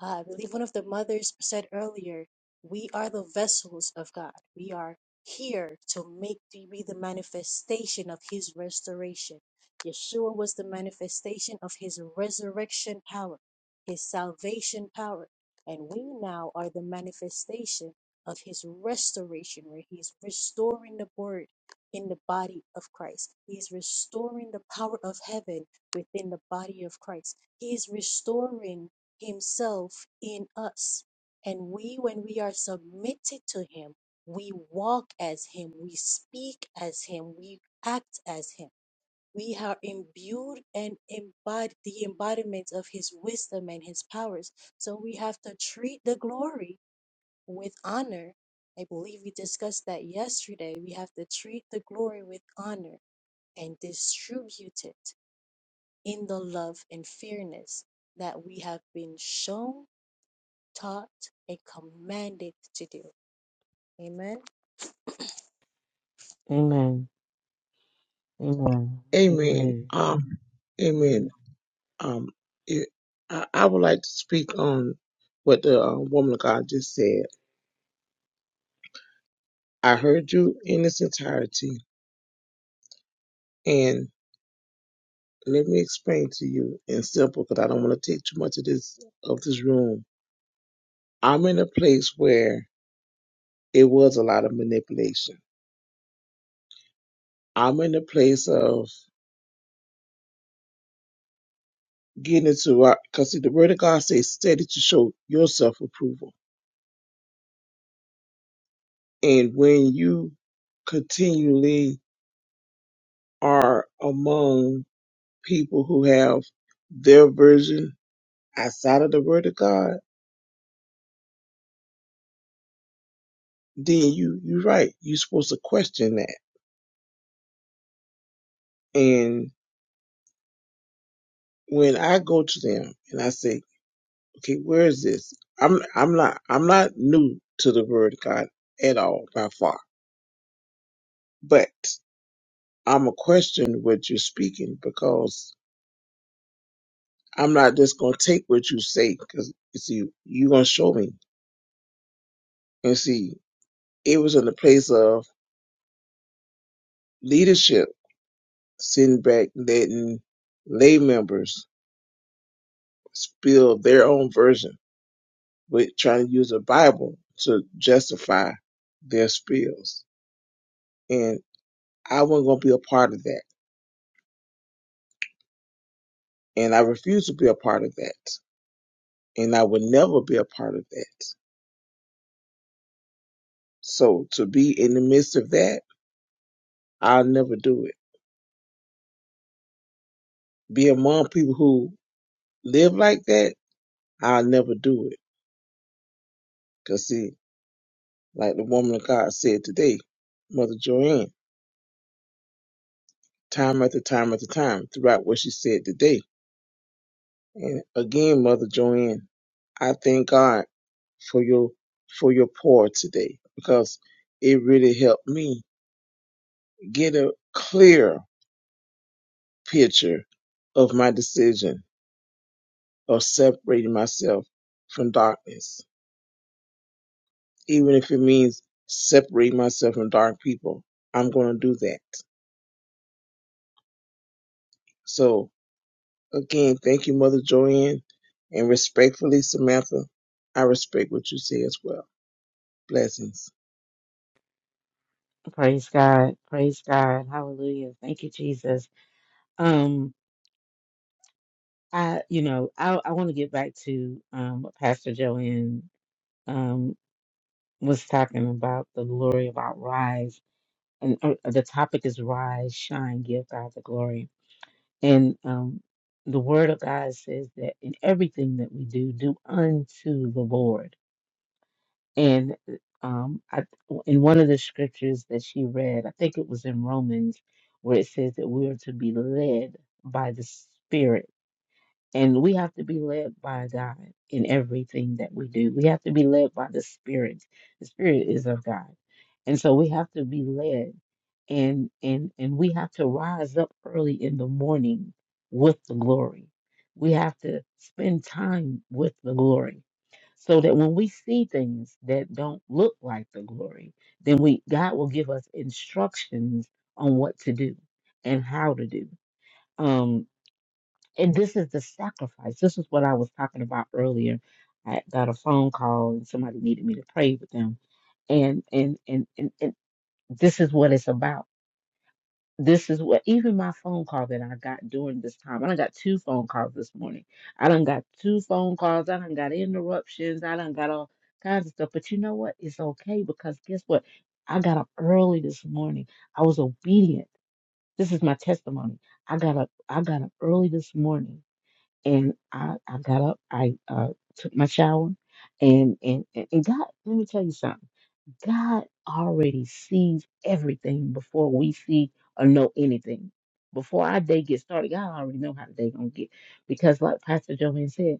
uh, I believe one of the mothers said earlier, we are the vessels of God. We are here to make to be the manifestation of his restoration. Yeshua was the manifestation of his resurrection power, his salvation power. And we now are the manifestation of his restoration, where he's restoring the word in the body of Christ. He is restoring the power of heaven within the body of Christ. He is restoring himself in us. And we, when we are submitted to him, we walk as him, we speak as him, we act as him. We are imbued and embodied the embodiment of his wisdom and his powers. So we have to treat the glory with honor. I believe we discussed that yesterday. We have to treat the glory with honor and distribute it in the love and fairness that we have been shown taught and commanded to do. Amen.
Amen. Amen.
Amen.
Amen.
Um, amen. Um, it, I, I would like to speak on what the uh, woman of God just said. I heard you in its entirety, and let me explain to you in simple, because I don't want to take too much of this of this room. I'm in a place where it was a lot of manipulation. I'm in a place of getting into our, because the word of God says, "Study to show yourself approval," and when you continually are among people who have their version outside of the word of God, then you you're right. You're supposed to question that. And when I go to them and I say, Okay, where is this? I'm I'm not I'm not new to the word of God at all by far. But I'm a question what you're speaking because I'm not just gonna take what you say because you see you're gonna show me. And see, it was in the place of leadership Sinbad letting lay members spill their own version with trying to use a Bible to justify their spills. And I wasn't going to be a part of that. And I refuse to be a part of that. And I will never be a part of that. So to be in the midst of that, I'll never do it. Be among people who live like that, I'll never do it. Because, see, like the woman of God said today, Mother Joanne. time after time after time throughout what she said today. And again, Mother Joanne, I thank God for your for your pour today because it really helped me get a clear picture of my decision of separating myself from darkness. Even if it means separating myself from dark people, I'm going to do that. So again, thank you, Mother Joanne, and respectfully, Samantha, I respect what you say as well. Blessings.
Praise God. Praise God. Hallelujah. Thank you, Jesus. Um, I, you know, I, I want to get back to um what Pastor Joanne um was talking about the glory about rise. And uh, the topic is rise, shine, give God the glory. And um the word of God says that in everything that we do, do unto the Lord And um, I, in one of the scriptures that she read, I think it was in Romans, where it says that we are to be led by the Spirit and we have to be led by God in everything that we do. We have to be led by the Spirit. The Spirit is of God. And so we have to be led and and and we have to rise up early in the morning with the glory. We have to spend time with the glory so that when we see things that don't look like the glory, then we God will give us instructions on what to do and how to do. Um, and this is the sacrifice. This is what I was talking about earlier. I got a phone call and somebody needed me to pray with them. And and and and, and this is what it's about. This is what even my phone call that I got during this time. I done got two phone calls this morning. I done got two phone calls. I done got interruptions. I done got all kinds of stuff. But you know what? It's okay because guess what? I got up early this morning. I was obedient. This is my testimony. I got up I got up early this morning and I, I got up, I uh, took my shower, and, and and and God, let me tell you something. God already sees everything before we see or know anything. Before our day gets started, God already know how the day gonna get. Because like Pastor Joanne said,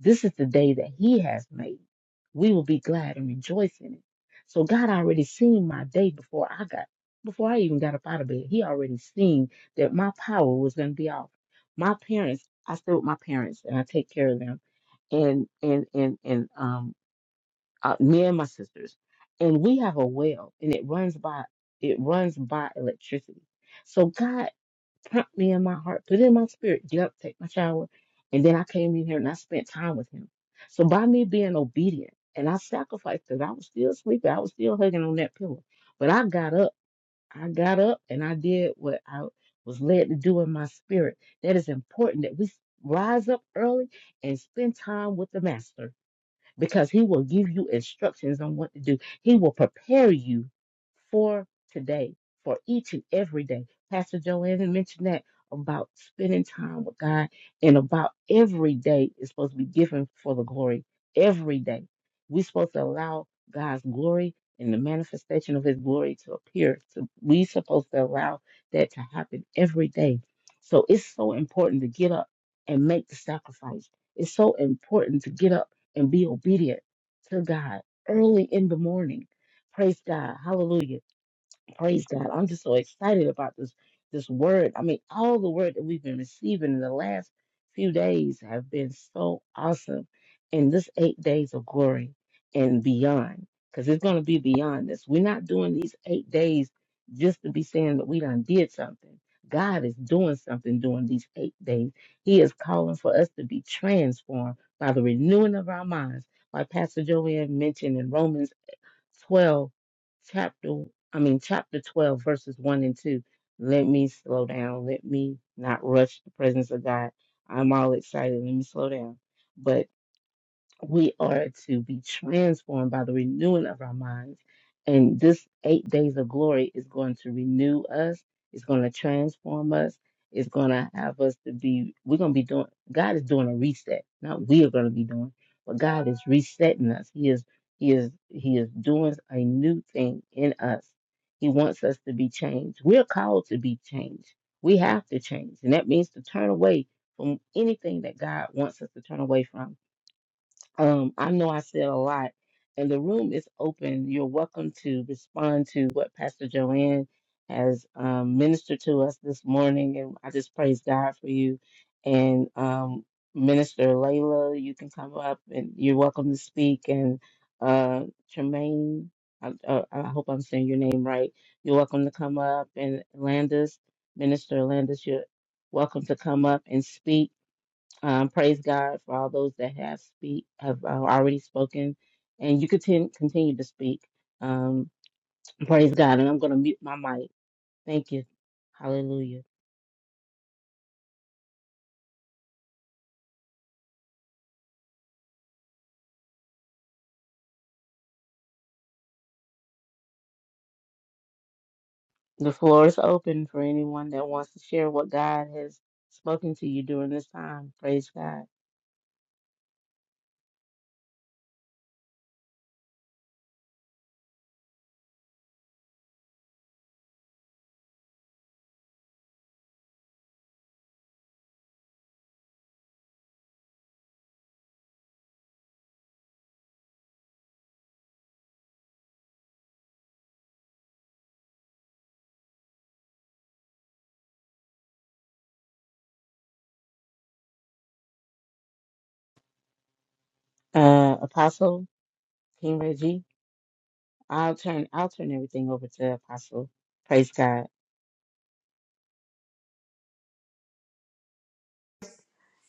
this is the day that He has made. We will be glad and rejoice in it. So God already seen my day before I got, before I even got up out of bed. He already seen that my power was going to be off. My parents, I stay with my parents and I take care of them, and and and and um, uh, me and my sisters, and we have a well, and it runs by it runs by electricity. So God Prompted me in my heart, put it in my spirit, get up, take my shower. And then I came in here and I spent time with him. So by me being obedient and I sacrificed because I was still sleeping, I was still hugging on that pillow. But I got up. I got up and I did what I was led to do in my spirit. That is important that we rise up early and spend time with the master because he will give you instructions on what to do. He will prepare you for today, for each and every day. Pastor Joanne mentioned that about spending time with God and about every day is supposed to be given for the glory. Every day. We're supposed to allow God's glory and the manifestation of his glory to appear. So we're supposed to allow that to happen every day. So it's so important to get up and make the sacrifice. It's so important to get up and be obedient to God early in the morning. Praise God. Hallelujah. Praise God. I'm just so excited about this this word. I mean, all the word that we've been receiving in the last few days have been so awesome in this eight days of glory and beyond. Because it's going to be beyond this. We're not doing these eight days just to be saying that we done did something. God is doing something during these eight days. He is calling for us to be transformed by the renewing of our minds, like Pastor Joanne mentioned in Romans. 12, chapter, I mean, chapter 12, verses 1 and 2. Let me slow down. Let me not rush the presence of God. I'm all excited. Let me slow down. But we are to be transformed by the renewing of our minds. And this eight days of glory is going to renew us, it's going to transform us, it's going to have us to be, we're going to be doing, God is doing a reset. Not we are going to be doing, but God is resetting us. He is, He is, He is doing a new thing in us. He wants us to be changed. We're called to be changed. We have to change. And that means to turn away from anything that God wants us to turn away from um, I know I said a lot, and the room is open. You're welcome to respond to what Pastor Joanne has um, ministered to us this morning, and I just praise God for you. And um, Minister Layla, you can come up, and you're welcome to speak. And uh, Tremaine, I, uh, I hope I'm saying your name right. You're welcome to come up, and Landis, Minister Landis, you're welcome to come up and speak um, praise God for all those that have speak have uh, already spoken, and you continue continue to speak. Um, praise God, and I'm going to mute my mic. Thank you, Hallelujah. The floor is open for anyone that wants to share what God has spoken to you during this time. Praise God. Uh, Apostle King Reggie, I'll turn I'll turn everything over to Apostle. Praise God.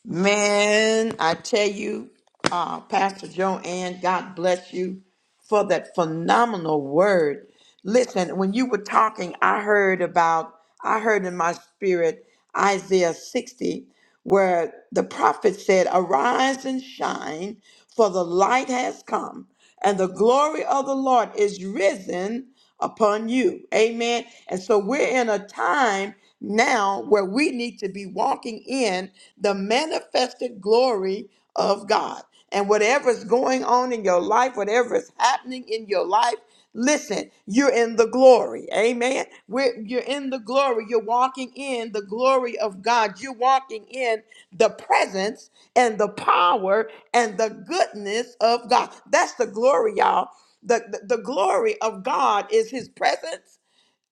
Man, I tell you, uh, Pastor Joanne, God bless you for that phenomenal word. Listen, when you were talking, I heard about, I heard in my spirit Isaiah 60, where the prophet said, Arise and shine, for the light has come, and the glory of the Lord is risen upon you. Amen. And so we're in a time now where we need to be walking in the manifested glory of God. And whatever's going on in your life, whatever is happening in your life, listen, you're in the glory. Amen. We're, you're in the glory. You're walking in the glory of God. You're walking in the presence and the power and the goodness of God. That's the glory, y'all. The, the, the glory of God is his presence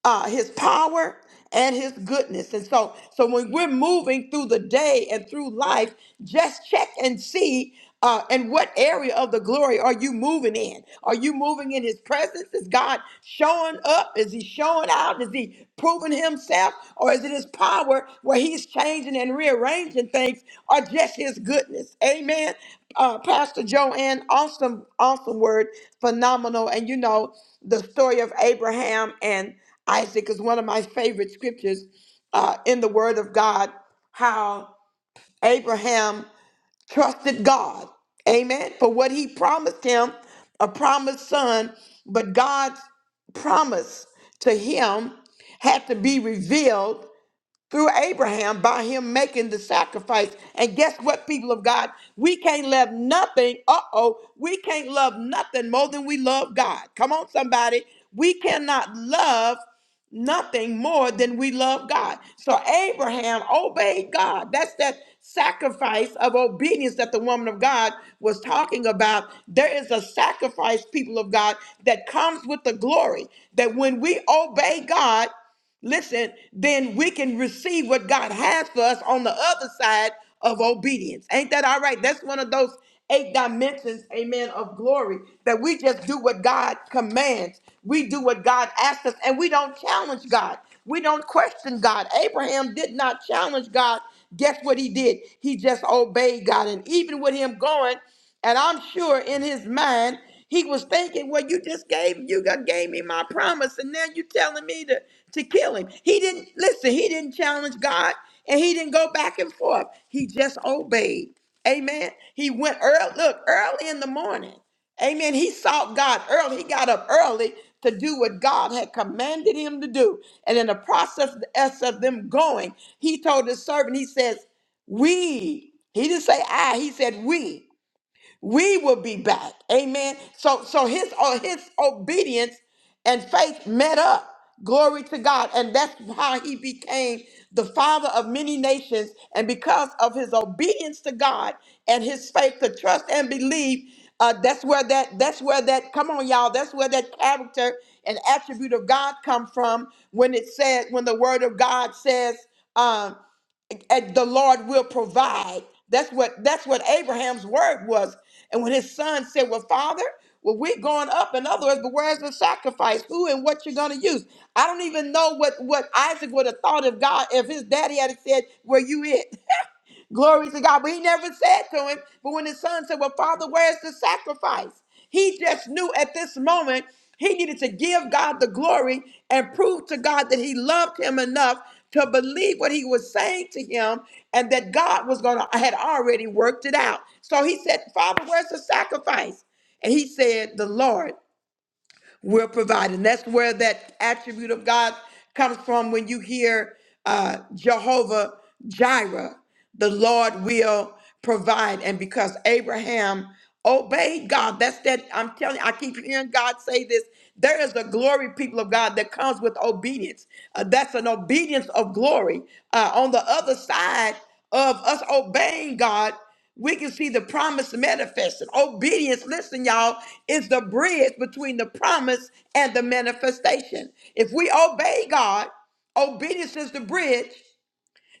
uh, his power and his goodness. And so, so when we're moving through the day and through life, just check and see. Uh, and what area of the glory are you moving in? Are you moving in his presence? Is God showing up? Is he showing out? Is he proving himself? Or is it his power where he's changing and rearranging things or just his goodness? Amen. Uh, Pastor Joanne, awesome, awesome word, phenomenal. And you know the story of Abraham and Isaac is one of my favorite scriptures uh, in the Word of God, how Abraham trusted God, amen, for what he promised him, a promised son, but God's promise to him had to be revealed through Abraham by him making the sacrifice. And guess what, people of God? We can't love nothing. Uh oh. We can't love nothing more than we love God. Come on, somebody. We cannot love nothing more than we love God. So Abraham obeyed God. That's that sacrifice of obedience that the woman of God was talking about. There is a sacrifice, people of God, that comes with the glory. That when we obey God, listen, then we can receive what God has for us on the other side of obedience. Ain't that all right? That's one of those eight dimensions, amen, of glory that we just do what God commands. We do what God asks us, and we don't challenge God. We don't question God. Abraham did not challenge God. Guess what he did? He just obeyed God. And even with him going, and I'm sure in his mind, he was thinking, Well, you just gave you got gave me my promise, and now you're telling me to, to kill him. He didn't listen, he didn't challenge God and he didn't go back and forth. He just obeyed. Amen. He went early, look, early in the morning. Amen. He sought God early. He got up early to do what God had commanded him to do. And in the process of them going, he told his servant, he says, We, he didn't say I, he said we we will be back. Amen. So so his uh, his obedience and faith met up. Glory to God. And that's how he became the father of many nations. And because of his obedience to God and his faith to trust and believe, uh, that's where that that's where that come on y'all that's where that character and attribute of God come from when it said when the word of God says um, and the Lord will provide. That's what that's what Abraham's word was. And when his son said, Well, Father, well, we're going up. In other words, but where's the sacrifice? Who and what you're gonna use? I don't even know what what Isaac would have thought if God, if his daddy had said, Were you it? Glory to God. But he never said to him, but when his son said, Well, Father, where's the sacrifice? He just knew at this moment he needed to give God the glory and prove to God that he loved him enough to believe what he was saying to him and that God was going to, had already worked it out. So he said, Father, where's the sacrifice? And he said, The Lord will provide. And that's where that attribute of God comes from when you hear uh, Jehovah Jireh, the Lord will provide. And because Abraham obeyed God, that's that. I'm telling you, I keep hearing God say this. There is a glory, people of God, that comes with obedience. Uh, that's an obedience of glory. Uh, on the other side of us obeying God, we can see the promise manifested. Obedience, listen, y'all, is the bridge between the promise and the manifestation. If we obey God, obedience is the bridge,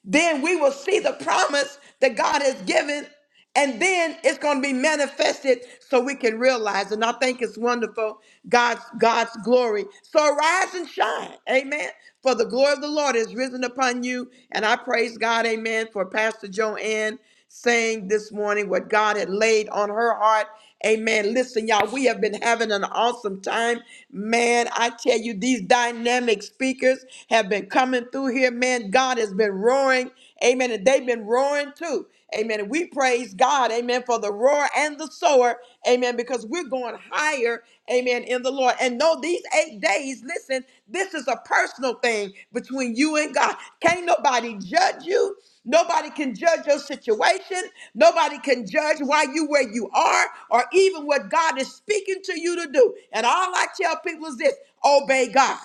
then we will see the promise that God has given, and then it's going to be manifested so we can realize. And I think it's wonderful, God's God's glory. So arise and shine. Amen. For the glory of the Lord is risen upon you. And I praise God, amen, for Pastor Joanne saying this morning what God had laid on her heart. Amen. Listen, y'all, we have been having an awesome time. Man, I tell you, these dynamic speakers have been coming through here. Man, God has been roaring. Amen. And they've been roaring too. Amen. And we praise God. Amen. For the roar and the sower. Amen. Because we're going higher. Amen. In the Lord. And no, these eight days, listen, this is a personal thing between you and God. Can't nobody judge you. Nobody can judge your situation. Nobody can judge why you where you are or even what God is speaking to you to do. And all I tell people is this, obey God.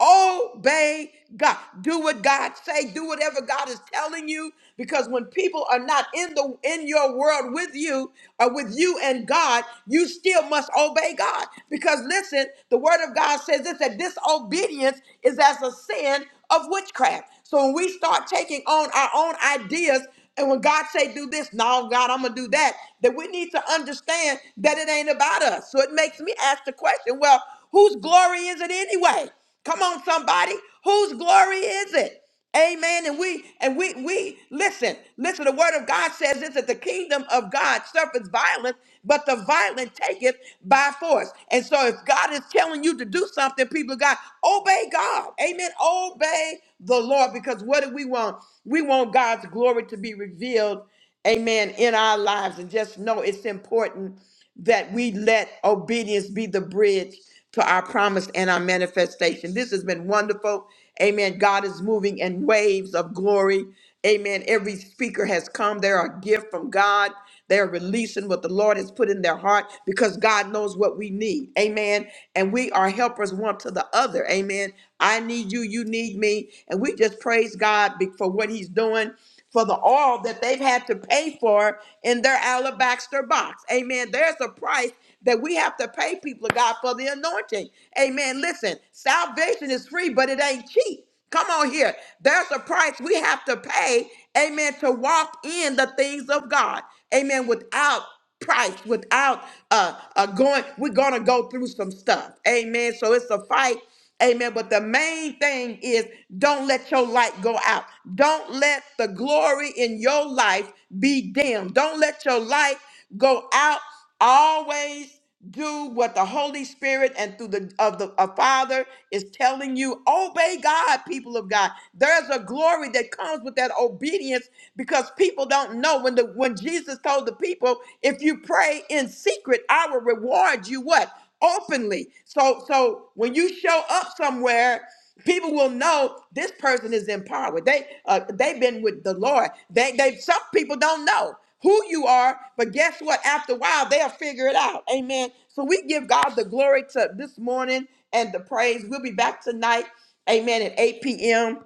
Obey God. Do what God say. Do whatever God is telling you. Because when people are not in the in your world with you or with you and God, you still must obey God. Because listen, the Word of God says this: that disobedience is as a sin of witchcraft. So when we start taking on our own ideas and when God say do this, no God, I'm gonna do that, that we need to understand that it ain't about us. So it makes me ask the question, well, whose glory is it anyway? Come on, somebody, whose glory is it? Amen. And we and we we listen, listen, the word of God says this that the kingdom of God suffers violence, but the violent take it by force. And so if God is telling you to do something, people of God, Obey God. Amen. Obey the Lord because what do we want? We want God's glory to be revealed. Amen. In our lives. And just know it's important that we let obedience be the bridge to our promise and our manifestation. This has been wonderful. Amen. God is moving in waves of glory. Amen. Every speaker has come. They're a gift from God. They're releasing what the Lord has put in their heart because God knows what we need. Amen. And we are helpers one to the other. Amen. I need you, you need me. And we just praise God be- for what He's doing. For the all that they've had to pay for in their alabaster box. Amen. There's a price that we have to pay people of God for the anointing. Amen. Listen, salvation is free, but it ain't cheap. Come on here. There's a price we have to pay, amen, to walk in the things of God, amen, without price, without uh, uh going, we're gonna go through some stuff, amen. So it's a fight, amen. But the main thing is don't let your light go out, don't let the glory in your life be dim, don't let your light go out Always do what the Holy Spirit and through the of the of Father is telling you. Obey God, people of God. There's a glory that comes with that obedience because people don't know when the when Jesus told the people, if you pray in secret, I will reward you what? Openly. So so when you show up somewhere People will know this person is in power. They uh, they've been with the Lord. They they some people don't know who you are, but guess what? After a while, they'll figure it out. Amen. So we give God the glory to this morning and the praise. We'll be back tonight. Amen. At 8 p.m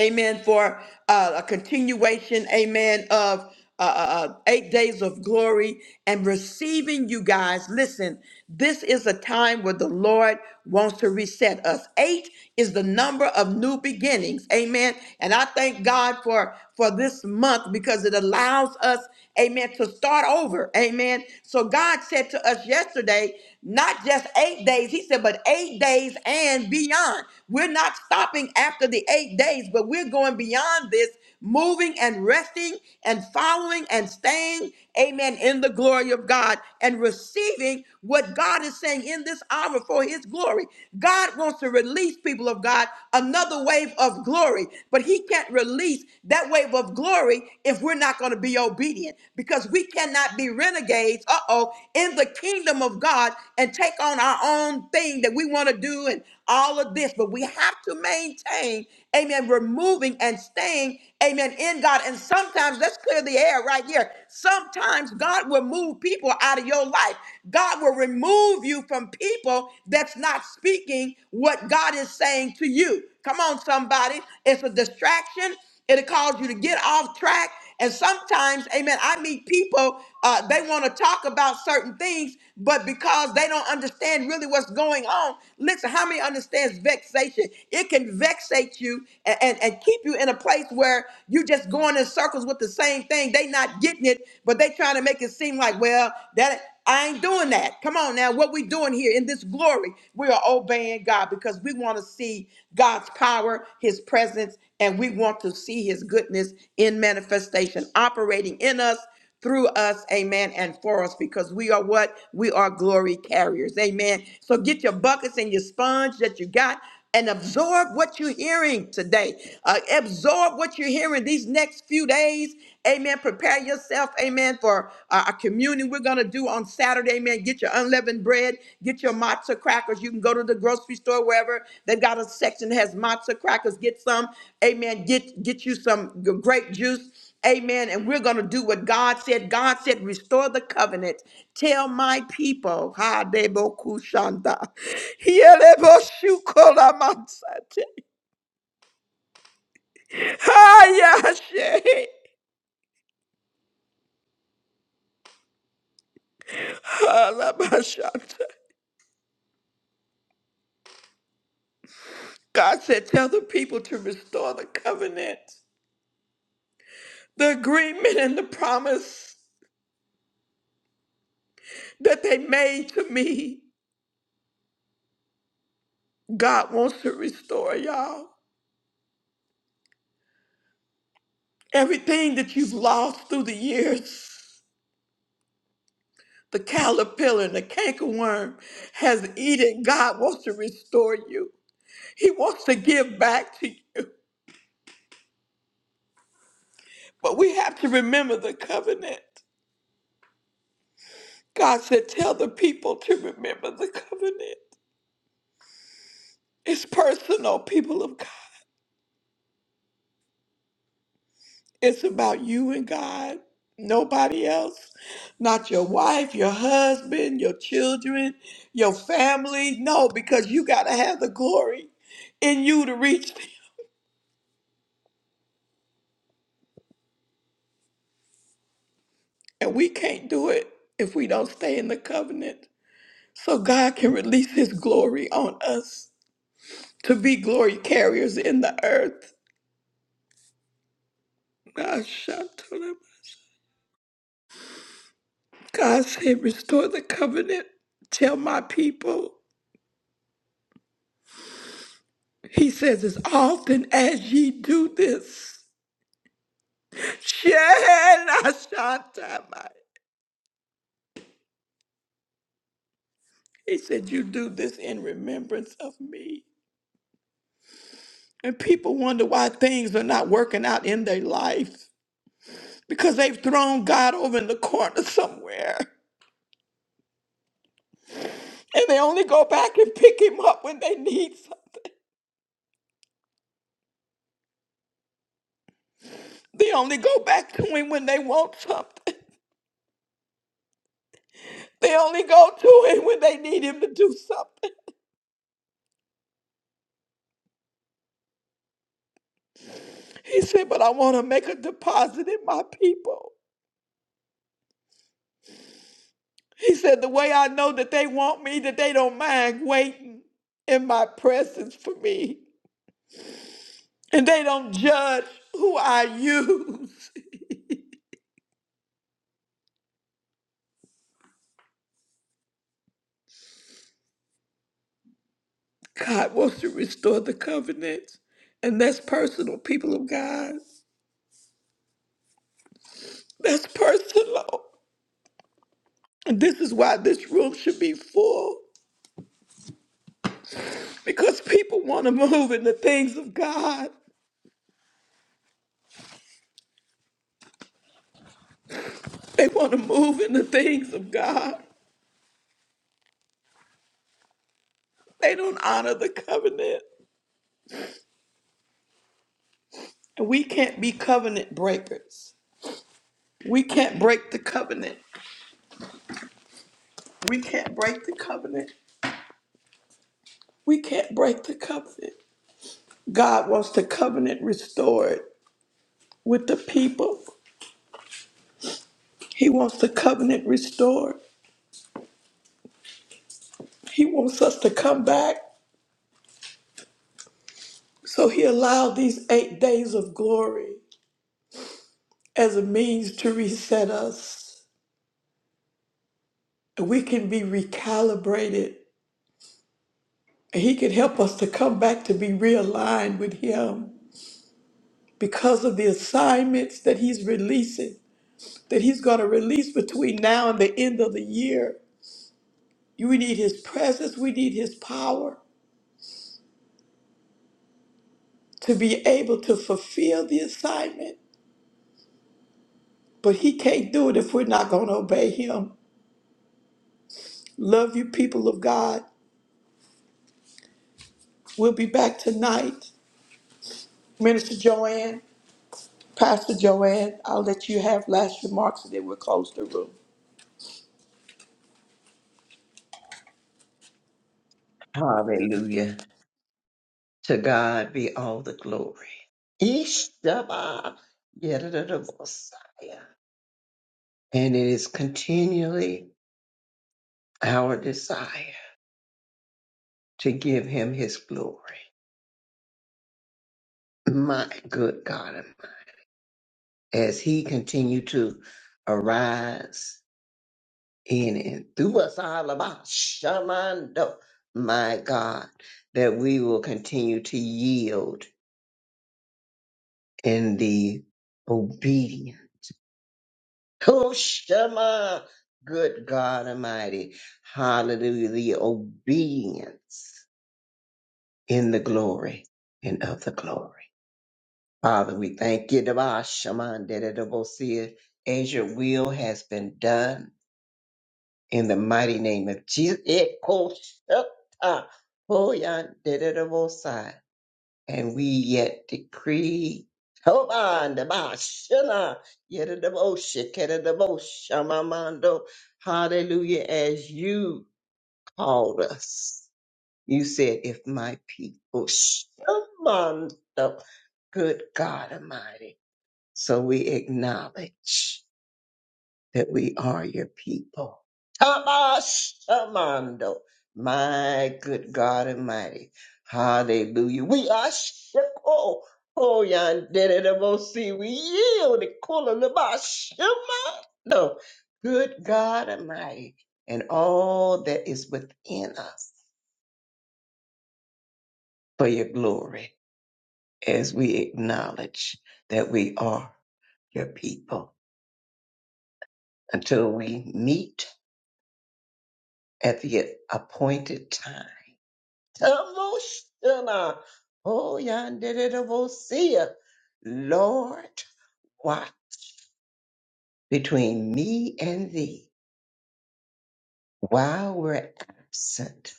amen, for uh, a continuation, amen, of uh, uh, uh, eight days of glory and receiving you guys. Listen, this is a time where the Lord wants to reset us. Eight is the number of new beginnings, amen. And I thank God for for this month because it allows us, amen, to start over, amen. So God said to us yesterday, not just eight days, He said, but eight days and beyond. We're not stopping after the eight days days, but we're going beyond this, moving and resting and following and staying, amen, in the glory of God and receiving what God is saying in this hour for his glory. God wants to release people of God another wave of glory, but he can't release that wave of glory if we're not going to be obedient because we cannot be renegades, uh oh, in the kingdom of God and take on our own thing that we want to do and all of this, but we have to maintain amen, removing and staying, amen, in God. And sometimes, let's clear the air right here. Sometimes God will move people out of your life. God will remove you from people that's not speaking what God is saying to you. Come on, somebody. It's a distraction. It'll cause you to get off track. And sometimes, amen, I meet people, uh, they want to talk about certain things, but because they don't understand really what's going on, listen, how many understands vexation? It can vexate you and, and, and keep you in a place where you're just going in circles with the same thing. They not getting it, but they trying to make it seem like, well, that I ain't doing that. Come on now. What we doing here in this glory, we are obeying God because we want to see God's power, his presence, and we want to see his goodness in manifestation operating in us, through us, amen, and for us because we are what? We are glory carriers. Amen. So get your buckets and your sponge that you got and absorb what you're hearing today. Uh, absorb what you're hearing these next few days. Amen. Prepare yourself, amen, for uh, a communion we're going to do on Saturday. Amen. Get your unleavened bread, get your matzah crackers. You can go to the grocery store, wherever they've got a section that has matzah crackers. Get some, amen. Get, get you some g- grape juice. Amen. And we're going to do what God said. God said, restore the covenant. Tell my people. Ha debo kushanda. Hielebo shukola mansate. Ha yashe. Ha la mashata. God said, tell the people to restore the covenant, the agreement and the promise that they made to me. God wants to restore y'all. Everything that you've lost through the years. the caterpillar and the cankerworm has eaten. God wants to restore you. He wants to give back to you. But we have to remember the covenant. God said, Tell the people to remember the covenant. It's personal, people of God. It's about you and God, nobody else. Not your wife, your husband, your children, your family. No, because you got to have the glory in you to reach. And we can't do it if we don't stay in the covenant. So God can release his glory on us to be glory carriers in the earth. God shout to them. God said, Restore the covenant. Tell my people. He says, As often as ye do this, Shenashatamai. he said, You do this in remembrance of me. And people wonder why things are not working out in their life. because they've thrown God over in the corner somewhere. And they only go back and pick him up when they need something. They only go back to him when they want something. They only go to him when they need him to do something. He said, But I want to make a deposit in my people. He said, The way I know that they want me, that they don't mind waiting in my presence for me. And they don't judge who I use. God wants to restore the covenant. And that's personal, people of God. That's personal. And this is why this room should be full. Because people want to move in the things of God. They want to move in the things of God. They don't honor the covenant. And we can't be covenant breakers. We can't break the covenant. We can't break the covenant. We can't break the covenant. God wants the covenant restored with the people. He wants the covenant restored. He wants us to come back. So he allowed these eight days of glory as a means to reset us. We can be recalibrated. He can help us to come back to be realigned with him because of the assignments that he's releasing, that he's going to release between now and the end of the year. We need his presence. We need his power to be able to fulfill the assignment But he can't do it if we're not going to obey him. Love you, people of God. We'll be back tonight. Minister Joanne, Pastor Joanne, I'll let you have last remarks and then we'll close the room.
Hallelujah. To God be all the glory. Ishtaba Messiah. And it is continually our desire to give him his glory. My good God. as he continued to arise in and through us all about Shamando, my God, that we will continue to yield in the obedience. Oh, Shema, good God Almighty. Hallelujah. The obedience in the glory and of the glory. Father, we thank you, Shamanda, as your will has been done in the mighty name of Jesus. It goes up, uh, oh, yeah, And we yet decree. Hold debashana, the Bashana, yet a devotion, get a devotion, Mamando. Hallelujah, as you called us. You said, if my people, Shamando, good God Almighty. So we acknowledge that we are your people. Tamashamando, my good God Almighty. Hallelujah. We are Shiko. Oh, see we yield the Kulalabashimando. Good God Almighty, and all that is within us for your glory as we acknowledge that we are your people until we meet at the appointed time Devotional. Oh, Yandidivosia. Lord, watch between me and thee while we're absent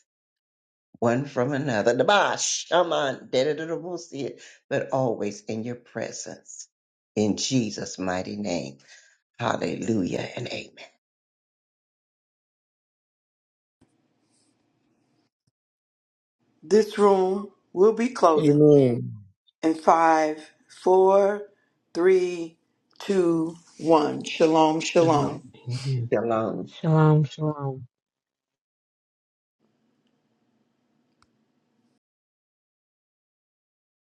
one from another. Dabash, shaman, Yandidivosia, But always in your presence. In Jesus' mighty name. Hallelujah and amen.
This room will be closing
Amen.
in five, four, three, two, one. Shalom, shalom.
Shalom.
Amen.
Shalom.
Shalom, shalom.